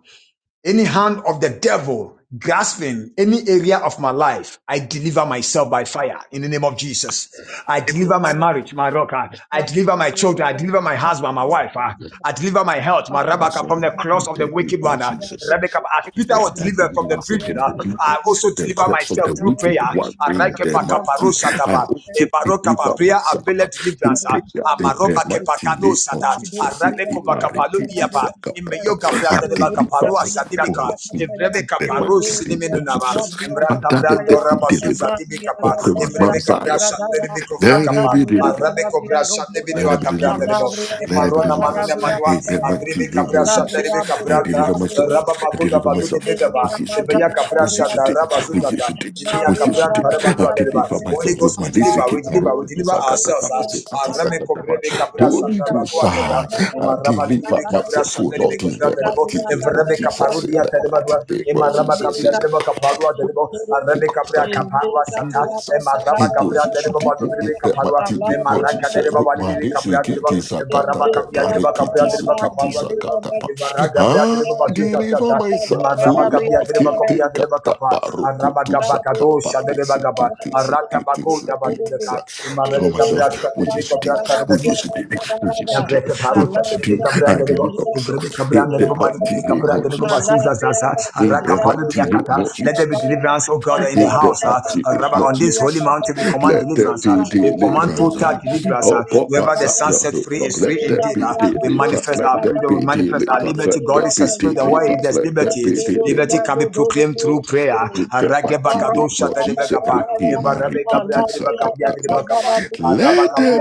[SPEAKER 6] any hand of the devil grasping any area of my life, I deliver myself by fire in the name of Jesus. I deliver my marriage, my rock. ah. I deliver my
[SPEAKER 5] Thank
[SPEAKER 6] children. I deliver my husband, my wife. ah. I deliver my health, my
[SPEAKER 2] For
[SPEAKER 6] Rebecca,
[SPEAKER 2] myself.
[SPEAKER 6] from the cross
[SPEAKER 2] In
[SPEAKER 6] of the
[SPEAKER 2] the name
[SPEAKER 6] wicked
[SPEAKER 2] of
[SPEAKER 6] one. ah.
[SPEAKER 2] Jesus.
[SPEAKER 6] Rebecca, as Peter was
[SPEAKER 2] At the
[SPEAKER 6] delivered from
[SPEAKER 2] beginning,
[SPEAKER 6] the
[SPEAKER 2] I said, "Hey,
[SPEAKER 6] prison, ah, I also
[SPEAKER 2] the
[SPEAKER 6] deliver
[SPEAKER 2] crops of
[SPEAKER 6] myself
[SPEAKER 2] the
[SPEAKER 6] through
[SPEAKER 2] wicked
[SPEAKER 6] prayer.
[SPEAKER 2] one bring their
[SPEAKER 6] Arekepa kaparo
[SPEAKER 2] mighty. I
[SPEAKER 6] shataba,
[SPEAKER 2] also
[SPEAKER 6] ebaro kapa,
[SPEAKER 2] deliver
[SPEAKER 6] Prayer
[SPEAKER 2] myself
[SPEAKER 6] availeth
[SPEAKER 2] through
[SPEAKER 6] deliverance. ah.
[SPEAKER 2] prayer in the
[SPEAKER 6] Amaroba kepa
[SPEAKER 5] you.
[SPEAKER 2] mighty
[SPEAKER 6] kano
[SPEAKER 2] name of
[SPEAKER 6] sata,
[SPEAKER 5] Thank
[SPEAKER 2] Jesus. Siki
[SPEAKER 6] arabeko bakapalo
[SPEAKER 2] mariki tisa
[SPEAKER 6] iyapa.
[SPEAKER 2] katapa.
[SPEAKER 6] Imeyo Gabra
[SPEAKER 2] I
[SPEAKER 6] de
[SPEAKER 2] deliver
[SPEAKER 6] Bacaparua
[SPEAKER 2] myself for
[SPEAKER 6] Sadibica,
[SPEAKER 2] you in
[SPEAKER 6] Ebrebeca
[SPEAKER 2] the
[SPEAKER 6] Baru
[SPEAKER 2] mighty name of
[SPEAKER 6] Cineminunava,
[SPEAKER 2] Jesus. Father,
[SPEAKER 6] Embrata
[SPEAKER 2] the
[SPEAKER 6] Brando
[SPEAKER 2] there be
[SPEAKER 6] Rabazuza
[SPEAKER 2] deliverance.
[SPEAKER 6] Dibicapa,
[SPEAKER 2] Open my
[SPEAKER 6] Embrebeca
[SPEAKER 2] Zion.
[SPEAKER 6] Brasha de
[SPEAKER 2] Let
[SPEAKER 6] Bicovraca,
[SPEAKER 2] there be deliverance.
[SPEAKER 6] Arabeco Brasha
[SPEAKER 2] Let it be
[SPEAKER 6] Nebiduata Brandebo,
[SPEAKER 2] deliverance. Let it be
[SPEAKER 6] Emarona
[SPEAKER 2] deliverance.
[SPEAKER 6] Manuna Manua,
[SPEAKER 2] In the mighty
[SPEAKER 6] Abrebeca
[SPEAKER 2] name of
[SPEAKER 6] Brasha de
[SPEAKER 2] Jesus,
[SPEAKER 6] Rebeca
[SPEAKER 2] I
[SPEAKER 6] Branda,
[SPEAKER 2] deliver myself. I
[SPEAKER 6] Rababacuda
[SPEAKER 2] deliver
[SPEAKER 6] Badu de
[SPEAKER 2] myself.
[SPEAKER 6] Bedaba,
[SPEAKER 2] With you today.
[SPEAKER 6] Ebeyaca
[SPEAKER 2] With you
[SPEAKER 6] Brasha da
[SPEAKER 2] today.
[SPEAKER 6] Rabazuza.
[SPEAKER 2] With you today.
[SPEAKER 6] Emiya
[SPEAKER 2] With you
[SPEAKER 6] Kabran
[SPEAKER 2] today. I
[SPEAKER 6] Tarabadua Dereba.
[SPEAKER 2] deliver
[SPEAKER 6] Holy
[SPEAKER 2] myself.
[SPEAKER 6] Ghost, we deliver, we deliver, we deliver ourselves. ah. Ah, Rame
[SPEAKER 5] you.
[SPEAKER 6] Kobrebe Kabra
[SPEAKER 2] Holy Ghost,
[SPEAKER 6] Sadabatua Teba.
[SPEAKER 2] ah, I
[SPEAKER 6] Ema raba libri be
[SPEAKER 2] deliver
[SPEAKER 6] kabra
[SPEAKER 2] myself, oh
[SPEAKER 6] shanda libe
[SPEAKER 2] Lord, in
[SPEAKER 6] kofra
[SPEAKER 2] the
[SPEAKER 6] dedebo.
[SPEAKER 2] mighty name of
[SPEAKER 6] Evrebe
[SPEAKER 2] Jesus.
[SPEAKER 6] kaparu
[SPEAKER 2] In
[SPEAKER 6] dia
[SPEAKER 2] the
[SPEAKER 6] dedeba
[SPEAKER 2] mighty
[SPEAKER 6] dua.
[SPEAKER 2] name of
[SPEAKER 6] Ema raba kabia
[SPEAKER 2] Jesus
[SPEAKER 6] dedeba kaparua dedebo. Arebe
[SPEAKER 2] because
[SPEAKER 6] kabra
[SPEAKER 2] I do
[SPEAKER 6] kaparua
[SPEAKER 2] I do it
[SPEAKER 6] sata.
[SPEAKER 2] myself.
[SPEAKER 6] emaraba raba
[SPEAKER 2] He goes
[SPEAKER 6] kabra
[SPEAKER 2] to
[SPEAKER 6] badu
[SPEAKER 2] deep in
[SPEAKER 6] balu libe
[SPEAKER 2] that might
[SPEAKER 6] kaparua.
[SPEAKER 2] to deep
[SPEAKER 6] Ema
[SPEAKER 2] what you
[SPEAKER 6] raka
[SPEAKER 2] say.
[SPEAKER 6] dedeba
[SPEAKER 2] Root
[SPEAKER 6] balu
[SPEAKER 2] my
[SPEAKER 6] libe
[SPEAKER 2] lips, he
[SPEAKER 6] kabra
[SPEAKER 2] get
[SPEAKER 6] dedeba.
[SPEAKER 2] this, I
[SPEAKER 6] Eva
[SPEAKER 2] got
[SPEAKER 6] raba
[SPEAKER 2] that, got
[SPEAKER 6] kabia
[SPEAKER 2] that, he
[SPEAKER 6] dedeba
[SPEAKER 2] get
[SPEAKER 6] kabra
[SPEAKER 2] this, he
[SPEAKER 6] dedeba
[SPEAKER 2] get this,
[SPEAKER 6] kaparua
[SPEAKER 2] I
[SPEAKER 6] dedeba.
[SPEAKER 2] got that.
[SPEAKER 6] Eva
[SPEAKER 2] but
[SPEAKER 6] raga kabra dedeba
[SPEAKER 2] I
[SPEAKER 6] basu sata
[SPEAKER 2] deliver
[SPEAKER 6] sata. Ema
[SPEAKER 2] myself, oh
[SPEAKER 6] raba kabia
[SPEAKER 2] Lord, get
[SPEAKER 5] Gabriel,
[SPEAKER 2] it, got that, baruku
[SPEAKER 6] Araba
[SPEAKER 2] to
[SPEAKER 6] gabaka do
[SPEAKER 2] sakapa,
[SPEAKER 6] shanda
[SPEAKER 2] this,
[SPEAKER 6] dedeba
[SPEAKER 2] he
[SPEAKER 6] gaba.
[SPEAKER 2] get this, he
[SPEAKER 6] Araka
[SPEAKER 2] get this,
[SPEAKER 6] bako
[SPEAKER 2] he
[SPEAKER 6] daba
[SPEAKER 2] get this. I
[SPEAKER 6] dedeka. Ema rebe
[SPEAKER 2] Deliver
[SPEAKER 6] kabra
[SPEAKER 2] myself,
[SPEAKER 6] shanda
[SPEAKER 2] we
[SPEAKER 6] libe
[SPEAKER 2] used to do,
[SPEAKER 6] kofra
[SPEAKER 2] we
[SPEAKER 6] dedeba
[SPEAKER 2] used to do, we used to do,
[SPEAKER 6] Yabreke
[SPEAKER 2] we
[SPEAKER 6] paruta
[SPEAKER 2] used to
[SPEAKER 6] the de
[SPEAKER 2] do.
[SPEAKER 6] kabran
[SPEAKER 2] I
[SPEAKER 6] de bo,
[SPEAKER 2] deliver
[SPEAKER 6] uvre de
[SPEAKER 2] myself, in
[SPEAKER 6] kabran de
[SPEAKER 2] that
[SPEAKER 6] bo, mani
[SPEAKER 2] mighty
[SPEAKER 6] de
[SPEAKER 2] name
[SPEAKER 6] kabran
[SPEAKER 2] of
[SPEAKER 6] de bo,
[SPEAKER 2] Jesus,
[SPEAKER 6] basu za za za,
[SPEAKER 2] in
[SPEAKER 6] araka
[SPEAKER 2] that
[SPEAKER 6] palu de
[SPEAKER 2] mighty name
[SPEAKER 6] yakata.
[SPEAKER 2] of
[SPEAKER 6] Let there be
[SPEAKER 2] Jesus.
[SPEAKER 6] deliverance, oh God, in the
[SPEAKER 2] In the
[SPEAKER 6] house. ah.
[SPEAKER 2] mighty
[SPEAKER 6] Ah,
[SPEAKER 2] name
[SPEAKER 6] Rabba,
[SPEAKER 2] of
[SPEAKER 6] on this holy
[SPEAKER 2] Jesus,
[SPEAKER 6] mountain, we command
[SPEAKER 2] let there
[SPEAKER 6] deliverance. ah.
[SPEAKER 2] be
[SPEAKER 6] We command
[SPEAKER 2] deliverance.
[SPEAKER 6] total deliverance.
[SPEAKER 2] Oh,
[SPEAKER 6] ah.
[SPEAKER 2] pop my
[SPEAKER 6] Whoever the
[SPEAKER 2] side,
[SPEAKER 6] sun
[SPEAKER 2] yo,
[SPEAKER 6] set
[SPEAKER 2] look,
[SPEAKER 6] free is
[SPEAKER 2] Lord, let
[SPEAKER 6] free
[SPEAKER 2] there
[SPEAKER 6] indeed.
[SPEAKER 2] be
[SPEAKER 6] ah. We
[SPEAKER 2] deliverance,
[SPEAKER 6] manifest
[SPEAKER 2] let
[SPEAKER 6] our
[SPEAKER 2] there
[SPEAKER 6] freedom. We
[SPEAKER 2] be
[SPEAKER 6] manifest our
[SPEAKER 2] deliverance,
[SPEAKER 6] liberty.
[SPEAKER 2] let
[SPEAKER 6] God
[SPEAKER 2] there
[SPEAKER 6] is a
[SPEAKER 2] be
[SPEAKER 6] spirit, and where is
[SPEAKER 2] deliverance,
[SPEAKER 6] there's
[SPEAKER 2] let there
[SPEAKER 6] liberty?
[SPEAKER 2] be deliverance,
[SPEAKER 6] Liberty can be proclaimed
[SPEAKER 5] Obrigado,
[SPEAKER 6] through prayer.
[SPEAKER 5] Thank
[SPEAKER 2] let there
[SPEAKER 6] Aragebakadosha dadebekapa. Evarabekabreadebekapiadebekapa.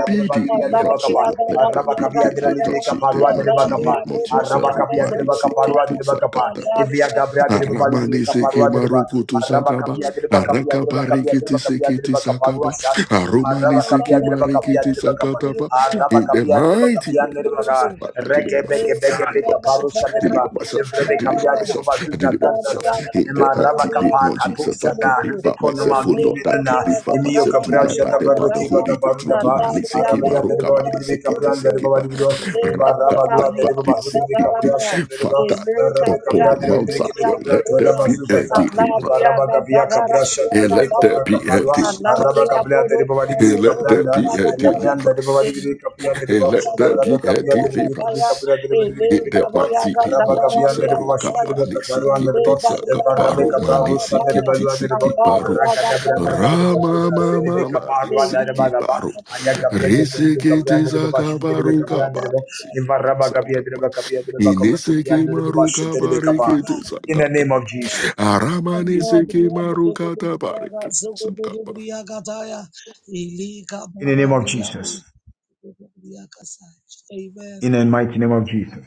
[SPEAKER 2] be deliverance, O Lord. Let there be deliverance in the mighty
[SPEAKER 6] Arabakapiadebekapa.
[SPEAKER 2] name of Jesus. Rumani sikiti
[SPEAKER 6] Arabakapiadebekapa.
[SPEAKER 2] sakataba.
[SPEAKER 6] Livia Gabria de
[SPEAKER 2] Aramani
[SPEAKER 6] Baluka
[SPEAKER 2] siki
[SPEAKER 6] Parua de Ba,
[SPEAKER 2] marukutu sakaba.
[SPEAKER 6] Arabacapia
[SPEAKER 5] you.
[SPEAKER 6] de Bacapia de
[SPEAKER 2] Arakaba
[SPEAKER 6] Bacapia de
[SPEAKER 2] rikiti
[SPEAKER 6] Bacapia de
[SPEAKER 2] sikiti
[SPEAKER 6] Bacaparua
[SPEAKER 2] sakaba.
[SPEAKER 6] Shat,
[SPEAKER 2] Arumani
[SPEAKER 6] Marabacapia
[SPEAKER 2] siki
[SPEAKER 6] de Bacapia
[SPEAKER 2] marikiti
[SPEAKER 6] de Bacapa,
[SPEAKER 2] sakataba. In the
[SPEAKER 6] Arabacapia de
[SPEAKER 2] mighty
[SPEAKER 6] Bacapia de
[SPEAKER 2] name of Jesus.
[SPEAKER 6] Baca,
[SPEAKER 2] Father, Deliver
[SPEAKER 6] Reke Beke
[SPEAKER 2] myself.
[SPEAKER 6] Beke
[SPEAKER 2] Deliver
[SPEAKER 6] Beka Parusha
[SPEAKER 2] myself.
[SPEAKER 6] de Ba,
[SPEAKER 2] Deliver myself
[SPEAKER 6] Evre Rebecca
[SPEAKER 2] deliver
[SPEAKER 6] Briade de
[SPEAKER 2] myself,
[SPEAKER 6] Babazuz da
[SPEAKER 2] deliver myself
[SPEAKER 6] Zantaza,
[SPEAKER 2] in the
[SPEAKER 6] Emaraba
[SPEAKER 2] mighty name
[SPEAKER 6] Capa,
[SPEAKER 2] of Jesus. I
[SPEAKER 6] Catusha da
[SPEAKER 2] deliver
[SPEAKER 6] Rebeconoma,
[SPEAKER 2] myself, oh Lord, I
[SPEAKER 6] Nunimena,
[SPEAKER 2] deliver
[SPEAKER 6] Emio
[SPEAKER 2] myself
[SPEAKER 6] Cabral,
[SPEAKER 2] tonight by
[SPEAKER 6] Jada
[SPEAKER 2] the by the
[SPEAKER 6] Barroque,
[SPEAKER 2] Holy Ghost.
[SPEAKER 6] Bagabaru da Ba,
[SPEAKER 2] Rukuma nisikima
[SPEAKER 6] Arabaya de
[SPEAKER 2] rukaba
[SPEAKER 6] Rebodi, Rebecca
[SPEAKER 2] nisikiti
[SPEAKER 6] Brand,
[SPEAKER 2] sikima
[SPEAKER 6] Rebavadiro, Ivaraba Dua de
[SPEAKER 2] rakatapa
[SPEAKER 6] Rebabazu, Rebecca Bria,
[SPEAKER 2] nisikiti
[SPEAKER 6] Shakreba,
[SPEAKER 2] fata.
[SPEAKER 6] Rebecca
[SPEAKER 2] Upon
[SPEAKER 6] Bria,
[SPEAKER 2] Mount
[SPEAKER 6] Rebecca
[SPEAKER 2] Zion,
[SPEAKER 6] Bria,
[SPEAKER 2] let there
[SPEAKER 6] Tuela
[SPEAKER 2] be a
[SPEAKER 6] Bazuzaza,
[SPEAKER 2] deliverance,
[SPEAKER 6] Ivaraba Gabia Cabra, Shakre,
[SPEAKER 2] and let
[SPEAKER 6] Rebecca
[SPEAKER 2] there
[SPEAKER 6] Fra
[SPEAKER 5] Gabriel,
[SPEAKER 2] be a
[SPEAKER 6] Capadua,
[SPEAKER 2] deliverance,
[SPEAKER 6] Araba
[SPEAKER 5] Alabria
[SPEAKER 6] Cabria, Rebavadi,
[SPEAKER 5] Borosia
[SPEAKER 2] and
[SPEAKER 6] Rebecca
[SPEAKER 2] let there
[SPEAKER 6] Branda,
[SPEAKER 2] be
[SPEAKER 5] Borosia
[SPEAKER 2] a
[SPEAKER 5] Gataya,
[SPEAKER 6] Elebrianda, Rebavadi,
[SPEAKER 2] deliverance,
[SPEAKER 6] Rebecca
[SPEAKER 5] Elita
[SPEAKER 6] Pia, the
[SPEAKER 2] and
[SPEAKER 6] Rebo,
[SPEAKER 2] let there
[SPEAKER 6] Araba
[SPEAKER 2] be a
[SPEAKER 6] Cabia,
[SPEAKER 5] Sobria Gataya,
[SPEAKER 6] Rebecca
[SPEAKER 2] deliverance.
[SPEAKER 6] Pia, the
[SPEAKER 5] Ele
[SPEAKER 6] Rebecca
[SPEAKER 2] In the
[SPEAKER 6] Pia,
[SPEAKER 5] Gabria
[SPEAKER 2] mighty name
[SPEAKER 6] Araba
[SPEAKER 2] of
[SPEAKER 6] Gabian
[SPEAKER 2] Jesus,
[SPEAKER 6] de
[SPEAKER 5] Gazagarabria
[SPEAKER 6] Ribo,
[SPEAKER 5] Gataya,
[SPEAKER 6] Shudriba
[SPEAKER 2] Rukapani
[SPEAKER 6] Kabaruan
[SPEAKER 5] Ele
[SPEAKER 2] Siki
[SPEAKER 6] de Ribo,
[SPEAKER 2] Tisaka
[SPEAKER 5] Gabria
[SPEAKER 6] Evarabe
[SPEAKER 2] Paru
[SPEAKER 5] Gabria
[SPEAKER 2] Mani
[SPEAKER 6] Kabaru, Sande de
[SPEAKER 2] Siki
[SPEAKER 5] Gataya,
[SPEAKER 6] Balua de Ribo,
[SPEAKER 2] Tisiki Paru
[SPEAKER 5] Alabria
[SPEAKER 6] Aragada Braga de Ribo,
[SPEAKER 5] Gazagarabria
[SPEAKER 2] Rama
[SPEAKER 6] Batuza, Sidi de
[SPEAKER 2] Mama
[SPEAKER 5] Gataya,
[SPEAKER 2] Mani
[SPEAKER 6] Kabarua de
[SPEAKER 5] Elita
[SPEAKER 2] Siki
[SPEAKER 6] Bagaba,
[SPEAKER 2] Paru
[SPEAKER 6] Ayakabia de
[SPEAKER 2] Risiki
[SPEAKER 6] Kabrian de Ribo,
[SPEAKER 2] Tisaka
[SPEAKER 6] Shudriba
[SPEAKER 2] Paru
[SPEAKER 6] Kabian de Ribo,
[SPEAKER 2] Kabani Siki
[SPEAKER 6] Ivaraba
[SPEAKER 5] Gazagarabria
[SPEAKER 6] Gabia
[SPEAKER 2] Tisaka
[SPEAKER 6] de Ribo, Kabia de Ribo, Kamatovian
[SPEAKER 2] Inisiki
[SPEAKER 6] de Ribo,
[SPEAKER 2] Maru
[SPEAKER 6] Shudriba
[SPEAKER 2] Kabari
[SPEAKER 6] Kaba. In the
[SPEAKER 2] Kitisaka
[SPEAKER 6] name of
[SPEAKER 5] Gataya,
[SPEAKER 6] Jesus,
[SPEAKER 2] Aramani Siki
[SPEAKER 5] Andabria,
[SPEAKER 2] Maru Katabari
[SPEAKER 5] Bedebria,
[SPEAKER 2] Kitisaka
[SPEAKER 5] Zogobria, Gataya, Ilika,
[SPEAKER 6] in the name of
[SPEAKER 5] Barabria,
[SPEAKER 6] Jesus,
[SPEAKER 5] Bosbria, Casai.
[SPEAKER 6] in the mighty name of Jesus.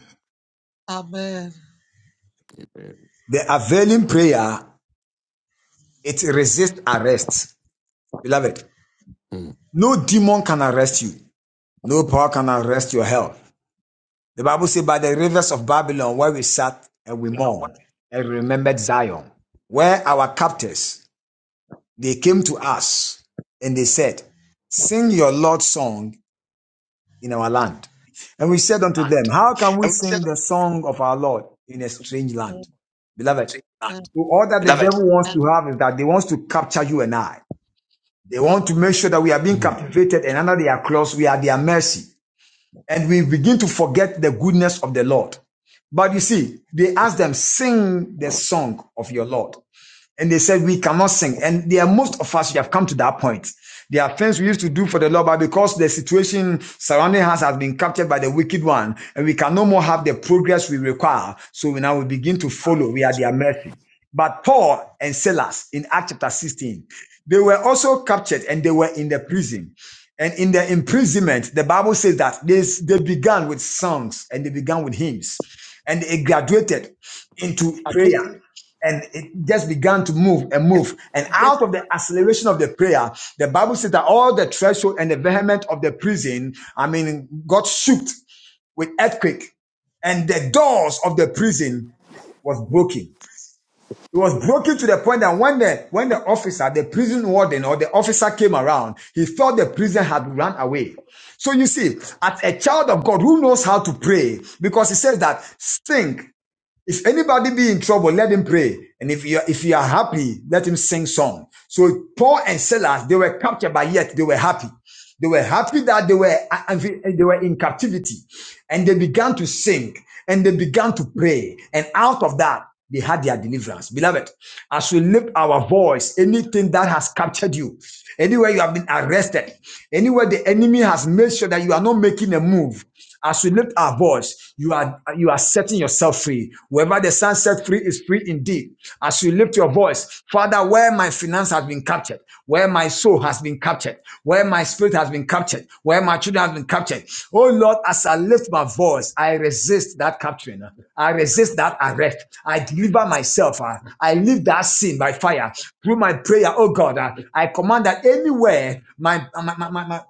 [SPEAKER 5] Amen.
[SPEAKER 2] Amen.
[SPEAKER 6] The availing prayer, it resists arrest. Beloved,
[SPEAKER 2] Mm.
[SPEAKER 6] no demon can arrest you. No power can arrest your health. The Bible says, by the rivers of Babylon, where we sat and we mourned and remembered Zion, where our captors, they came to us and they said, sing your Lord's song in our land. And we said unto them,
[SPEAKER 2] Land.
[SPEAKER 6] how can we
[SPEAKER 2] And we said
[SPEAKER 6] sing
[SPEAKER 2] that
[SPEAKER 6] the song of our Lord in a strange
[SPEAKER 5] Amen.
[SPEAKER 6] land? Beloved,
[SPEAKER 2] to you,
[SPEAKER 6] so
[SPEAKER 2] land.
[SPEAKER 5] Amen.
[SPEAKER 6] all that the
[SPEAKER 2] Beloved.
[SPEAKER 6] devil wants to have is that they want to capture you and I. They want to make sure that we are being captivated and under their claws, we are at their mercy and we begin to forget the goodness of the Lord. But you see, they asked them, sing the song of your Lord and they said we cannot sing and there are most of us we have come to that point there are things we used to do for the lord but because the situation surrounding us has been captured by the wicked one and we can no more have the progress we require so we now we begin to follow we are their mercy but paul and silas in acts chapter 16 they were also captured and they were in the prison and in their imprisonment the bible says that they, they began with songs and they began with hymns and it graduated into prayer and it just began to move and move. And out of the acceleration of the prayer, the Bible says that all the threshold and the vehement of the prison, I mean, got shook with earthquake, and the doors of the prison was broken. It was broken to the point that when the when the officer, the prison warden or the officer came around, he thought the prison had run away. So you see, as a child of God who knows how to pray, because he says that think. If anybody be in trouble, let him pray. And if you are, if you are happy, let him sing song. So Paul and Silas, they were captured, but yet they were happy. They were happy that they were uh, uh, they were in captivity, and they began to sing and they began to pray. And out of that, they had their deliverance. Beloved, as we lift our voice, anything that has captured you, anywhere you have been arrested, anywhere the enemy has made sure that you are not making a move, as we lift our voice, you are you are setting yourself free. Wherever the sun set free is free indeed. As you lift your voice, Father, where my finances finance has been captured, where my soul has been captured, where my spirit has been captured, where my children have been captured. Oh Lord, as I lift my voice, I resist that capturing. I resist that arrest. I deliver myself. uh, I leave that sin by fire through my prayer. Oh God, uh, I command that anywhere my my my my,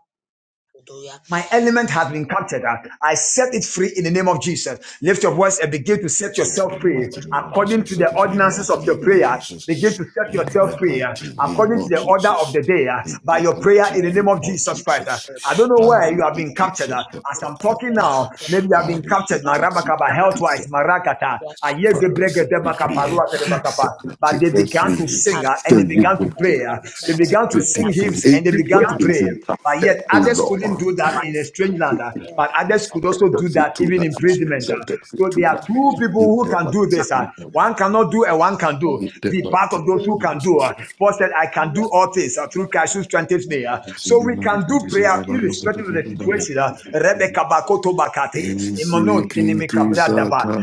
[SPEAKER 6] my element has been captured. I set it free in the name of Jesus. Lift your voice and begin to set
[SPEAKER 2] Set free
[SPEAKER 6] yourself
[SPEAKER 2] in the
[SPEAKER 6] free
[SPEAKER 2] mighty name of
[SPEAKER 6] according
[SPEAKER 2] Jesus.
[SPEAKER 6] to
[SPEAKER 2] Set
[SPEAKER 6] the
[SPEAKER 2] free in the
[SPEAKER 6] ordinances
[SPEAKER 2] mighty
[SPEAKER 6] of your
[SPEAKER 2] name of
[SPEAKER 6] prayer. Begin
[SPEAKER 2] Jesus.
[SPEAKER 6] to set
[SPEAKER 2] In
[SPEAKER 6] yourself
[SPEAKER 2] the
[SPEAKER 6] free uh,
[SPEAKER 2] mighty name
[SPEAKER 6] according to
[SPEAKER 2] of
[SPEAKER 6] the order of
[SPEAKER 2] Jesus.
[SPEAKER 6] the day uh,
[SPEAKER 2] In
[SPEAKER 6] by
[SPEAKER 2] the
[SPEAKER 6] your prayer
[SPEAKER 2] mighty
[SPEAKER 6] in the name
[SPEAKER 2] name
[SPEAKER 6] of
[SPEAKER 2] of
[SPEAKER 6] Jesus Christ. uh.
[SPEAKER 2] Jesus.
[SPEAKER 6] I don't know
[SPEAKER 2] I
[SPEAKER 6] where you have
[SPEAKER 2] repeat
[SPEAKER 6] been
[SPEAKER 2] this.
[SPEAKER 6] captured.
[SPEAKER 2] uh,
[SPEAKER 6] uh.
[SPEAKER 2] uh,
[SPEAKER 6] As I'm talking
[SPEAKER 2] uh, uh,
[SPEAKER 6] now, maybe you have
[SPEAKER 2] I
[SPEAKER 6] been captured.
[SPEAKER 2] repeat this. uh,
[SPEAKER 6] Marabakaba,
[SPEAKER 2] uh,
[SPEAKER 6] health
[SPEAKER 2] this,
[SPEAKER 6] wise,
[SPEAKER 2] uh, uh,
[SPEAKER 6] Marakata, Aye
[SPEAKER 2] Father,
[SPEAKER 6] Gebregede,
[SPEAKER 2] set me free. Set my
[SPEAKER 6] but they
[SPEAKER 2] children
[SPEAKER 6] began to
[SPEAKER 2] free.
[SPEAKER 6] sing uh, and
[SPEAKER 2] Set
[SPEAKER 6] they
[SPEAKER 2] me
[SPEAKER 6] began to
[SPEAKER 2] free.
[SPEAKER 6] pray. uh, They
[SPEAKER 2] Set
[SPEAKER 6] began to
[SPEAKER 2] me
[SPEAKER 6] sing
[SPEAKER 2] free.
[SPEAKER 6] hymns and they began
[SPEAKER 2] Everywhere
[SPEAKER 6] to
[SPEAKER 2] is
[SPEAKER 6] pray.
[SPEAKER 2] in
[SPEAKER 6] But
[SPEAKER 2] after
[SPEAKER 6] yet
[SPEAKER 2] to
[SPEAKER 6] others
[SPEAKER 2] Lord.
[SPEAKER 6] couldn't do that in a strange land. uh, But others could
[SPEAKER 2] Set
[SPEAKER 6] also
[SPEAKER 2] them
[SPEAKER 6] do
[SPEAKER 2] free
[SPEAKER 6] that even
[SPEAKER 2] tonight.
[SPEAKER 6] in imprisonment.
[SPEAKER 2] Set
[SPEAKER 6] uh.
[SPEAKER 2] them free
[SPEAKER 6] So there are
[SPEAKER 2] tonight.
[SPEAKER 6] two
[SPEAKER 2] In
[SPEAKER 6] people who
[SPEAKER 2] the
[SPEAKER 6] can do
[SPEAKER 2] mighty
[SPEAKER 6] this.
[SPEAKER 2] name
[SPEAKER 6] uh.
[SPEAKER 2] of Jesus.
[SPEAKER 6] One cannot do and one can do.
[SPEAKER 2] Eat that
[SPEAKER 6] Be
[SPEAKER 2] much.
[SPEAKER 6] part of those who
[SPEAKER 2] Lord
[SPEAKER 6] can do.
[SPEAKER 2] Jesus.
[SPEAKER 6] uh. Paul said, I can do all things uh, through Christ who strengthens me. uh uh, so we can do prayer irrespective of the situation. uh,
[SPEAKER 5] Amen.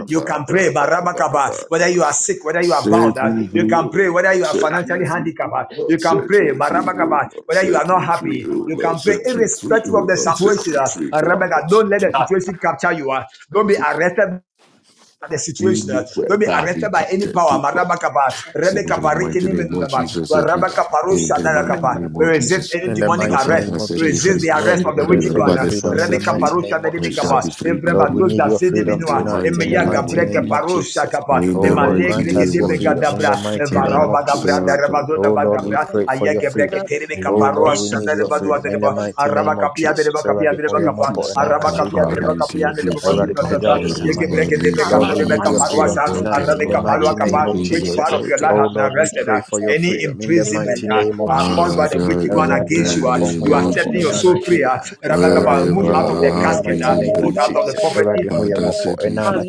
[SPEAKER 6] You can pray, whether you are sick, whether you are bound,
[SPEAKER 2] Set
[SPEAKER 6] uh,
[SPEAKER 2] me
[SPEAKER 6] you
[SPEAKER 2] free,
[SPEAKER 6] can
[SPEAKER 2] oh
[SPEAKER 6] pray, whether you are financially handicapped, uh,
[SPEAKER 2] Lord,
[SPEAKER 6] you can
[SPEAKER 2] set
[SPEAKER 6] pray,
[SPEAKER 2] me free, oh Lord,
[SPEAKER 6] whether you are
[SPEAKER 2] set
[SPEAKER 6] not
[SPEAKER 2] me free,
[SPEAKER 6] happy,
[SPEAKER 2] oh
[SPEAKER 6] you
[SPEAKER 2] Lord,
[SPEAKER 6] can pray
[SPEAKER 2] set me free, oh Lord, set me free, oh Lord, set me free,
[SPEAKER 6] irrespective
[SPEAKER 2] oh
[SPEAKER 6] of the situation. uh,
[SPEAKER 2] Lord,
[SPEAKER 6] don't let
[SPEAKER 2] set
[SPEAKER 6] the
[SPEAKER 2] me
[SPEAKER 6] situation capture you. uh, Don't be
[SPEAKER 2] free.
[SPEAKER 6] arrested the situation. uh,
[SPEAKER 2] Anywhere
[SPEAKER 6] Don't be
[SPEAKER 2] that I be
[SPEAKER 6] arrested by any
[SPEAKER 2] captured
[SPEAKER 6] power.
[SPEAKER 2] to, Lord.
[SPEAKER 6] Marabakaba,
[SPEAKER 2] Significant in
[SPEAKER 6] Rebekapa,
[SPEAKER 2] the mighty name of
[SPEAKER 6] Rikiniminaba,
[SPEAKER 2] Jesus, set me in
[SPEAKER 6] Parusha
[SPEAKER 2] the mighty
[SPEAKER 6] Shadakapa.
[SPEAKER 2] name
[SPEAKER 6] We
[SPEAKER 2] of
[SPEAKER 6] resist
[SPEAKER 2] Jesus.
[SPEAKER 6] any
[SPEAKER 7] In the
[SPEAKER 2] You
[SPEAKER 6] demonic
[SPEAKER 2] know,
[SPEAKER 7] mighty
[SPEAKER 6] arrest.
[SPEAKER 2] Father,
[SPEAKER 7] name of
[SPEAKER 6] We
[SPEAKER 2] set me
[SPEAKER 6] Resist
[SPEAKER 2] free.
[SPEAKER 7] Jesus,
[SPEAKER 6] the
[SPEAKER 7] Lord,
[SPEAKER 6] arrest
[SPEAKER 7] we
[SPEAKER 6] of the
[SPEAKER 7] pray
[SPEAKER 6] wicked
[SPEAKER 7] for
[SPEAKER 6] one.
[SPEAKER 7] your
[SPEAKER 2] Whoever the
[SPEAKER 6] uh,
[SPEAKER 2] Son
[SPEAKER 7] freedom in the
[SPEAKER 2] set
[SPEAKER 6] Rebecca
[SPEAKER 2] free,
[SPEAKER 7] mighty
[SPEAKER 6] Parusha
[SPEAKER 7] name
[SPEAKER 6] de
[SPEAKER 7] of
[SPEAKER 2] I shall
[SPEAKER 6] Bigaba,
[SPEAKER 2] be
[SPEAKER 7] Jesus.
[SPEAKER 2] free
[SPEAKER 7] Lord,
[SPEAKER 6] Evreba
[SPEAKER 7] we
[SPEAKER 2] indeed.
[SPEAKER 7] need
[SPEAKER 6] Zolda
[SPEAKER 7] your
[SPEAKER 2] In
[SPEAKER 7] freedom
[SPEAKER 2] the
[SPEAKER 6] Zidiminua,
[SPEAKER 7] tonight in
[SPEAKER 2] mighty
[SPEAKER 7] the
[SPEAKER 6] Emeya
[SPEAKER 2] name
[SPEAKER 7] mighty
[SPEAKER 2] of
[SPEAKER 6] Gabreke
[SPEAKER 7] name of
[SPEAKER 2] Jesus.
[SPEAKER 6] Parusha
[SPEAKER 7] Jesus.
[SPEAKER 6] Kapa,
[SPEAKER 2] In
[SPEAKER 7] Oh
[SPEAKER 2] the
[SPEAKER 7] Lord,
[SPEAKER 2] mighty
[SPEAKER 6] Emalegre
[SPEAKER 7] grant us
[SPEAKER 2] name
[SPEAKER 7] your
[SPEAKER 2] of
[SPEAKER 6] Gedebega
[SPEAKER 7] freedom in
[SPEAKER 2] Jesus.
[SPEAKER 7] the
[SPEAKER 6] Dabra,
[SPEAKER 7] mighty
[SPEAKER 6] Evara
[SPEAKER 7] name of
[SPEAKER 6] Bagabra,
[SPEAKER 7] Jesus.
[SPEAKER 5] I set
[SPEAKER 6] Darabazota
[SPEAKER 7] Oh
[SPEAKER 5] myself
[SPEAKER 7] Lord, we
[SPEAKER 6] Bagabra,
[SPEAKER 5] free
[SPEAKER 7] pray
[SPEAKER 2] Rasakataka.
[SPEAKER 7] for
[SPEAKER 5] in
[SPEAKER 7] your
[SPEAKER 5] the
[SPEAKER 6] Ayagebrek
[SPEAKER 5] name
[SPEAKER 7] freedom.
[SPEAKER 5] of
[SPEAKER 6] keterele
[SPEAKER 7] Oh
[SPEAKER 6] kaparua
[SPEAKER 7] Lord,
[SPEAKER 5] Jesus.
[SPEAKER 7] we need
[SPEAKER 6] shada de
[SPEAKER 7] your
[SPEAKER 6] badua
[SPEAKER 7] freedom
[SPEAKER 6] de
[SPEAKER 7] in the
[SPEAKER 5] I
[SPEAKER 6] ba
[SPEAKER 7] mighty
[SPEAKER 6] araba
[SPEAKER 7] name of
[SPEAKER 6] kapia de ba
[SPEAKER 7] Jesus.
[SPEAKER 6] kapia
[SPEAKER 7] Already
[SPEAKER 6] de ba
[SPEAKER 7] hoya
[SPEAKER 6] kapa
[SPEAKER 5] set
[SPEAKER 7] mopo enana
[SPEAKER 6] araba
[SPEAKER 5] myself
[SPEAKER 7] chi
[SPEAKER 6] kapia de
[SPEAKER 5] free
[SPEAKER 7] Papa
[SPEAKER 6] ba
[SPEAKER 7] Yesu.
[SPEAKER 2] Tisakabariki,
[SPEAKER 6] kapia
[SPEAKER 5] in
[SPEAKER 6] de
[SPEAKER 5] the
[SPEAKER 6] ba bazu
[SPEAKER 5] name
[SPEAKER 7] Already
[SPEAKER 6] za
[SPEAKER 5] of
[SPEAKER 6] za za
[SPEAKER 7] pejao
[SPEAKER 5] Jesus.
[SPEAKER 2] tisakabaruma,
[SPEAKER 7] isamaye.
[SPEAKER 6] breke de be
[SPEAKER 7] Lord, we
[SPEAKER 6] katore
[SPEAKER 5] I
[SPEAKER 2] nisiki,
[SPEAKER 6] be
[SPEAKER 7] need your
[SPEAKER 5] set
[SPEAKER 6] kaparua
[SPEAKER 7] freedom
[SPEAKER 6] sa
[SPEAKER 5] myself
[SPEAKER 7] tonight
[SPEAKER 6] arabe
[SPEAKER 7] in the
[SPEAKER 5] free in
[SPEAKER 6] kapalua
[SPEAKER 7] mighty
[SPEAKER 2] tisakatabariki,
[SPEAKER 5] the
[SPEAKER 7] name
[SPEAKER 6] kapa
[SPEAKER 7] of
[SPEAKER 5] name
[SPEAKER 6] which part
[SPEAKER 7] Jesus.
[SPEAKER 6] of your
[SPEAKER 2] tisakata.
[SPEAKER 6] life
[SPEAKER 7] Oh
[SPEAKER 6] has been
[SPEAKER 7] Lord, we
[SPEAKER 6] arrested uh,
[SPEAKER 7] pray for your
[SPEAKER 6] any
[SPEAKER 7] freedom in the
[SPEAKER 6] imprisonment
[SPEAKER 7] mighty
[SPEAKER 6] uh,
[SPEAKER 7] name
[SPEAKER 5] of
[SPEAKER 7] of
[SPEAKER 6] uh, caused
[SPEAKER 5] Jesus.
[SPEAKER 6] by
[SPEAKER 7] Jesus.
[SPEAKER 6] the
[SPEAKER 2] Father,
[SPEAKER 6] wicked one
[SPEAKER 2] in
[SPEAKER 7] Awurade
[SPEAKER 6] against
[SPEAKER 2] the
[SPEAKER 6] you uh,
[SPEAKER 7] Nyankopɔn ho
[SPEAKER 2] name
[SPEAKER 6] you
[SPEAKER 7] yɛ
[SPEAKER 6] are
[SPEAKER 2] of
[SPEAKER 7] mmɔbɔ
[SPEAKER 6] setting your
[SPEAKER 7] ɛna
[SPEAKER 2] Jesus,
[SPEAKER 6] soul
[SPEAKER 7] anadwo
[SPEAKER 6] free
[SPEAKER 7] yi
[SPEAKER 6] uh,
[SPEAKER 7] ara.
[SPEAKER 6] araba kapa
[SPEAKER 2] wherever
[SPEAKER 6] move out of the
[SPEAKER 7] in
[SPEAKER 2] I
[SPEAKER 7] the
[SPEAKER 2] have
[SPEAKER 6] casket
[SPEAKER 7] mighty
[SPEAKER 6] uh,
[SPEAKER 2] been
[SPEAKER 7] name
[SPEAKER 6] move
[SPEAKER 7] of
[SPEAKER 6] out
[SPEAKER 2] imprisoned,
[SPEAKER 6] of the
[SPEAKER 7] Jesus.
[SPEAKER 6] poverty
[SPEAKER 7] Awurade ho yɛ
[SPEAKER 2] Father,
[SPEAKER 7] mmɔbɔ
[SPEAKER 2] set me
[SPEAKER 7] ɛna
[SPEAKER 2] free.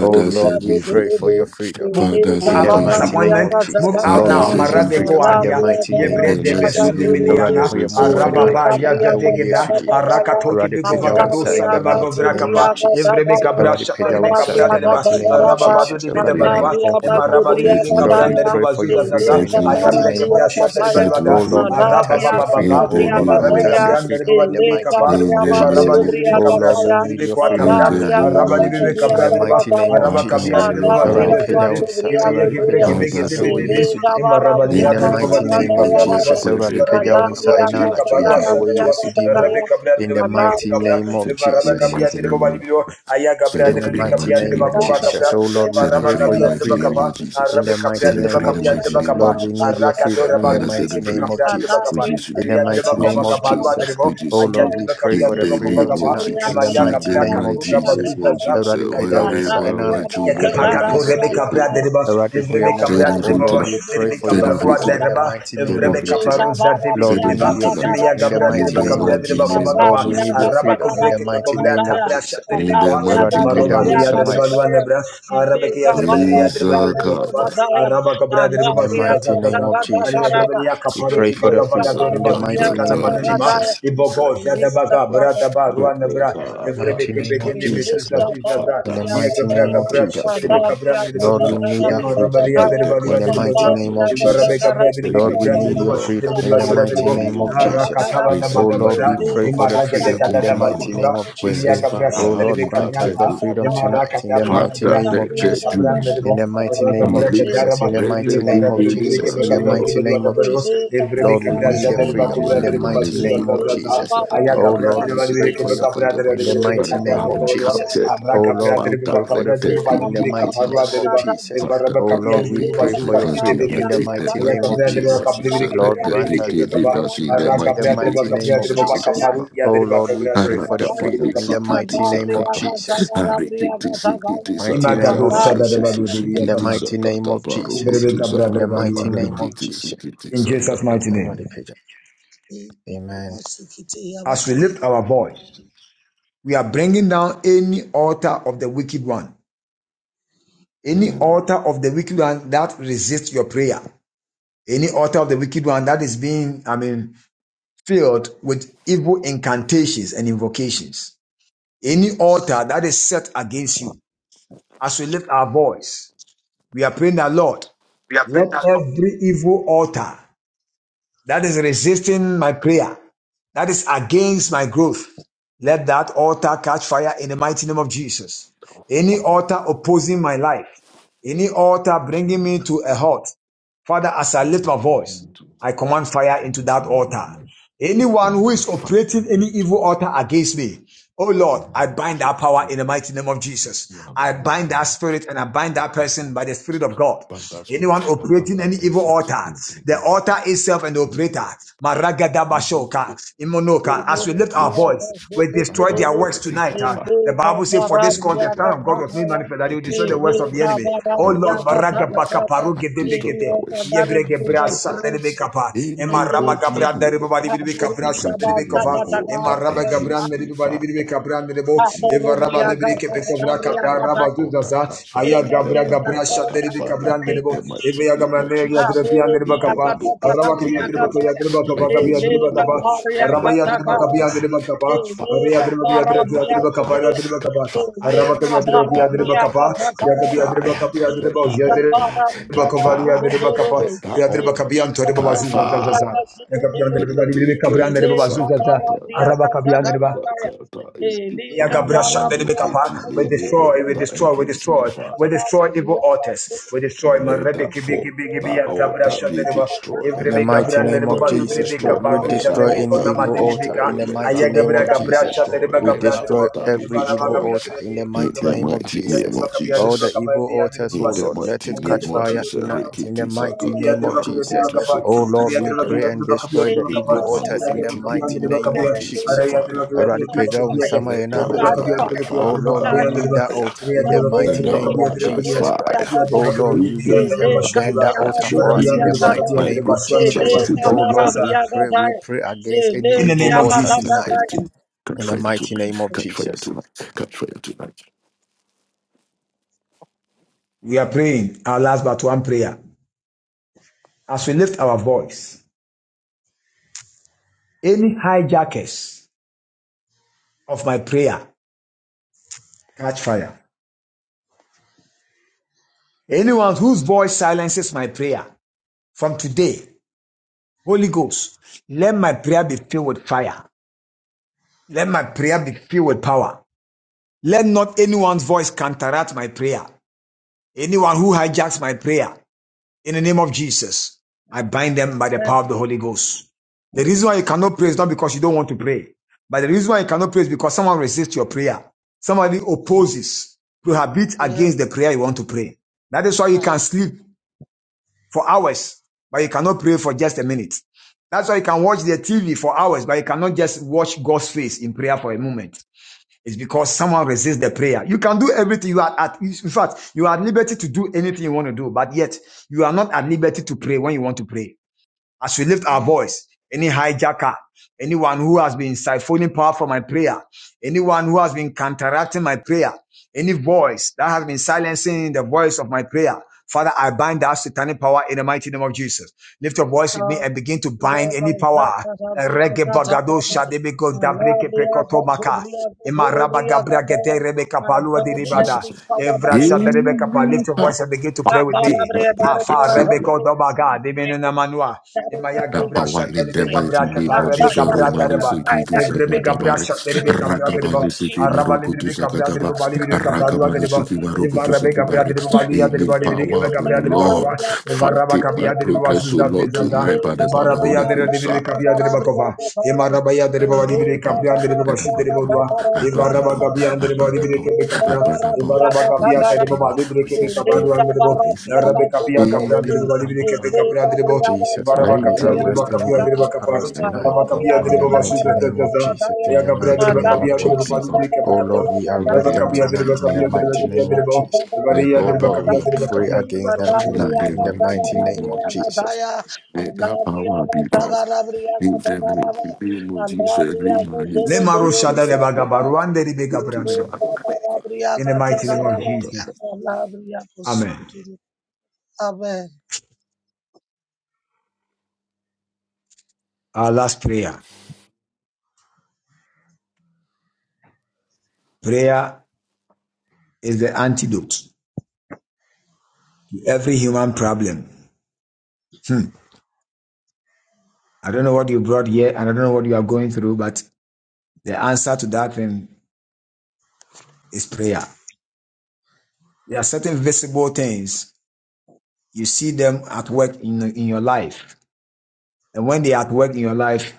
[SPEAKER 7] Oh Lord,
[SPEAKER 2] set
[SPEAKER 7] we
[SPEAKER 2] me free.
[SPEAKER 7] pray for your freedom.
[SPEAKER 6] move
[SPEAKER 2] Father,
[SPEAKER 7] In
[SPEAKER 6] out
[SPEAKER 7] the
[SPEAKER 2] set
[SPEAKER 6] of
[SPEAKER 2] me free.
[SPEAKER 7] mighty name of
[SPEAKER 6] disappointment. Move
[SPEAKER 7] Jesus.
[SPEAKER 6] out
[SPEAKER 7] Lord,
[SPEAKER 2] Father,
[SPEAKER 7] we
[SPEAKER 5] Allah
[SPEAKER 6] now.
[SPEAKER 7] need
[SPEAKER 2] set
[SPEAKER 7] your
[SPEAKER 2] me
[SPEAKER 6] Marabe
[SPEAKER 2] free.
[SPEAKER 7] freedom. In
[SPEAKER 5] Alabria,
[SPEAKER 7] the
[SPEAKER 6] goadia.
[SPEAKER 7] mighty
[SPEAKER 2] In
[SPEAKER 7] name
[SPEAKER 6] Yebre
[SPEAKER 7] of
[SPEAKER 2] the
[SPEAKER 6] debe
[SPEAKER 2] mighty
[SPEAKER 7] Jesus.
[SPEAKER 2] name of
[SPEAKER 7] Awurade
[SPEAKER 6] suniminiana.
[SPEAKER 7] ho yɛ
[SPEAKER 2] Jesus, set
[SPEAKER 7] mmɔbɔ
[SPEAKER 2] me
[SPEAKER 7] ɛna
[SPEAKER 2] free.
[SPEAKER 6] Arababa
[SPEAKER 7] anadwo
[SPEAKER 6] yazadegeda.
[SPEAKER 7] Yesu dim. mu.
[SPEAKER 6] Arakatoki
[SPEAKER 7] peja
[SPEAKER 2] Set me
[SPEAKER 7] pagya
[SPEAKER 6] bigovagado
[SPEAKER 7] in the
[SPEAKER 2] free.
[SPEAKER 6] sabeba
[SPEAKER 7] mighty name of
[SPEAKER 6] govrakapa.
[SPEAKER 7] Jesus.
[SPEAKER 6] Evrebe
[SPEAKER 2] Set
[SPEAKER 6] kabra
[SPEAKER 7] Awurade peja wo
[SPEAKER 6] shaterebe kabra
[SPEAKER 7] in the
[SPEAKER 6] dereba.
[SPEAKER 2] me
[SPEAKER 7] mighty
[SPEAKER 2] free.
[SPEAKER 7] name of Jesus.
[SPEAKER 6] Arababado dibe
[SPEAKER 2] Set
[SPEAKER 7] Awurade
[SPEAKER 6] debadua.
[SPEAKER 7] Nyankopɔn ho yɛ
[SPEAKER 6] Emaraba libribe
[SPEAKER 7] Lord,
[SPEAKER 6] kabra
[SPEAKER 7] we pray
[SPEAKER 6] dereba
[SPEAKER 7] for your
[SPEAKER 6] zuzazaza.
[SPEAKER 7] freedom in the mighty
[SPEAKER 6] Ayabre
[SPEAKER 7] name of
[SPEAKER 6] kabra
[SPEAKER 7] Jesus.
[SPEAKER 6] shatereba
[SPEAKER 2] me
[SPEAKER 7] Oh
[SPEAKER 6] duada.
[SPEAKER 7] Lord,
[SPEAKER 2] free.
[SPEAKER 7] grant us your freedom.
[SPEAKER 2] In
[SPEAKER 6] Arabababa.
[SPEAKER 7] Oh
[SPEAKER 2] the
[SPEAKER 7] Lord,
[SPEAKER 6] Ema
[SPEAKER 2] name
[SPEAKER 7] grant
[SPEAKER 6] Rabe
[SPEAKER 2] of
[SPEAKER 7] us your
[SPEAKER 6] Gabriel,
[SPEAKER 2] Jesus.
[SPEAKER 6] the
[SPEAKER 7] freedom in
[SPEAKER 6] Baba
[SPEAKER 7] the
[SPEAKER 6] Libre
[SPEAKER 7] mighty
[SPEAKER 6] Capa,
[SPEAKER 7] name
[SPEAKER 2] In
[SPEAKER 7] of
[SPEAKER 2] the
[SPEAKER 6] Eva Rabba
[SPEAKER 2] name
[SPEAKER 7] Jesus.
[SPEAKER 2] of
[SPEAKER 6] Libre
[SPEAKER 7] Oh
[SPEAKER 6] Cabra,
[SPEAKER 7] Lord,
[SPEAKER 2] Jesus.
[SPEAKER 7] we need
[SPEAKER 6] Libre
[SPEAKER 7] your freedom
[SPEAKER 2] In
[SPEAKER 6] Quatabra,
[SPEAKER 2] the
[SPEAKER 7] tonight
[SPEAKER 2] name
[SPEAKER 6] Araba
[SPEAKER 2] of
[SPEAKER 6] Libre
[SPEAKER 7] in the
[SPEAKER 6] Cabra,
[SPEAKER 2] Jesus.
[SPEAKER 6] the Baba,
[SPEAKER 7] mighty name of
[SPEAKER 6] Araba
[SPEAKER 2] Father,
[SPEAKER 6] Cabia,
[SPEAKER 7] Jesus.
[SPEAKER 6] the
[SPEAKER 2] wherever
[SPEAKER 6] Baba
[SPEAKER 2] I
[SPEAKER 7] Awurade
[SPEAKER 2] have
[SPEAKER 6] Judas,
[SPEAKER 7] pagya
[SPEAKER 2] got,
[SPEAKER 7] wo nsa,
[SPEAKER 6] Eva
[SPEAKER 7] Awurade
[SPEAKER 6] Gebre,
[SPEAKER 7] pagya wo
[SPEAKER 6] Gebege,
[SPEAKER 7] nsa
[SPEAKER 2] Father,
[SPEAKER 6] the
[SPEAKER 7] ɛwɔ
[SPEAKER 2] save me.
[SPEAKER 6] Bede,
[SPEAKER 7] Yesu din mu.
[SPEAKER 6] Ema
[SPEAKER 2] In
[SPEAKER 7] In
[SPEAKER 6] Rabalia,
[SPEAKER 7] the
[SPEAKER 6] the
[SPEAKER 2] the
[SPEAKER 6] Baba
[SPEAKER 7] mighty
[SPEAKER 6] Libre
[SPEAKER 7] name
[SPEAKER 2] mighty
[SPEAKER 7] of
[SPEAKER 6] Cabra,
[SPEAKER 2] name
[SPEAKER 6] the
[SPEAKER 2] of
[SPEAKER 6] Baba.
[SPEAKER 2] Jesus.
[SPEAKER 7] Jesus, Awurade
[SPEAKER 2] Wherever
[SPEAKER 6] Rabbi
[SPEAKER 7] pagya wo
[SPEAKER 2] we
[SPEAKER 6] Abdul
[SPEAKER 2] have
[SPEAKER 7] nsa
[SPEAKER 6] Wali
[SPEAKER 7] ɛna
[SPEAKER 2] seen,
[SPEAKER 7] anadwo
[SPEAKER 2] to
[SPEAKER 7] yi
[SPEAKER 6] Kabru
[SPEAKER 7] a
[SPEAKER 2] be
[SPEAKER 6] Asha
[SPEAKER 7] ɛwɔ
[SPEAKER 2] captured.
[SPEAKER 6] Menema
[SPEAKER 2] to
[SPEAKER 7] Yesu
[SPEAKER 2] be
[SPEAKER 7] din mu o.
[SPEAKER 6] Rabbi Kabra
[SPEAKER 7] In the
[SPEAKER 6] Drebri
[SPEAKER 7] mighty
[SPEAKER 6] Kabra
[SPEAKER 7] name
[SPEAKER 5] Allah
[SPEAKER 7] of
[SPEAKER 2] captured.
[SPEAKER 6] Evaraba
[SPEAKER 2] In the
[SPEAKER 7] Jesus.
[SPEAKER 6] kabia
[SPEAKER 2] mighty
[SPEAKER 6] driba
[SPEAKER 2] name of Jesus.
[SPEAKER 6] balibio. Aya
[SPEAKER 2] Set
[SPEAKER 6] gabria
[SPEAKER 2] them
[SPEAKER 7] In the
[SPEAKER 2] free
[SPEAKER 6] driba
[SPEAKER 2] in the
[SPEAKER 7] mighty
[SPEAKER 6] kabia
[SPEAKER 2] mighty
[SPEAKER 7] name
[SPEAKER 6] driba
[SPEAKER 7] of
[SPEAKER 2] name of
[SPEAKER 6] kuba
[SPEAKER 5] Gabriel,
[SPEAKER 6] kabra.
[SPEAKER 7] Jesus,
[SPEAKER 2] Jesus.
[SPEAKER 7] oh Lord, we
[SPEAKER 2] Set them
[SPEAKER 6] Evaraba
[SPEAKER 7] pray
[SPEAKER 2] free in
[SPEAKER 7] for
[SPEAKER 2] the
[SPEAKER 6] kabia
[SPEAKER 7] your
[SPEAKER 2] mighty
[SPEAKER 6] driba
[SPEAKER 7] freedom.
[SPEAKER 2] name of
[SPEAKER 6] kapa.
[SPEAKER 2] Jesus.
[SPEAKER 7] In
[SPEAKER 6] Arabe
[SPEAKER 7] the
[SPEAKER 6] kabria
[SPEAKER 2] Set
[SPEAKER 7] mighty
[SPEAKER 2] them
[SPEAKER 6] driba
[SPEAKER 7] name
[SPEAKER 2] free in
[SPEAKER 7] of
[SPEAKER 2] the
[SPEAKER 6] kabia
[SPEAKER 2] mighty
[SPEAKER 6] driba
[SPEAKER 7] Jesus,
[SPEAKER 2] name of
[SPEAKER 7] Lord,
[SPEAKER 6] kapa.
[SPEAKER 7] we need your
[SPEAKER 2] Jesus.
[SPEAKER 6] Araga
[SPEAKER 7] freedom.
[SPEAKER 6] dora
[SPEAKER 7] In the
[SPEAKER 6] balu
[SPEAKER 2] Father, set them
[SPEAKER 7] mighty
[SPEAKER 6] drike be
[SPEAKER 2] free.
[SPEAKER 7] name of
[SPEAKER 6] kabria driba
[SPEAKER 7] Jesus,
[SPEAKER 2] We
[SPEAKER 6] kapa.
[SPEAKER 2] used to
[SPEAKER 7] in the
[SPEAKER 6] Ria
[SPEAKER 2] do,
[SPEAKER 6] driba
[SPEAKER 7] mighty
[SPEAKER 2] we
[SPEAKER 7] name
[SPEAKER 6] kuba
[SPEAKER 2] used to
[SPEAKER 7] of
[SPEAKER 6] kapa lua
[SPEAKER 2] do,
[SPEAKER 7] Jesus,
[SPEAKER 6] driba.
[SPEAKER 2] we
[SPEAKER 7] oh
[SPEAKER 2] used
[SPEAKER 6] Aya
[SPEAKER 2] to
[SPEAKER 7] Lord,
[SPEAKER 2] do.
[SPEAKER 7] we
[SPEAKER 6] driba
[SPEAKER 7] pray
[SPEAKER 6] kabia
[SPEAKER 7] for
[SPEAKER 2] In
[SPEAKER 7] the
[SPEAKER 6] driba
[SPEAKER 2] the
[SPEAKER 6] kuba
[SPEAKER 7] freedom
[SPEAKER 2] name
[SPEAKER 6] kapa.
[SPEAKER 2] of
[SPEAKER 7] tonight. In the
[SPEAKER 2] Jesus,
[SPEAKER 6] Emaya
[SPEAKER 2] in
[SPEAKER 7] mighty
[SPEAKER 6] kabria
[SPEAKER 2] the
[SPEAKER 7] name of
[SPEAKER 6] katura
[SPEAKER 2] mighty name
[SPEAKER 7] Jesus,
[SPEAKER 6] bazuza
[SPEAKER 2] of
[SPEAKER 6] zaku
[SPEAKER 7] Eradi
[SPEAKER 2] Jesus,
[SPEAKER 7] peja wensa
[SPEAKER 2] wherever my
[SPEAKER 7] enanajia,
[SPEAKER 6] Yeke
[SPEAKER 2] children have
[SPEAKER 7] ewe
[SPEAKER 2] been
[SPEAKER 6] pakato
[SPEAKER 7] Yesu
[SPEAKER 6] rebe
[SPEAKER 2] captured,
[SPEAKER 7] dimo.
[SPEAKER 2] oh
[SPEAKER 6] kabra
[SPEAKER 2] Lord,
[SPEAKER 6] dereba,
[SPEAKER 7] Eradi
[SPEAKER 6] evrebe
[SPEAKER 7] huya
[SPEAKER 2] set
[SPEAKER 6] kabra
[SPEAKER 2] them
[SPEAKER 7] oh
[SPEAKER 2] free
[SPEAKER 6] dereba,
[SPEAKER 7] Lord,
[SPEAKER 2] tonight,
[SPEAKER 7] we pray
[SPEAKER 6] shuserebe
[SPEAKER 7] for
[SPEAKER 2] set
[SPEAKER 7] your
[SPEAKER 2] them free
[SPEAKER 6] kabarua
[SPEAKER 7] freedom.
[SPEAKER 2] tonight,
[SPEAKER 7] In the
[SPEAKER 6] dereba,
[SPEAKER 7] mighty
[SPEAKER 2] set
[SPEAKER 7] name
[SPEAKER 2] them
[SPEAKER 7] of
[SPEAKER 6] evrebe
[SPEAKER 2] free
[SPEAKER 7] Jesus.
[SPEAKER 2] tonight,
[SPEAKER 6] kaparuza debi
[SPEAKER 7] Lord,
[SPEAKER 2] set
[SPEAKER 7] we
[SPEAKER 2] them
[SPEAKER 6] kedeba,
[SPEAKER 7] need
[SPEAKER 2] free
[SPEAKER 7] your
[SPEAKER 2] tonight.
[SPEAKER 6] emeya
[SPEAKER 7] freedom in the
[SPEAKER 6] gabra
[SPEAKER 2] In
[SPEAKER 6] dereba
[SPEAKER 7] mighty
[SPEAKER 2] the
[SPEAKER 7] name
[SPEAKER 6] kabra
[SPEAKER 7] of
[SPEAKER 2] mighty
[SPEAKER 6] dereba
[SPEAKER 7] Jesus.
[SPEAKER 2] name of
[SPEAKER 7] Lord,
[SPEAKER 6] kovagaba,
[SPEAKER 7] we need
[SPEAKER 2] Jesus,
[SPEAKER 7] your
[SPEAKER 6] araba
[SPEAKER 7] freedom in the
[SPEAKER 6] kovreke
[SPEAKER 7] mighty
[SPEAKER 6] begovlea
[SPEAKER 7] name of
[SPEAKER 6] tabra
[SPEAKER 7] Jesus.
[SPEAKER 6] sha
[SPEAKER 2] in
[SPEAKER 6] derebe
[SPEAKER 5] Thank
[SPEAKER 2] the
[SPEAKER 6] koha,
[SPEAKER 7] Everybody
[SPEAKER 2] mighty
[SPEAKER 7] pay that
[SPEAKER 6] emaroba
[SPEAKER 2] name
[SPEAKER 7] one
[SPEAKER 2] of
[SPEAKER 6] luya dereba
[SPEAKER 7] Samaya.
[SPEAKER 6] luwa
[SPEAKER 2] Jesus,
[SPEAKER 6] nebra, arabe ke ya dereba liya dereba luwa dereba kaba,
[SPEAKER 2] Isakaba.
[SPEAKER 6] araba kabra dereba
[SPEAKER 7] In the
[SPEAKER 6] ba shusa
[SPEAKER 7] mighty
[SPEAKER 6] sa sa
[SPEAKER 7] name
[SPEAKER 6] sa,
[SPEAKER 7] of
[SPEAKER 6] aliya
[SPEAKER 7] Jesus, Lord.
[SPEAKER 6] dereba liya
[SPEAKER 7] We
[SPEAKER 6] kaparu
[SPEAKER 7] pray
[SPEAKER 6] ki
[SPEAKER 7] for the
[SPEAKER 6] baka vaga
[SPEAKER 2] Set
[SPEAKER 7] freedom. In
[SPEAKER 6] dereba
[SPEAKER 7] the
[SPEAKER 2] that
[SPEAKER 6] du dibi
[SPEAKER 7] mighty name of
[SPEAKER 6] kana nima
[SPEAKER 7] Jesus.
[SPEAKER 6] ibogo jada baga brada ba ruanda bra evrebe
[SPEAKER 7] mighty name of
[SPEAKER 6] kebegende
[SPEAKER 7] Jesus,
[SPEAKER 6] mesuza
[SPEAKER 7] Lord.
[SPEAKER 6] zizaza
[SPEAKER 7] In the
[SPEAKER 6] niye
[SPEAKER 7] mighty
[SPEAKER 6] kebra
[SPEAKER 7] name of
[SPEAKER 6] kabra
[SPEAKER 7] Jesus,
[SPEAKER 6] şakrebe
[SPEAKER 7] Lord.
[SPEAKER 2] free.
[SPEAKER 6] kabra mede
[SPEAKER 2] Set
[SPEAKER 7] Lord,
[SPEAKER 6] badua
[SPEAKER 7] we
[SPEAKER 2] that
[SPEAKER 7] need our
[SPEAKER 6] emma
[SPEAKER 2] free.
[SPEAKER 7] freedom.
[SPEAKER 6] rabaliya
[SPEAKER 2] Hate
[SPEAKER 6] dede
[SPEAKER 2] that
[SPEAKER 6] badua
[SPEAKER 7] In the
[SPEAKER 6] dede
[SPEAKER 2] mighty
[SPEAKER 7] mighty
[SPEAKER 6] badua
[SPEAKER 2] name,
[SPEAKER 7] name
[SPEAKER 2] Lord
[SPEAKER 7] of
[SPEAKER 6] Ivarrabe
[SPEAKER 2] Jesus.
[SPEAKER 7] Jesus.
[SPEAKER 6] kabra dede bi
[SPEAKER 2] Set me
[SPEAKER 7] Lord, we
[SPEAKER 6] kabra
[SPEAKER 2] free, oh
[SPEAKER 6] mede
[SPEAKER 7] need
[SPEAKER 6] baba
[SPEAKER 7] your
[SPEAKER 6] şu
[SPEAKER 2] Lord.
[SPEAKER 6] dede
[SPEAKER 7] freedom. In
[SPEAKER 6] badua
[SPEAKER 7] the
[SPEAKER 6] dede badua
[SPEAKER 2] Set me
[SPEAKER 7] mighty
[SPEAKER 2] free,
[SPEAKER 7] name
[SPEAKER 2] oh
[SPEAKER 7] of
[SPEAKER 2] Lord.
[SPEAKER 7] Jesus.
[SPEAKER 2] Hey,
[SPEAKER 6] bada
[SPEAKER 7] Oh
[SPEAKER 2] set
[SPEAKER 6] bada
[SPEAKER 2] me
[SPEAKER 7] Lord,
[SPEAKER 6] bada
[SPEAKER 2] free,
[SPEAKER 7] we
[SPEAKER 2] oh
[SPEAKER 7] pray
[SPEAKER 2] Lord.
[SPEAKER 7] for the
[SPEAKER 6] imarra gede
[SPEAKER 7] freedom
[SPEAKER 2] Set
[SPEAKER 6] gada
[SPEAKER 7] in
[SPEAKER 2] me
[SPEAKER 7] the
[SPEAKER 6] da
[SPEAKER 2] free, oh
[SPEAKER 6] badu
[SPEAKER 7] mighty
[SPEAKER 6] diba
[SPEAKER 7] name
[SPEAKER 2] Lord.
[SPEAKER 7] of
[SPEAKER 5] you.
[SPEAKER 6] imiya
[SPEAKER 7] Jesus.
[SPEAKER 6] kabra
[SPEAKER 2] Wherever I
[SPEAKER 6] şak
[SPEAKER 7] Oh
[SPEAKER 2] have
[SPEAKER 6] dede bi
[SPEAKER 7] Lord,
[SPEAKER 2] been
[SPEAKER 7] grant
[SPEAKER 6] kabra
[SPEAKER 7] us
[SPEAKER 2] captured,
[SPEAKER 6] ta
[SPEAKER 7] the
[SPEAKER 2] oh Lord.
[SPEAKER 7] freedom
[SPEAKER 6] imarra
[SPEAKER 7] tonight in
[SPEAKER 6] kata
[SPEAKER 7] the
[SPEAKER 6] bra
[SPEAKER 2] Father,
[SPEAKER 7] mighty
[SPEAKER 6] kabra
[SPEAKER 7] name of
[SPEAKER 2] let
[SPEAKER 6] dede
[SPEAKER 2] there
[SPEAKER 7] Jesus.
[SPEAKER 6] kabra
[SPEAKER 2] be,
[SPEAKER 6] mede bo
[SPEAKER 7] In the mighty
[SPEAKER 6] ara
[SPEAKER 7] name
[SPEAKER 6] kabra
[SPEAKER 7] of
[SPEAKER 6] gada
[SPEAKER 7] Jesus.
[SPEAKER 6] rama
[SPEAKER 7] In the
[SPEAKER 6] şu
[SPEAKER 2] let
[SPEAKER 6] dede bi
[SPEAKER 7] mighty
[SPEAKER 2] there
[SPEAKER 6] kabra
[SPEAKER 2] be
[SPEAKER 7] name of
[SPEAKER 6] dede
[SPEAKER 7] Jesus. In
[SPEAKER 2] deliverance,
[SPEAKER 7] the
[SPEAKER 2] oh Lord.
[SPEAKER 7] mighty name of Jesus.
[SPEAKER 6] Evremi
[SPEAKER 7] Lord,
[SPEAKER 2] In
[SPEAKER 7] we
[SPEAKER 2] the
[SPEAKER 6] kapra
[SPEAKER 7] need
[SPEAKER 2] mighty
[SPEAKER 7] a
[SPEAKER 6] jadere
[SPEAKER 2] name
[SPEAKER 6] ba
[SPEAKER 2] of
[SPEAKER 7] freedom in
[SPEAKER 6] kubra
[SPEAKER 2] Jesus,
[SPEAKER 7] the
[SPEAKER 6] dere ba
[SPEAKER 7] mighty
[SPEAKER 6] basu
[SPEAKER 2] Rimanese
[SPEAKER 6] za
[SPEAKER 7] name
[SPEAKER 6] za
[SPEAKER 7] of
[SPEAKER 6] za za.
[SPEAKER 2] Gibarokusu
[SPEAKER 7] Jesus.
[SPEAKER 6] Aya
[SPEAKER 2] Sakata
[SPEAKER 7] Oh
[SPEAKER 6] kapra
[SPEAKER 7] Lord,
[SPEAKER 6] dere
[SPEAKER 2] Barakiti
[SPEAKER 7] we
[SPEAKER 6] ba dere
[SPEAKER 7] pray
[SPEAKER 2] Sikiti
[SPEAKER 7] for
[SPEAKER 6] kebe
[SPEAKER 7] your
[SPEAKER 6] kapra
[SPEAKER 2] Sakata
[SPEAKER 7] freedom
[SPEAKER 6] dere
[SPEAKER 2] Ba.
[SPEAKER 6] ba
[SPEAKER 7] in the
[SPEAKER 6] dere kebe
[SPEAKER 7] mighty
[SPEAKER 6] kapra
[SPEAKER 2] Whatever
[SPEAKER 7] name
[SPEAKER 2] have
[SPEAKER 6] dere
[SPEAKER 7] of
[SPEAKER 6] ba
[SPEAKER 2] been
[SPEAKER 6] ba.
[SPEAKER 7] Jesus.
[SPEAKER 2] captured,
[SPEAKER 6] Amra
[SPEAKER 7] Oh
[SPEAKER 6] kapra
[SPEAKER 7] Lord,
[SPEAKER 6] dere
[SPEAKER 7] we
[SPEAKER 6] ba
[SPEAKER 2] Father,
[SPEAKER 7] pray for
[SPEAKER 2] let
[SPEAKER 6] kapra
[SPEAKER 7] the
[SPEAKER 6] dere
[SPEAKER 2] there
[SPEAKER 6] ba
[SPEAKER 7] freedom
[SPEAKER 2] be
[SPEAKER 6] bali
[SPEAKER 7] in the
[SPEAKER 6] bile
[SPEAKER 7] mighty
[SPEAKER 6] kafaru
[SPEAKER 7] name
[SPEAKER 6] adere
[SPEAKER 2] deliverance.
[SPEAKER 7] of
[SPEAKER 6] ba. Dere
[SPEAKER 7] Jesus.
[SPEAKER 6] ba
[SPEAKER 2] Father,
[SPEAKER 6] raba
[SPEAKER 7] Oh
[SPEAKER 2] let
[SPEAKER 6] kapia
[SPEAKER 7] Lord,
[SPEAKER 2] there
[SPEAKER 6] dere
[SPEAKER 7] we
[SPEAKER 2] be
[SPEAKER 6] ba
[SPEAKER 7] pray
[SPEAKER 6] basu
[SPEAKER 7] for
[SPEAKER 6] za
[SPEAKER 7] your
[SPEAKER 2] deliverance
[SPEAKER 6] si de
[SPEAKER 2] to
[SPEAKER 6] Bazuza, de
[SPEAKER 7] freedom in
[SPEAKER 6] kete.
[SPEAKER 7] the
[SPEAKER 2] mighty, the
[SPEAKER 7] mighty
[SPEAKER 6] Aya
[SPEAKER 7] name
[SPEAKER 2] mighty
[SPEAKER 6] kapra
[SPEAKER 7] of
[SPEAKER 6] dere
[SPEAKER 2] name
[SPEAKER 6] ba
[SPEAKER 2] of
[SPEAKER 7] Jesus.
[SPEAKER 6] kapli bile
[SPEAKER 2] Jesus.
[SPEAKER 6] kebe
[SPEAKER 2] Let
[SPEAKER 7] Lord,
[SPEAKER 2] there
[SPEAKER 6] kapli bile
[SPEAKER 7] grant
[SPEAKER 2] be
[SPEAKER 7] us
[SPEAKER 6] kebe
[SPEAKER 7] the
[SPEAKER 6] kaba.
[SPEAKER 7] freedom
[SPEAKER 2] deliverance in the
[SPEAKER 6] Arra
[SPEAKER 7] tonight in the
[SPEAKER 6] kapra
[SPEAKER 2] mighty
[SPEAKER 6] dere
[SPEAKER 2] name
[SPEAKER 6] ba
[SPEAKER 7] mighty
[SPEAKER 2] of
[SPEAKER 6] kapra
[SPEAKER 7] name of
[SPEAKER 6] dere
[SPEAKER 2] Jesus.
[SPEAKER 6] ba ba
[SPEAKER 7] Jesus.
[SPEAKER 6] kafaru
[SPEAKER 2] Sikima.
[SPEAKER 6] ya
[SPEAKER 7] Oh
[SPEAKER 6] dere ba
[SPEAKER 7] Lord, we
[SPEAKER 6] kapra dere
[SPEAKER 7] pray
[SPEAKER 6] ba
[SPEAKER 7] for the
[SPEAKER 6] basu
[SPEAKER 2] Harakapa
[SPEAKER 6] dere
[SPEAKER 5] Thank
[SPEAKER 6] ba
[SPEAKER 5] you.
[SPEAKER 2] ni
[SPEAKER 7] freedom in
[SPEAKER 6] kaba.
[SPEAKER 7] the
[SPEAKER 2] Sikiti
[SPEAKER 7] mighty name of
[SPEAKER 2] Sakaba.
[SPEAKER 5] Alabriaga
[SPEAKER 7] Jesus.
[SPEAKER 2] Harikiti
[SPEAKER 5] zagarabriaga
[SPEAKER 2] Sikiti
[SPEAKER 5] zagaya.
[SPEAKER 7] Mighty name
[SPEAKER 2] Sakata
[SPEAKER 6] Imagado
[SPEAKER 7] of
[SPEAKER 6] shadere ba
[SPEAKER 7] Jesus.
[SPEAKER 2] Barukutu
[SPEAKER 6] lu
[SPEAKER 5] Alabriaga
[SPEAKER 6] bili ya
[SPEAKER 7] In the
[SPEAKER 2] Sikiti
[SPEAKER 6] kaba.
[SPEAKER 7] mighty name
[SPEAKER 2] Sakata
[SPEAKER 7] of Jesus.
[SPEAKER 6] Evremi
[SPEAKER 2] Barukutu
[SPEAKER 6] kapra
[SPEAKER 7] In
[SPEAKER 6] dere
[SPEAKER 7] the
[SPEAKER 6] ba
[SPEAKER 2] Sakata
[SPEAKER 6] lu
[SPEAKER 7] mighty
[SPEAKER 6] adere
[SPEAKER 7] name
[SPEAKER 6] ba.
[SPEAKER 7] of
[SPEAKER 2] Barikiti
[SPEAKER 7] Jesus.
[SPEAKER 2] Sikiti
[SPEAKER 6] In Jesus'
[SPEAKER 2] Sakata
[SPEAKER 6] mighty
[SPEAKER 2] Ba.
[SPEAKER 6] name,
[SPEAKER 7] Everybody, pigeon. Amen.
[SPEAKER 6] lift our voice We are bringing down any altar of the wicked one, any
[SPEAKER 2] Hmm.
[SPEAKER 6] altar, in invocations and invocations, any altar that is set against you. As we lift our voice, we are praying that Lord,
[SPEAKER 2] We are praying
[SPEAKER 6] let
[SPEAKER 2] that Lord,
[SPEAKER 6] every evil altar that is resisting my prayer, that is against my growth, let that altar catch fire in the mighty name of Jesus. Any altar opposing my life, any altar bringing me to a halt, Father, as I lift my voice, I command fire into that altar. Anyone who is operating any evil altar against me, oh Lord, I bind that power in the mighty name of Jesus. I bind that
[SPEAKER 5] zagarabriaga
[SPEAKER 6] spirit and I bind that person by the spirit of God. Anyone operating any evil altar, the author itself and the operator. Maragadabashoka, Imonoka. As we lift our voice, we destroy their
[SPEAKER 5] zukuturubu.
[SPEAKER 6] works tonight. huh?
[SPEAKER 5] Ebe
[SPEAKER 6] The Bible says, For this
[SPEAKER 2] I
[SPEAKER 6] cause the
[SPEAKER 2] destroy
[SPEAKER 5] zagarabriaga
[SPEAKER 6] Son
[SPEAKER 2] their
[SPEAKER 6] of God was
[SPEAKER 2] ways.
[SPEAKER 6] made
[SPEAKER 5] zagaya.
[SPEAKER 6] manifest that he
[SPEAKER 2] I
[SPEAKER 6] would destroy the
[SPEAKER 2] destroy
[SPEAKER 5] Ebe
[SPEAKER 2] their
[SPEAKER 6] works of the
[SPEAKER 2] ways.
[SPEAKER 6] enemy. Oh
[SPEAKER 2] I
[SPEAKER 6] Lord,
[SPEAKER 5] zagarabriaga
[SPEAKER 2] destroy their ways.
[SPEAKER 6] Maragabaka
[SPEAKER 5] zagaraba.
[SPEAKER 2] I
[SPEAKER 5] Any
[SPEAKER 2] destroy their
[SPEAKER 6] Parugedebegete.
[SPEAKER 5] water
[SPEAKER 2] ways.
[SPEAKER 5] that is
[SPEAKER 2] I
[SPEAKER 6] Yebrege
[SPEAKER 5] being
[SPEAKER 2] destroy
[SPEAKER 6] brasa
[SPEAKER 2] their
[SPEAKER 6] derebe
[SPEAKER 2] ways.
[SPEAKER 5] operated
[SPEAKER 6] kapa. Ema raba
[SPEAKER 5] against me.
[SPEAKER 2] Anybody,
[SPEAKER 6] gabran
[SPEAKER 2] oh
[SPEAKER 6] derebe bari
[SPEAKER 2] Lord,
[SPEAKER 6] birebe
[SPEAKER 2] who
[SPEAKER 6] kabrasa
[SPEAKER 5] Alabriaga
[SPEAKER 2] breaking
[SPEAKER 6] derebe
[SPEAKER 2] any
[SPEAKER 6] kafa. Ema
[SPEAKER 2] order
[SPEAKER 6] raba gabran
[SPEAKER 2] against me,
[SPEAKER 6] derebe bari
[SPEAKER 5] zagarabriaga
[SPEAKER 2] Father.
[SPEAKER 6] birebe kabran derebo.
[SPEAKER 2] Let
[SPEAKER 6] Eva
[SPEAKER 2] that altar catch fire. Let that
[SPEAKER 5] zagaya.
[SPEAKER 2] altar catch fire.
[SPEAKER 5] Came
[SPEAKER 2] Let
[SPEAKER 5] against
[SPEAKER 2] that
[SPEAKER 5] that
[SPEAKER 2] altar
[SPEAKER 5] altar
[SPEAKER 2] catch
[SPEAKER 5] in the
[SPEAKER 2] fire. In
[SPEAKER 5] name of
[SPEAKER 2] the
[SPEAKER 5] Jesus.
[SPEAKER 6] Ebe
[SPEAKER 2] mighty
[SPEAKER 6] ya
[SPEAKER 2] name
[SPEAKER 6] gamra
[SPEAKER 2] of
[SPEAKER 6] ne ya
[SPEAKER 2] Jesus.
[SPEAKER 6] tira tiya ne ba
[SPEAKER 5] Ele
[SPEAKER 6] kapa.
[SPEAKER 2] Anyone operating
[SPEAKER 6] Araba ke ya
[SPEAKER 2] any
[SPEAKER 6] tira ba
[SPEAKER 2] altar
[SPEAKER 6] ya tira ba kapa ka ya
[SPEAKER 2] against
[SPEAKER 6] tira
[SPEAKER 2] me,
[SPEAKER 6] ba
[SPEAKER 2] oh
[SPEAKER 6] kapa.
[SPEAKER 2] Lord,
[SPEAKER 6] Araba
[SPEAKER 2] let
[SPEAKER 6] ya
[SPEAKER 2] that
[SPEAKER 6] tira ba kapa ya
[SPEAKER 2] altar
[SPEAKER 6] tira ba kapa.
[SPEAKER 2] catch fire.
[SPEAKER 6] Are ya tira ba ya tira
[SPEAKER 2] Let
[SPEAKER 6] ya
[SPEAKER 2] that
[SPEAKER 6] tira ba kapa
[SPEAKER 2] altar
[SPEAKER 6] ya tira ba
[SPEAKER 2] catch
[SPEAKER 6] kapa.
[SPEAKER 2] fire.
[SPEAKER 6] Araba ke ya tira ba
[SPEAKER 2] Let
[SPEAKER 6] ya
[SPEAKER 2] that
[SPEAKER 6] tira ba
[SPEAKER 2] altar
[SPEAKER 6] kapa. Ya
[SPEAKER 2] catch
[SPEAKER 6] ka ya tira ba
[SPEAKER 2] fire.
[SPEAKER 6] kapa ya tira
[SPEAKER 2] Let
[SPEAKER 6] ba
[SPEAKER 2] that
[SPEAKER 6] ya tira
[SPEAKER 2] altar catch
[SPEAKER 6] Bakavaria
[SPEAKER 2] fire.
[SPEAKER 6] de Bakapa,
[SPEAKER 2] Let that
[SPEAKER 6] Yadre
[SPEAKER 2] altar
[SPEAKER 6] Bakabian Torre
[SPEAKER 2] Kai
[SPEAKER 6] Babasu
[SPEAKER 2] Fi.
[SPEAKER 6] Zaza, Yakabian de
[SPEAKER 2] Kiti
[SPEAKER 6] Bakabi, Cabran de
[SPEAKER 2] kiti
[SPEAKER 6] Babasu
[SPEAKER 2] saka
[SPEAKER 6] Zaza,
[SPEAKER 2] taka
[SPEAKER 6] Araba
[SPEAKER 2] taka
[SPEAKER 6] Cabian
[SPEAKER 2] taka taka. Iti
[SPEAKER 5] Eli
[SPEAKER 2] wano
[SPEAKER 5] kabara
[SPEAKER 2] lodo pretty
[SPEAKER 6] we
[SPEAKER 2] lady
[SPEAKER 6] destroy, we
[SPEAKER 5] bria
[SPEAKER 2] altar
[SPEAKER 6] destroy, we
[SPEAKER 2] against me,
[SPEAKER 6] destroy,
[SPEAKER 2] Father.
[SPEAKER 6] we destroy evil altars.
[SPEAKER 5] that
[SPEAKER 6] We destroy
[SPEAKER 2] Let
[SPEAKER 6] Marebe
[SPEAKER 2] that
[SPEAKER 6] Kibi
[SPEAKER 2] fall.
[SPEAKER 6] Kibi Kibi
[SPEAKER 2] That altar
[SPEAKER 6] Yatabrasha
[SPEAKER 2] be
[SPEAKER 6] Deriba,
[SPEAKER 2] destroyed.
[SPEAKER 7] In the
[SPEAKER 6] Evrebe
[SPEAKER 2] Let that
[SPEAKER 7] mighty
[SPEAKER 6] Gabran
[SPEAKER 7] name
[SPEAKER 6] Deriba
[SPEAKER 2] altar
[SPEAKER 7] of
[SPEAKER 2] be
[SPEAKER 6] Badu
[SPEAKER 7] Jesus,
[SPEAKER 6] Rebeka
[SPEAKER 7] Lord,
[SPEAKER 2] destroyed.
[SPEAKER 7] we
[SPEAKER 2] Let
[SPEAKER 6] Barusha
[SPEAKER 2] that
[SPEAKER 7] destroy any
[SPEAKER 6] Nemiko
[SPEAKER 2] altar be
[SPEAKER 6] Nama
[SPEAKER 7] evil altar.
[SPEAKER 6] Didibika,
[SPEAKER 7] In
[SPEAKER 2] destroyed.
[SPEAKER 7] the
[SPEAKER 2] Let
[SPEAKER 7] mighty
[SPEAKER 2] that
[SPEAKER 7] name
[SPEAKER 2] altar
[SPEAKER 6] Ayagabra
[SPEAKER 7] of
[SPEAKER 2] be
[SPEAKER 7] Jesus,
[SPEAKER 6] Gabrasha Deriba
[SPEAKER 2] destroyed.
[SPEAKER 7] we
[SPEAKER 2] Let
[SPEAKER 6] Gabran
[SPEAKER 2] that
[SPEAKER 6] Deriba,
[SPEAKER 7] destroy
[SPEAKER 2] altar be
[SPEAKER 7] every
[SPEAKER 6] Evaraba
[SPEAKER 7] evil
[SPEAKER 2] destroyed.
[SPEAKER 6] Gabia
[SPEAKER 7] altar. In the
[SPEAKER 6] Deriba
[SPEAKER 2] In
[SPEAKER 6] Deriba
[SPEAKER 7] mighty
[SPEAKER 2] the
[SPEAKER 7] name of
[SPEAKER 2] mighty
[SPEAKER 6] Gabia
[SPEAKER 2] name
[SPEAKER 7] Jesus,
[SPEAKER 6] Deriba
[SPEAKER 2] of
[SPEAKER 6] Gabia
[SPEAKER 7] all
[SPEAKER 6] Deriba
[SPEAKER 7] the
[SPEAKER 2] Jesus.
[SPEAKER 7] evil
[SPEAKER 6] Gabia Deriba
[SPEAKER 7] altars, oh
[SPEAKER 2] In
[SPEAKER 6] Basu,
[SPEAKER 2] the
[SPEAKER 7] Lord, let
[SPEAKER 2] mighty
[SPEAKER 7] it catch
[SPEAKER 2] name of
[SPEAKER 6] Ayadriba
[SPEAKER 7] fire
[SPEAKER 6] Gabia
[SPEAKER 2] Jesus,
[SPEAKER 6] Deriba
[SPEAKER 7] tonight. In
[SPEAKER 6] Gabia.
[SPEAKER 7] the
[SPEAKER 2] Rikiti
[SPEAKER 7] mighty
[SPEAKER 2] Sakata
[SPEAKER 7] name
[SPEAKER 6] Yatriba
[SPEAKER 7] of Jesus,
[SPEAKER 2] Barukutu
[SPEAKER 5] is
[SPEAKER 6] Yatribakapa,
[SPEAKER 7] oh
[SPEAKER 5] catch
[SPEAKER 2] Sakiti
[SPEAKER 7] Lord, we
[SPEAKER 6] Yatriba
[SPEAKER 7] pray
[SPEAKER 5] fire.
[SPEAKER 2] Sakata
[SPEAKER 7] and destroy the
[SPEAKER 5] Any
[SPEAKER 6] Yatribakapa,
[SPEAKER 7] evil
[SPEAKER 5] altar
[SPEAKER 2] Anyone
[SPEAKER 7] altars.
[SPEAKER 5] that
[SPEAKER 7] In
[SPEAKER 5] is
[SPEAKER 7] the
[SPEAKER 6] Yatriba
[SPEAKER 2] operating
[SPEAKER 5] going to
[SPEAKER 6] and
[SPEAKER 2] any
[SPEAKER 7] mighty
[SPEAKER 6] the
[SPEAKER 5] break
[SPEAKER 2] altar
[SPEAKER 7] name
[SPEAKER 5] them
[SPEAKER 6] Bakapia,
[SPEAKER 7] of
[SPEAKER 2] against me,
[SPEAKER 5] against
[SPEAKER 7] Jesus.
[SPEAKER 5] me,
[SPEAKER 6] Arayatriba
[SPEAKER 2] Father,
[SPEAKER 6] Yatriba
[SPEAKER 7] Awurade,
[SPEAKER 5] catch
[SPEAKER 7] pagya wo
[SPEAKER 5] fire.
[SPEAKER 6] Theatre,
[SPEAKER 7] nsa ma
[SPEAKER 2] let
[SPEAKER 7] yɛn
[SPEAKER 2] that
[SPEAKER 6] Yatriba
[SPEAKER 7] anadwo yi
[SPEAKER 5] God's
[SPEAKER 2] altar
[SPEAKER 6] Yatriba
[SPEAKER 7] ara.
[SPEAKER 2] catch
[SPEAKER 5] fire.
[SPEAKER 2] fire.
[SPEAKER 7] Oh Lord,
[SPEAKER 6] Yatriba
[SPEAKER 7] we
[SPEAKER 5] God's
[SPEAKER 6] and
[SPEAKER 7] need
[SPEAKER 6] the
[SPEAKER 7] that
[SPEAKER 5] fire.
[SPEAKER 7] altar in the
[SPEAKER 6] Yatriba
[SPEAKER 2] Let
[SPEAKER 7] mighty
[SPEAKER 5] Babuzo
[SPEAKER 2] that
[SPEAKER 6] Yatriba
[SPEAKER 7] name
[SPEAKER 5] bria
[SPEAKER 7] of
[SPEAKER 2] altar catch
[SPEAKER 5] buzuru
[SPEAKER 6] Yatriba
[SPEAKER 7] Jesus
[SPEAKER 2] fire.
[SPEAKER 5] bria
[SPEAKER 7] Christ. Oh
[SPEAKER 5] gataya.
[SPEAKER 7] Lord,
[SPEAKER 2] That
[SPEAKER 7] release
[SPEAKER 5] Ele
[SPEAKER 7] and bend that
[SPEAKER 5] gabria
[SPEAKER 2] is
[SPEAKER 7] altar
[SPEAKER 2] your
[SPEAKER 7] for
[SPEAKER 5] bazuru
[SPEAKER 7] us
[SPEAKER 2] pain.
[SPEAKER 7] in
[SPEAKER 5] bria
[SPEAKER 2] You
[SPEAKER 7] the
[SPEAKER 2] see,
[SPEAKER 7] mighty
[SPEAKER 5] gataya.
[SPEAKER 2] my
[SPEAKER 7] name
[SPEAKER 2] bro,
[SPEAKER 7] of
[SPEAKER 5] Ele
[SPEAKER 7] Jesus.
[SPEAKER 2] charges to see.
[SPEAKER 7] Oh
[SPEAKER 5] gabara
[SPEAKER 7] Lord, we
[SPEAKER 5] bria
[SPEAKER 6] Yatriba.
[SPEAKER 7] pray, we
[SPEAKER 5] gataya.
[SPEAKER 7] pray against
[SPEAKER 5] Ele
[SPEAKER 2] Catch
[SPEAKER 7] any
[SPEAKER 6] In
[SPEAKER 2] fire
[SPEAKER 6] the
[SPEAKER 7] evil
[SPEAKER 6] name
[SPEAKER 5] bria
[SPEAKER 6] of
[SPEAKER 2] tonight.
[SPEAKER 7] altar
[SPEAKER 2] Catch
[SPEAKER 6] Jesus,
[SPEAKER 7] tonight
[SPEAKER 2] fire
[SPEAKER 5] bagataya.
[SPEAKER 2] tonight. Catch
[SPEAKER 7] in
[SPEAKER 5] In
[SPEAKER 7] the
[SPEAKER 2] fire
[SPEAKER 7] mighty name
[SPEAKER 2] tonight.
[SPEAKER 7] of
[SPEAKER 2] Catch fire
[SPEAKER 5] Jesus'
[SPEAKER 7] Jesus.
[SPEAKER 2] tonight. Catch fire tonight.
[SPEAKER 6] we are praying our last but one prayer. As we lift our voice, any hijackers of my prayer catch fire. Anyone whose voice silences my prayer, From today, Holy Ghost, let my prayer be filled with fire. Let my prayer be filled with power. Let not anyone's voice counteract my prayer. Anyone who hijacks my prayer, in the name of Jesus, I bind them by the power of the Holy Ghost. The reason why you cannot pray is not because you don't want to pray, but the reason why you cannot pray is because someone resists your prayer. Somebody opposes, prohibits
[SPEAKER 5] name.
[SPEAKER 6] against the prayer you want to pray. That is why you can sleep for hours, but you cannot pray for just a minute. That's why you can watch the TV for hours, but you cannot just watch God's face in prayer for a moment. It's because someone resists the prayer. You can do everything you are at. In fact, you are at liberty to do anything you want to do, but yet you are not at liberty to pray when you want to pray as we lift our voice, any hijacker, anyone who has been siphoning power from my prayer, anyone who has been counteracting my prayer, any voice that has been silencing the voice of my prayer, Father, I bind that satanic power in the mighty name of Jesus. Lift your voice
[SPEAKER 5] I
[SPEAKER 6] with me
[SPEAKER 5] burn
[SPEAKER 6] and begin to bind any power. Rege bagado shadebeko dabreke prekoto maka. Ima gabra gete rebeka palua
[SPEAKER 2] Oh,
[SPEAKER 6] diribada.
[SPEAKER 5] every
[SPEAKER 2] Jesus.
[SPEAKER 5] power
[SPEAKER 6] Evra
[SPEAKER 5] that is
[SPEAKER 6] shaderebe
[SPEAKER 5] resisting
[SPEAKER 6] kapa.
[SPEAKER 5] my
[SPEAKER 2] Any
[SPEAKER 6] Lift your
[SPEAKER 5] prayer.
[SPEAKER 6] voice
[SPEAKER 2] power.
[SPEAKER 6] and begin to pray
[SPEAKER 5] That
[SPEAKER 6] with
[SPEAKER 2] Fighting
[SPEAKER 6] me.
[SPEAKER 5] barabria, that
[SPEAKER 6] Ha
[SPEAKER 5] is
[SPEAKER 6] fa
[SPEAKER 5] what
[SPEAKER 2] that
[SPEAKER 5] helps
[SPEAKER 6] rebeko
[SPEAKER 5] me
[SPEAKER 6] dobaga diminu
[SPEAKER 5] pray. That is
[SPEAKER 6] Emaya
[SPEAKER 5] what
[SPEAKER 2] That
[SPEAKER 5] makes
[SPEAKER 6] Gabra
[SPEAKER 5] me
[SPEAKER 2] power
[SPEAKER 6] shut the
[SPEAKER 2] in the
[SPEAKER 5] pray.
[SPEAKER 6] Rebecca
[SPEAKER 2] mighty
[SPEAKER 6] Braca,
[SPEAKER 2] name of
[SPEAKER 5] That
[SPEAKER 2] Jesus,
[SPEAKER 6] Rebecca
[SPEAKER 5] barabria,
[SPEAKER 2] Romani
[SPEAKER 5] I
[SPEAKER 6] Bradareba,
[SPEAKER 2] Siki
[SPEAKER 5] bind
[SPEAKER 2] to
[SPEAKER 5] thy
[SPEAKER 6] every Rebecca
[SPEAKER 5] spirit.
[SPEAKER 2] Sakataba,
[SPEAKER 6] Brasha, the
[SPEAKER 5] In
[SPEAKER 6] Rebecca
[SPEAKER 5] the name
[SPEAKER 6] Bradareba,
[SPEAKER 2] Rakabani
[SPEAKER 5] of Jesus.
[SPEAKER 2] Siki
[SPEAKER 6] Araba
[SPEAKER 2] Maruku to
[SPEAKER 6] Rebecca
[SPEAKER 5] Thank
[SPEAKER 2] Sakataba,
[SPEAKER 6] Bradareba, Balivica Barua
[SPEAKER 2] Rakabani
[SPEAKER 6] Dereba,
[SPEAKER 2] Siki Maruku
[SPEAKER 6] Eva
[SPEAKER 2] to Siki
[SPEAKER 6] Rebecca Bradareba, Balia
[SPEAKER 2] any
[SPEAKER 6] Dereba,
[SPEAKER 2] power, O
[SPEAKER 6] Rebecca Bradareba,
[SPEAKER 2] Lord,
[SPEAKER 6] Eva
[SPEAKER 2] fight it
[SPEAKER 6] Rabaka
[SPEAKER 2] my
[SPEAKER 6] Bia Dereba,
[SPEAKER 2] progress, O
[SPEAKER 6] Suda
[SPEAKER 2] Lord,
[SPEAKER 6] Fizaza,
[SPEAKER 2] tonight by the
[SPEAKER 6] Eva
[SPEAKER 2] power of the Holy
[SPEAKER 6] Rabaya Dereba,
[SPEAKER 2] Ghost. ah.
[SPEAKER 6] Bia Derebakova, Ema Rabaya
[SPEAKER 2] Let
[SPEAKER 6] Dereba,
[SPEAKER 2] that power be
[SPEAKER 6] Rebecca
[SPEAKER 2] bound. Let
[SPEAKER 6] Bradareba,
[SPEAKER 2] that power be
[SPEAKER 6] Shidereba,
[SPEAKER 2] bound. I
[SPEAKER 6] Eva
[SPEAKER 2] bind that power.
[SPEAKER 6] Rabaka Bia
[SPEAKER 2] I
[SPEAKER 6] Dereba,
[SPEAKER 2] bind that power.
[SPEAKER 6] Rebecca
[SPEAKER 2] I
[SPEAKER 6] Bra,
[SPEAKER 2] bind that
[SPEAKER 6] Eva
[SPEAKER 2] power.
[SPEAKER 6] Rabaka
[SPEAKER 2] We
[SPEAKER 6] Bia
[SPEAKER 2] yes,
[SPEAKER 6] Dereba,
[SPEAKER 2] demon. We
[SPEAKER 6] Rebecca
[SPEAKER 2] yes, demon.
[SPEAKER 6] Barua Dereba,
[SPEAKER 2] We yes, demon.
[SPEAKER 6] Rebecca Bia Cabra
[SPEAKER 2] Any
[SPEAKER 6] Dereba,
[SPEAKER 2] power
[SPEAKER 6] Rebecca Bra Dereba,
[SPEAKER 7] Jesus, Lord, we
[SPEAKER 6] Ibarabakapia
[SPEAKER 2] fighting me.
[SPEAKER 7] arrest any
[SPEAKER 6] Dribakapia
[SPEAKER 7] evil
[SPEAKER 6] Dribakapa,
[SPEAKER 7] powers
[SPEAKER 2] Let
[SPEAKER 7] tonight
[SPEAKER 2] that power
[SPEAKER 6] Arabakapia
[SPEAKER 7] in the
[SPEAKER 2] come.
[SPEAKER 6] Dribabashi,
[SPEAKER 2] up.
[SPEAKER 7] mighty name of
[SPEAKER 6] Zazaza,
[SPEAKER 7] Jesus. In
[SPEAKER 5] you.
[SPEAKER 7] the
[SPEAKER 6] Ayagabra
[SPEAKER 2] Let
[SPEAKER 7] mighty
[SPEAKER 5] Amen.
[SPEAKER 2] that
[SPEAKER 7] name of
[SPEAKER 6] Dribakapia
[SPEAKER 2] power
[SPEAKER 7] Jesus.
[SPEAKER 2] people
[SPEAKER 6] Dribabalu
[SPEAKER 7] Oh Lord,
[SPEAKER 6] Kapakapa,
[SPEAKER 7] we
[SPEAKER 2] in
[SPEAKER 7] arrest
[SPEAKER 2] the
[SPEAKER 7] them
[SPEAKER 6] Arabakapia
[SPEAKER 2] mighty
[SPEAKER 7] tonight in the
[SPEAKER 6] Dribakapia
[SPEAKER 2] name of
[SPEAKER 7] mighty
[SPEAKER 6] Dribakapia
[SPEAKER 2] Jesus.
[SPEAKER 7] name of
[SPEAKER 6] Dribo,
[SPEAKER 7] Jesus.
[SPEAKER 2] Let
[SPEAKER 6] Varia
[SPEAKER 7] Oh
[SPEAKER 2] that
[SPEAKER 7] Lord,
[SPEAKER 6] Dribakapia
[SPEAKER 2] power
[SPEAKER 7] we
[SPEAKER 2] people
[SPEAKER 7] pray
[SPEAKER 6] Dribakapia
[SPEAKER 7] against them
[SPEAKER 6] Dribakapa
[SPEAKER 2] in
[SPEAKER 7] tonight
[SPEAKER 2] the
[SPEAKER 6] Dribo.
[SPEAKER 7] in the
[SPEAKER 2] mighty
[SPEAKER 7] mighty
[SPEAKER 2] name
[SPEAKER 7] name
[SPEAKER 2] of
[SPEAKER 7] of
[SPEAKER 2] Jesus.
[SPEAKER 7] Jesus.
[SPEAKER 2] Let that power people in the mighty name of Jesus. Remind you,
[SPEAKER 6] Lemaro Shada
[SPEAKER 2] peace of God.
[SPEAKER 6] Rebagabaruande Ribekapra
[SPEAKER 2] Peace
[SPEAKER 6] Dribo. In the mighty name of Jesus. Amen. Our last prayer. Prayer is the antidote to every human problem. Hmm. I don't know what you brought here and I don't know what you are going through, but the answer to that thing is prayer. There are certain visible things. You see them at work in, in your life. And when they are at work in your life,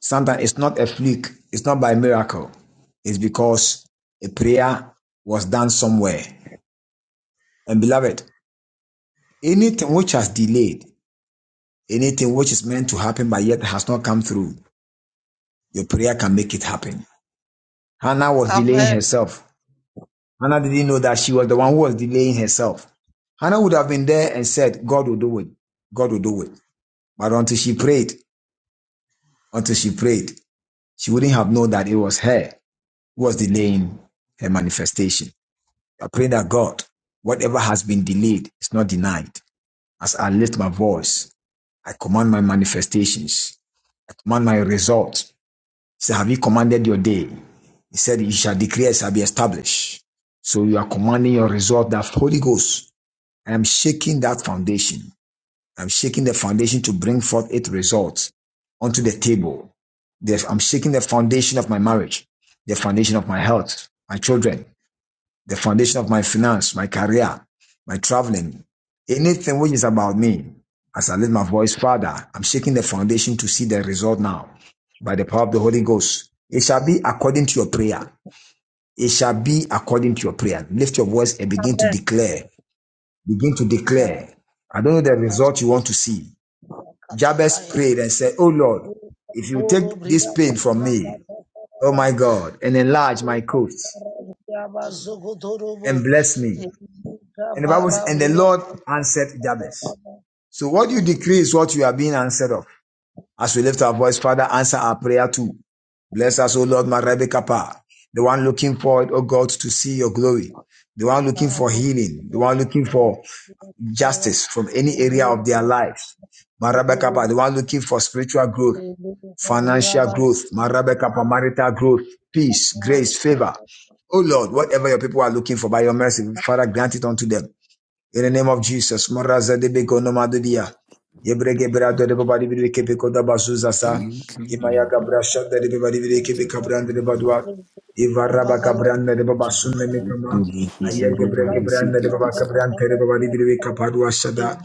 [SPEAKER 6] sometimes it's not a fluke, it's not by miracle. It's because a prayer was done somewhere. And beloved, anything which has delayed, anything which is meant to happen but yet has not come through, your prayer can make it happen. Hannah was delaying
[SPEAKER 5] Amen.
[SPEAKER 6] herself. Hannah didn't know that she was the one who was delaying herself. Hannah would have been there and said, God will do it. God will do it. But until she prayed, until she prayed. She wouldn't have known that it was her who was delaying her manifestation. I pray that God, whatever has been delayed is not denied. As I lift my voice, I command my manifestations. I command my results. He said, Have you commanded your day? He said, You shall declare, it shall be established. So you are commanding your result that Holy Ghost. I am shaking that foundation. I'm shaking the foundation to bring forth its results onto the table. Yes, I'm shaking the foundation of my marriage, the foundation of my health, my children, the foundation of my finance, my career, my traveling, anything which is about me. As I lift my voice, Father, I'm shaking the foundation to see the result now by the power of the Holy Ghost. It shall be according to your prayer. It shall be according to your prayer. Lift your voice and begin to declare. Begin to
[SPEAKER 5] Kaya
[SPEAKER 6] declare. I don't know the
[SPEAKER 5] mas
[SPEAKER 6] result you want to see. Jabez
[SPEAKER 5] katakaya.
[SPEAKER 6] prayed and said, Oh Lord, if you
[SPEAKER 5] Boro
[SPEAKER 6] take this
[SPEAKER 5] bria
[SPEAKER 6] pain from
[SPEAKER 5] kata
[SPEAKER 6] me,
[SPEAKER 5] kata
[SPEAKER 6] oh my
[SPEAKER 5] kata.
[SPEAKER 6] God, and enlarge my coast
[SPEAKER 5] Yabazokotorobo,
[SPEAKER 6] and bless me. And the
[SPEAKER 5] Yekabarabriya,
[SPEAKER 6] Lord answered Jabez.
[SPEAKER 5] Kakababa,
[SPEAKER 6] So what you decree
[SPEAKER 5] Eliboro,
[SPEAKER 6] is what you are being answered of. As we lift our voice, Father, answer our prayer too. Bless us, O Lord, my Rebbe Kappa, the one looking forward, O God, to see your glory, the one looking for
[SPEAKER 5] Kabo,
[SPEAKER 6] healing, the one looking
[SPEAKER 5] Yakakaba,
[SPEAKER 6] for
[SPEAKER 5] Yakakaya,
[SPEAKER 6] justice from any area of
[SPEAKER 5] Elisa,
[SPEAKER 6] their lives. My Rebbe Kappa,
[SPEAKER 5] Kotorobo,
[SPEAKER 6] the one looking for spiritual growth,
[SPEAKER 5] Elisa,
[SPEAKER 6] financial
[SPEAKER 5] Briaba,
[SPEAKER 6] growth, Marabeka marital growth, peace,
[SPEAKER 5] Yakakaba,
[SPEAKER 6] grace, favor. Oh Lord, whatever your people are looking for by your mercy, Father, grant it unto them. In the name of Jesus, Moraza de Beko Nomadudia, Yebrege Brado de Babadi Bibeke Beko da Bazuza sa,
[SPEAKER 2] Thank you,
[SPEAKER 6] Imayaga
[SPEAKER 2] Lord.
[SPEAKER 6] Brasha de Babadi Bibeke Beka
[SPEAKER 5] Yakakaba,
[SPEAKER 6] Branda de Badua,
[SPEAKER 5] Thank
[SPEAKER 6] Ivaraba Cabranda de Babasunda Mekama, Ayaga Brege Branda de Babaka Branta de Babadi Bibeka Padua Sada,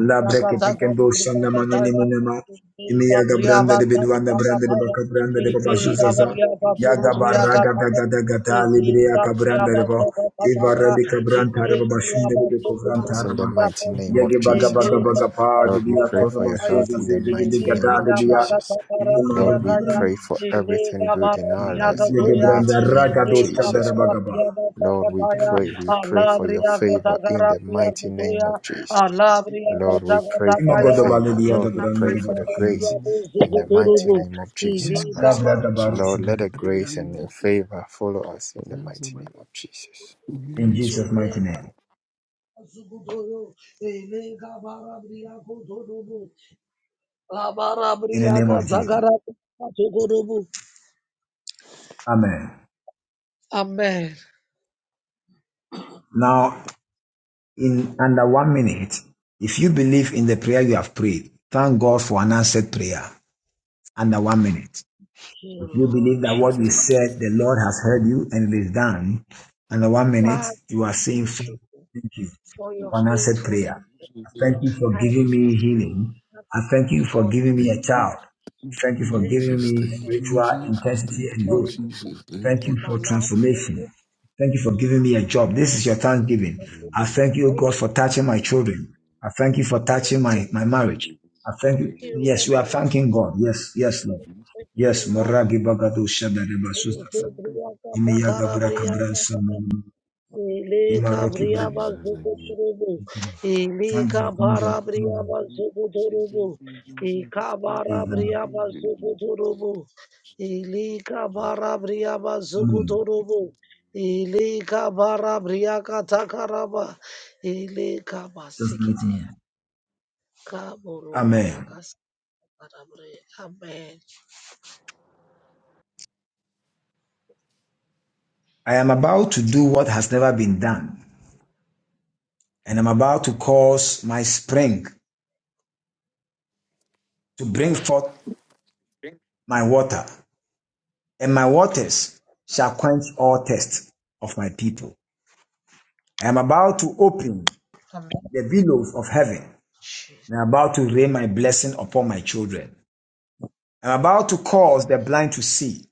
[SPEAKER 6] Allah Breke Pekendo Sanda Manini Minema, Imiyaga Branda de Bidwanda Branda de Baka Branda de Babazuza, Yaga Baraga Gata Gata
[SPEAKER 2] Thank you,
[SPEAKER 6] Libria
[SPEAKER 2] Jesus. Thank you,
[SPEAKER 6] Cabranda
[SPEAKER 2] Jesus.
[SPEAKER 6] Ivarabika
[SPEAKER 2] Thank
[SPEAKER 6] branta raba bashinde rebe kovranta
[SPEAKER 7] Yes, in the
[SPEAKER 6] raba.
[SPEAKER 7] mighty name
[SPEAKER 6] Yege
[SPEAKER 7] of
[SPEAKER 6] baga
[SPEAKER 7] Jesus
[SPEAKER 6] baga
[SPEAKER 7] Christ.
[SPEAKER 6] baga pa
[SPEAKER 7] Lord, we
[SPEAKER 6] diya
[SPEAKER 7] pray for
[SPEAKER 6] toraba
[SPEAKER 7] your health
[SPEAKER 6] zuza
[SPEAKER 7] in the
[SPEAKER 6] zizi didi
[SPEAKER 7] mighty name
[SPEAKER 6] gada
[SPEAKER 7] of
[SPEAKER 6] diya
[SPEAKER 7] Jesus.
[SPEAKER 6] ima
[SPEAKER 7] Lord,
[SPEAKER 6] raba
[SPEAKER 7] we
[SPEAKER 5] you.
[SPEAKER 6] branda.
[SPEAKER 7] pray
[SPEAKER 5] Amen. Amen.
[SPEAKER 7] for everything good in our lives
[SPEAKER 5] Thank
[SPEAKER 7] in
[SPEAKER 5] You,
[SPEAKER 7] the
[SPEAKER 6] Yege branda
[SPEAKER 7] mighty name
[SPEAKER 6] raga
[SPEAKER 7] of
[SPEAKER 6] dosta
[SPEAKER 7] Jesus
[SPEAKER 6] dara baga
[SPEAKER 7] Christ.
[SPEAKER 6] ba.
[SPEAKER 7] Lord, we pray, we pray for your favor in the mighty name of Jesus. Lord, we pray
[SPEAKER 6] Ima
[SPEAKER 7] for the
[SPEAKER 6] godo balu
[SPEAKER 7] favor.
[SPEAKER 6] diya da
[SPEAKER 7] Lord, we
[SPEAKER 6] branda
[SPEAKER 7] pray
[SPEAKER 6] raba
[SPEAKER 7] for the
[SPEAKER 6] bashinde.
[SPEAKER 7] grace in the mighty name of Jesus
[SPEAKER 6] La
[SPEAKER 7] Christ.
[SPEAKER 6] braga baru
[SPEAKER 7] Lord,
[SPEAKER 6] shinde.
[SPEAKER 7] let the grace and your favor follow us in the mighty name of Jesus.
[SPEAKER 6] In Jesus' mighty name. In the name of Jesus. Amen. In it, if you believe in the prayer you have prayed, thank God for an answered prayer under one minute. You
[SPEAKER 5] Lord
[SPEAKER 6] believe that
[SPEAKER 5] Jesus.
[SPEAKER 6] what you said, the Lord has heard you and it is done. And In one minute, you are saying,
[SPEAKER 5] Thank
[SPEAKER 6] Father,
[SPEAKER 5] you
[SPEAKER 6] Thank you
[SPEAKER 5] for your
[SPEAKER 6] for an answered
[SPEAKER 5] faithfulness.
[SPEAKER 6] prayer. I thank you for
[SPEAKER 5] and
[SPEAKER 6] giving me
[SPEAKER 5] absolutely
[SPEAKER 6] healing. I thank you for
[SPEAKER 5] because
[SPEAKER 6] giving me a
[SPEAKER 2] you,
[SPEAKER 6] child. Thank you
[SPEAKER 2] Jesus.
[SPEAKER 6] for
[SPEAKER 5] thank
[SPEAKER 6] giving
[SPEAKER 5] you
[SPEAKER 2] Thank
[SPEAKER 6] me
[SPEAKER 5] Lord,
[SPEAKER 2] you,
[SPEAKER 6] spiritual
[SPEAKER 2] Jesus.
[SPEAKER 6] intensity
[SPEAKER 2] Thank
[SPEAKER 6] and
[SPEAKER 5] for
[SPEAKER 6] growth.
[SPEAKER 5] your
[SPEAKER 6] Thank you
[SPEAKER 2] you,
[SPEAKER 5] in my
[SPEAKER 6] for
[SPEAKER 2] Jesus.
[SPEAKER 5] life. I
[SPEAKER 6] transformation.
[SPEAKER 5] just
[SPEAKER 6] Thank you for giving me a job. This
[SPEAKER 5] want
[SPEAKER 6] is your thanksgiving.
[SPEAKER 5] I
[SPEAKER 2] You,
[SPEAKER 5] just
[SPEAKER 6] I
[SPEAKER 2] Jesus,
[SPEAKER 6] thank you,
[SPEAKER 5] thank
[SPEAKER 6] God,
[SPEAKER 5] you,
[SPEAKER 6] for touching my children. I thank you for
[SPEAKER 5] thank
[SPEAKER 6] touching
[SPEAKER 5] you,
[SPEAKER 6] my, my
[SPEAKER 5] thank
[SPEAKER 6] marriage. I thank you.
[SPEAKER 5] you,
[SPEAKER 6] Yes, we are
[SPEAKER 5] Lord.
[SPEAKER 6] thanking God. Yes, yes, Lord.
[SPEAKER 5] Thank you,
[SPEAKER 6] Yes,
[SPEAKER 5] Lord.
[SPEAKER 6] Maragi Bagadu Shadareba
[SPEAKER 5] Thank
[SPEAKER 6] Sustasa.
[SPEAKER 5] you, Bria Kata
[SPEAKER 6] Imiyaga
[SPEAKER 5] Kara
[SPEAKER 6] Braka
[SPEAKER 5] Bria Kata.
[SPEAKER 6] Branson.
[SPEAKER 5] Ile
[SPEAKER 6] Imaroki
[SPEAKER 5] Kabria
[SPEAKER 6] Braka.
[SPEAKER 2] thank
[SPEAKER 5] Bazuko
[SPEAKER 2] you.
[SPEAKER 5] Turubu. Ile
[SPEAKER 6] Thank you, thank God,
[SPEAKER 5] Kabara
[SPEAKER 6] thank
[SPEAKER 5] Bria
[SPEAKER 6] God.
[SPEAKER 5] Bazuko
[SPEAKER 2] Jesus, thank you. Jesus, thank you.
[SPEAKER 6] Yeah, thank God.
[SPEAKER 5] Ilika barabria
[SPEAKER 2] Jesus,
[SPEAKER 6] Amen.
[SPEAKER 5] bazukuturubu. Ilika barabria katakaraba. Ilika
[SPEAKER 6] Just mighty
[SPEAKER 5] basikite.
[SPEAKER 6] name.
[SPEAKER 5] Kabururia
[SPEAKER 6] Amen.
[SPEAKER 5] kasarabre. Amen. Thank
[SPEAKER 6] I am about to do what has never been done, and I'm about to cause my spring to bring forth
[SPEAKER 2] thank
[SPEAKER 6] my water, and my waters shall quench all thirst of my people. I am about to open the windows of heaven, and I'm about to rain my blessing upon my children. I'm about to cause the blind to see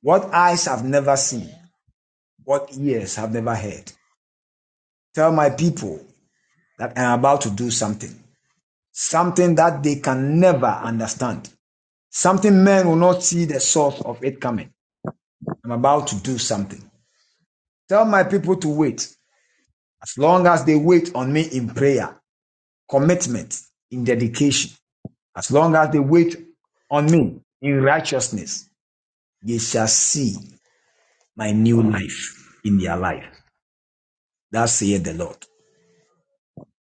[SPEAKER 6] what eyes have never seen, what ears have never heard. Tell my people that I'm about to do something, something that they can never understand, something men will not see the source of it coming. I'm about to do something. Tell my people to wait as long as they wait on me in prayer, commitment, in dedication, as long as they wait on me in righteousness, they shall see my new life in their life. Thus saith the Lord.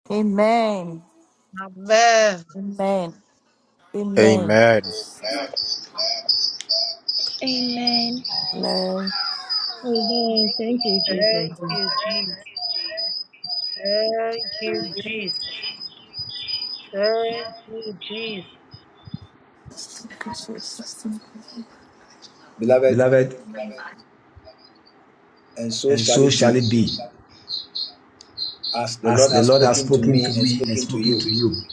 [SPEAKER 8] Amen. Amen. Amen.
[SPEAKER 7] Amen.
[SPEAKER 9] Amen.
[SPEAKER 4] Amen. Thank you, Jesus.
[SPEAKER 5] you, Jesus. Thank you, Jesus. Thank you, Jesus.
[SPEAKER 1] beloved,
[SPEAKER 6] Beloved,
[SPEAKER 1] and so
[SPEAKER 6] and
[SPEAKER 1] shall
[SPEAKER 6] so
[SPEAKER 1] it
[SPEAKER 6] shall
[SPEAKER 1] be.
[SPEAKER 6] it be,
[SPEAKER 1] as the
[SPEAKER 6] as
[SPEAKER 1] Lord
[SPEAKER 6] the
[SPEAKER 1] has
[SPEAKER 6] Lord has
[SPEAKER 1] spoken to
[SPEAKER 6] spoken
[SPEAKER 1] me
[SPEAKER 6] to
[SPEAKER 1] and
[SPEAKER 6] me and
[SPEAKER 1] speaking to
[SPEAKER 6] spoken
[SPEAKER 1] you.
[SPEAKER 6] to you.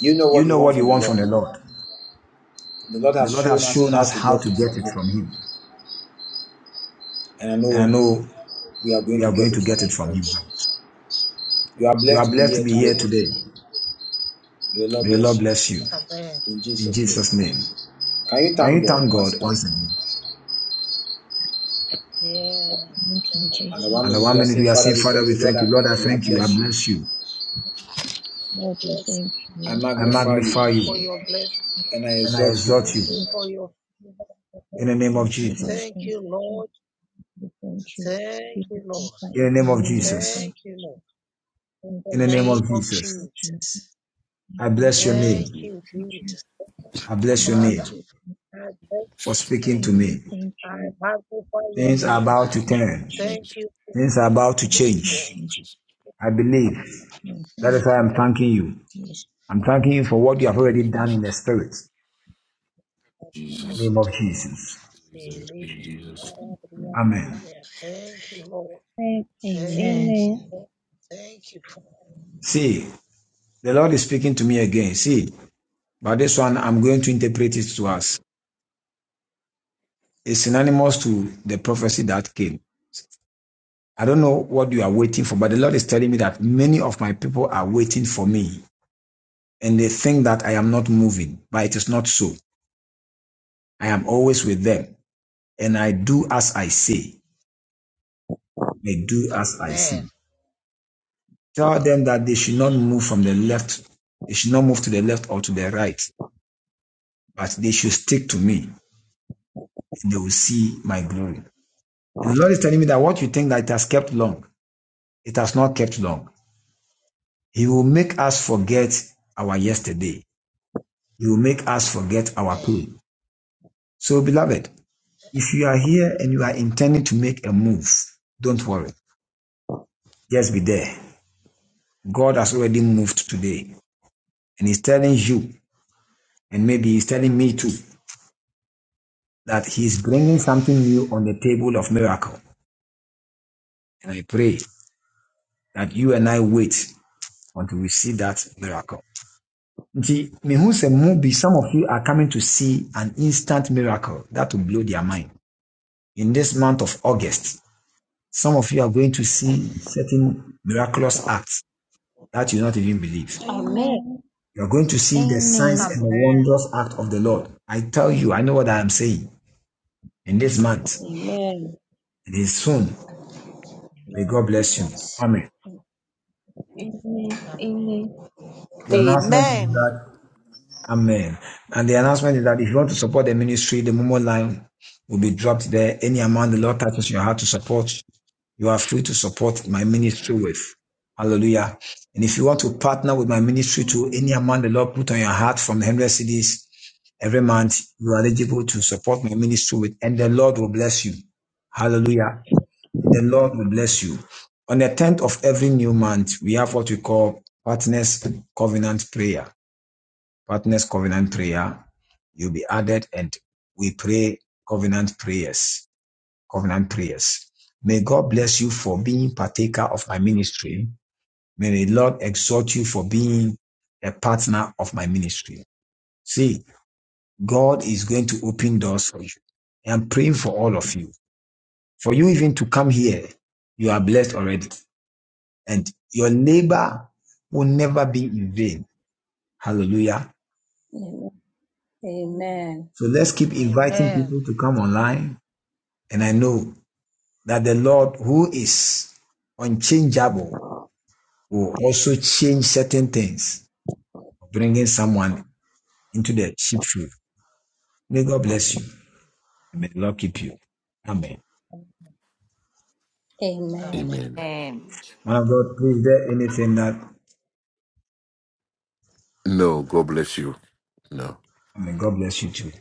[SPEAKER 1] You know
[SPEAKER 6] You
[SPEAKER 1] what you
[SPEAKER 6] know
[SPEAKER 1] want
[SPEAKER 6] what you
[SPEAKER 1] from the
[SPEAKER 6] want from the
[SPEAKER 1] Lord.
[SPEAKER 6] Lord.
[SPEAKER 1] The Lord
[SPEAKER 6] The
[SPEAKER 1] has
[SPEAKER 6] Lord
[SPEAKER 1] shown
[SPEAKER 6] has
[SPEAKER 1] us
[SPEAKER 6] shown
[SPEAKER 1] how
[SPEAKER 6] us
[SPEAKER 1] to
[SPEAKER 6] how
[SPEAKER 1] get
[SPEAKER 6] to
[SPEAKER 1] it
[SPEAKER 6] get
[SPEAKER 1] from
[SPEAKER 6] it
[SPEAKER 1] Him.
[SPEAKER 6] from Him.
[SPEAKER 1] And I
[SPEAKER 6] And I
[SPEAKER 1] know
[SPEAKER 6] know
[SPEAKER 1] we are going
[SPEAKER 6] we
[SPEAKER 1] to
[SPEAKER 6] are
[SPEAKER 1] get
[SPEAKER 6] going
[SPEAKER 1] it
[SPEAKER 6] to
[SPEAKER 1] from
[SPEAKER 6] get it
[SPEAKER 1] Him
[SPEAKER 6] from
[SPEAKER 1] very
[SPEAKER 6] Him.
[SPEAKER 1] soon. You are
[SPEAKER 6] You
[SPEAKER 1] blessed
[SPEAKER 6] are
[SPEAKER 1] to be
[SPEAKER 6] blessed to
[SPEAKER 1] here
[SPEAKER 6] be here
[SPEAKER 1] today.
[SPEAKER 6] today.
[SPEAKER 1] May the Lord
[SPEAKER 6] May the Lord
[SPEAKER 1] bless you.
[SPEAKER 6] bless you.
[SPEAKER 1] In
[SPEAKER 6] In
[SPEAKER 1] Jesus' name.
[SPEAKER 6] Jesus' name.
[SPEAKER 1] Can you
[SPEAKER 6] Can
[SPEAKER 1] thank
[SPEAKER 6] you
[SPEAKER 1] God
[SPEAKER 6] thank
[SPEAKER 1] once
[SPEAKER 6] God
[SPEAKER 1] again?
[SPEAKER 6] once again?
[SPEAKER 4] Thank you,
[SPEAKER 1] And the one
[SPEAKER 6] And the
[SPEAKER 1] minute
[SPEAKER 6] one
[SPEAKER 1] we
[SPEAKER 4] Jesus.
[SPEAKER 1] are
[SPEAKER 6] minute
[SPEAKER 1] saying,
[SPEAKER 6] we are
[SPEAKER 1] Father,
[SPEAKER 6] saying,
[SPEAKER 1] we
[SPEAKER 5] Thank
[SPEAKER 6] Father,
[SPEAKER 1] thank
[SPEAKER 6] we
[SPEAKER 1] you. Lord,
[SPEAKER 6] thank you.
[SPEAKER 1] I
[SPEAKER 6] Lord, I
[SPEAKER 1] thank you. I
[SPEAKER 6] thank you. I
[SPEAKER 1] bless you.
[SPEAKER 6] bless you.
[SPEAKER 4] Lord, we
[SPEAKER 5] blessed.
[SPEAKER 4] thank you.
[SPEAKER 1] I
[SPEAKER 4] We
[SPEAKER 6] I
[SPEAKER 5] Thank
[SPEAKER 1] magnify you.
[SPEAKER 6] magnify
[SPEAKER 5] you for
[SPEAKER 6] you.
[SPEAKER 4] worship
[SPEAKER 5] your blessing.
[SPEAKER 4] you.
[SPEAKER 1] And I
[SPEAKER 6] And I
[SPEAKER 1] exalt you.
[SPEAKER 6] exalt
[SPEAKER 5] Thank
[SPEAKER 4] Thank
[SPEAKER 6] you.
[SPEAKER 5] you
[SPEAKER 4] you.
[SPEAKER 5] for your
[SPEAKER 6] In
[SPEAKER 5] faithfulness.
[SPEAKER 6] the name of
[SPEAKER 4] Thank you, Lord.
[SPEAKER 6] Jesus.
[SPEAKER 5] Thank
[SPEAKER 4] Thank
[SPEAKER 5] you,
[SPEAKER 4] you, Jesus.
[SPEAKER 5] Lord.
[SPEAKER 4] We thank you.
[SPEAKER 5] Thank
[SPEAKER 4] We
[SPEAKER 5] you, Lord.
[SPEAKER 4] magnify
[SPEAKER 6] In
[SPEAKER 4] your
[SPEAKER 6] the name of
[SPEAKER 4] holy name.
[SPEAKER 6] Jesus.
[SPEAKER 5] Thank
[SPEAKER 4] Thank you,
[SPEAKER 5] you, Lord.
[SPEAKER 4] Jesus.
[SPEAKER 5] In
[SPEAKER 4] Thank
[SPEAKER 6] In
[SPEAKER 4] you,
[SPEAKER 6] the
[SPEAKER 5] the
[SPEAKER 6] name
[SPEAKER 5] name
[SPEAKER 6] of
[SPEAKER 4] Jesus.
[SPEAKER 5] of
[SPEAKER 6] Jesus.
[SPEAKER 4] Thank
[SPEAKER 5] Jesus.
[SPEAKER 4] you, Jesus.
[SPEAKER 6] I
[SPEAKER 4] Thank
[SPEAKER 6] bless your
[SPEAKER 4] you,
[SPEAKER 5] Thank
[SPEAKER 4] Jesus.
[SPEAKER 6] name.
[SPEAKER 5] you,
[SPEAKER 4] Thank you,
[SPEAKER 5] Jesus.
[SPEAKER 6] I bless your
[SPEAKER 4] Thank
[SPEAKER 5] Father.
[SPEAKER 4] you,
[SPEAKER 6] name
[SPEAKER 4] Jesus.
[SPEAKER 5] I thank
[SPEAKER 6] for
[SPEAKER 4] Thank
[SPEAKER 6] speaking
[SPEAKER 5] you.
[SPEAKER 4] you.
[SPEAKER 6] to
[SPEAKER 4] We
[SPEAKER 6] me.
[SPEAKER 4] thank
[SPEAKER 5] I
[SPEAKER 4] you.
[SPEAKER 5] magnify your
[SPEAKER 6] Things
[SPEAKER 4] Lord.
[SPEAKER 6] are
[SPEAKER 5] name.
[SPEAKER 6] about to
[SPEAKER 4] Thank you,
[SPEAKER 2] you.
[SPEAKER 6] turn.
[SPEAKER 4] Jesus.
[SPEAKER 5] Thank
[SPEAKER 2] Jesus,
[SPEAKER 5] you,
[SPEAKER 6] Things are about to
[SPEAKER 4] Thank you,
[SPEAKER 2] Thank
[SPEAKER 4] Jesus.
[SPEAKER 6] change.
[SPEAKER 5] Paul.
[SPEAKER 2] you,
[SPEAKER 4] Thank
[SPEAKER 2] Jesus.
[SPEAKER 6] I believe.
[SPEAKER 4] you,
[SPEAKER 6] That
[SPEAKER 4] Jesus.
[SPEAKER 6] is why I'm
[SPEAKER 5] Thank
[SPEAKER 6] thanking you.
[SPEAKER 4] Yes.
[SPEAKER 6] I'm thanking you for what you have
[SPEAKER 2] Thank you, Jesus. Thank you, Jesus. thank you, Jesus. Thank you, Jesus. Thank you,
[SPEAKER 6] already done in the
[SPEAKER 2] Jesus.
[SPEAKER 6] spirit.
[SPEAKER 2] Jesus, thank you, Jesus, thank you, Jesus.
[SPEAKER 6] Amen.
[SPEAKER 3] mm.
[SPEAKER 4] Amen.
[SPEAKER 3] Amen.
[SPEAKER 6] See, the Lord is speaking to me again. See, but this one I'm going to interpret it to us. It's synonymous to the prophecy that came. I don't know what you are waiting for, but the Lord is telling me that many of my people are waiting for me and they think that I am not moving, but it is not so. I am always with them. and I do as I say, they do as I
[SPEAKER 5] Amen.
[SPEAKER 6] see. Tell them that they should not move from the left, they should not move to the left or to the right, but they should stick to me, and they will see my glory. And the Lord is telling me that what you think that it has kept long, it has not kept long. He will make us forget our yesterday. He will make us forget our pain. So, beloved, if you are here and you are intending to make a move, don't worry. Just be there. God has already moved today, and He's telling you And maybe he's telling me too that he's bringing something new on the table of miracle. And I pray that you and I wait until we see that miracle. Nti, mehu sɛ mo bi, Some of you are coming to see an instant miracle that will blow their mind. In this month of August, some of you are going to see miraculous acts that you not even believe.
[SPEAKER 4] Amen.
[SPEAKER 6] You are going to see the signs and the wondrous act of the Lord. I tell you, I know what I am saying. In this month,
[SPEAKER 4] Amen.
[SPEAKER 6] it is soon. May God bless you.
[SPEAKER 4] Yes.
[SPEAKER 6] The announcement is
[SPEAKER 8] Amen.
[SPEAKER 6] that, Amen. And the announcement is that if you want to support the ministry, the Momo line will be dropped there. Any amount the Lord touches your heart to support, you are free to support my ministry with. Hallelujah. And if you want to partner with my ministry to any amount the Lord put on your heart from the 100 cities every month, you are eligible to support my ministry with, and the Lord will bless you. Hallelujah. The Lord will bless you. On the 10th of every new month, we have what we call Partners Covenant Prayer. Partners Covenant Prayer, you'll be added and we pray covenant prayers. Covenant prayers. May God bless you for being partaker of my ministry. May the Lord exhort you for being a partner of my ministry. See, God is going to open doors for you. I am praying for all of you. For you even to come here, you are blessed already. And your labor will never be in vain. Hallelujah.
[SPEAKER 4] Amen. Amen.
[SPEAKER 6] So let's keep inviting people to come online And I know that the Lord who is unchangeable will also change certain things, bringing someone into the sheepfold. May God bless you. And may the Lord keep you. Amen.
[SPEAKER 4] Amen.
[SPEAKER 2] Amen.
[SPEAKER 8] Amen.
[SPEAKER 6] Man of God, please, is there anything that,
[SPEAKER 2] No, God bless you. No.
[SPEAKER 6] may God bless you too.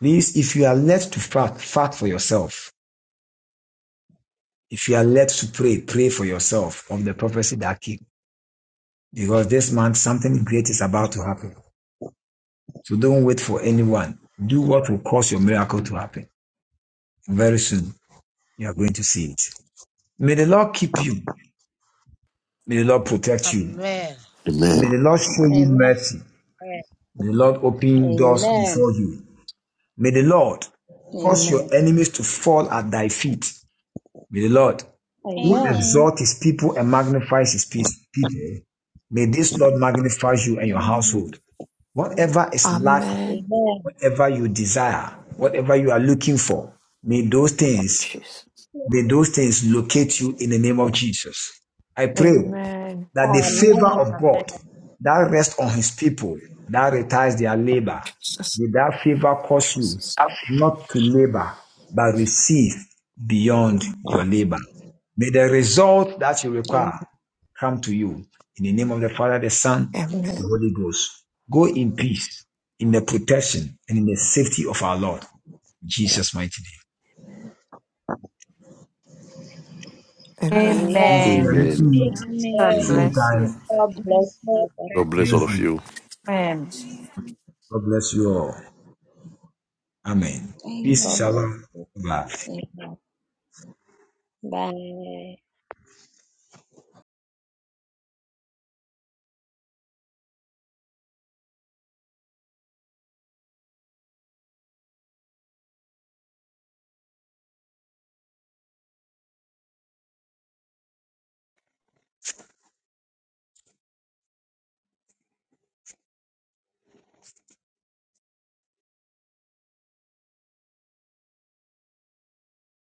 [SPEAKER 6] Please, if you are led to fight, fight for yourself. If you are led to pray, pray for yourself of the prophecy that keep. Because this month, something great is about to happen. So don't wait for anyone. Do what will cause your miracle to happen very soon. You are going to see it. May the Lord keep you. May the Lord protect you. May
[SPEAKER 2] Amen.
[SPEAKER 6] God show you mercy. May the Lord open
[SPEAKER 4] Amen.
[SPEAKER 6] doors
[SPEAKER 4] Amen.
[SPEAKER 6] before you. May the Lord cause your enemies to fall at thy feet. May the Lord, who
[SPEAKER 4] Amen.
[SPEAKER 6] exalts his people and magnifies his people, may this Lord magnify you and your household. Whatever is lacking,
[SPEAKER 9] Amen.
[SPEAKER 4] Amen. Amen.
[SPEAKER 6] whatever you desire, whatever you are looking for, may those things
[SPEAKER 9] Jesus.
[SPEAKER 6] May those things locate you in the name of Jesus. I pray
[SPEAKER 9] Amen.
[SPEAKER 6] that the favor
[SPEAKER 4] Amen.
[SPEAKER 6] of God that rests on his people, that retires their labor,
[SPEAKER 9] Jesus.
[SPEAKER 6] may that favor cause you
[SPEAKER 9] Jesus.
[SPEAKER 6] not to labor, but receive beyond your labor. May the result that you require
[SPEAKER 4] Amen.
[SPEAKER 6] come to you in the name of the Father, the Son,
[SPEAKER 9] Amen.
[SPEAKER 6] the
[SPEAKER 4] Amen.
[SPEAKER 6] Holy Ghost. Go in peace, in the protection and in the safety of our Lord, in Jesus' mighty name.
[SPEAKER 9] Amen.
[SPEAKER 4] Amen.
[SPEAKER 8] Amen.
[SPEAKER 2] Amen.
[SPEAKER 10] Amen.
[SPEAKER 5] Yes,
[SPEAKER 8] God
[SPEAKER 6] Same
[SPEAKER 2] Amen.
[SPEAKER 8] bless you.
[SPEAKER 6] time,
[SPEAKER 4] God bless you.
[SPEAKER 5] okay.
[SPEAKER 2] God bless all of
[SPEAKER 6] Wednesday.
[SPEAKER 2] you.
[SPEAKER 8] Amen.
[SPEAKER 6] God bless you all. Amen. Peace,
[SPEAKER 4] God bless
[SPEAKER 6] shalom.
[SPEAKER 4] you.
[SPEAKER 6] Bye.
[SPEAKER 4] Amen. Bye.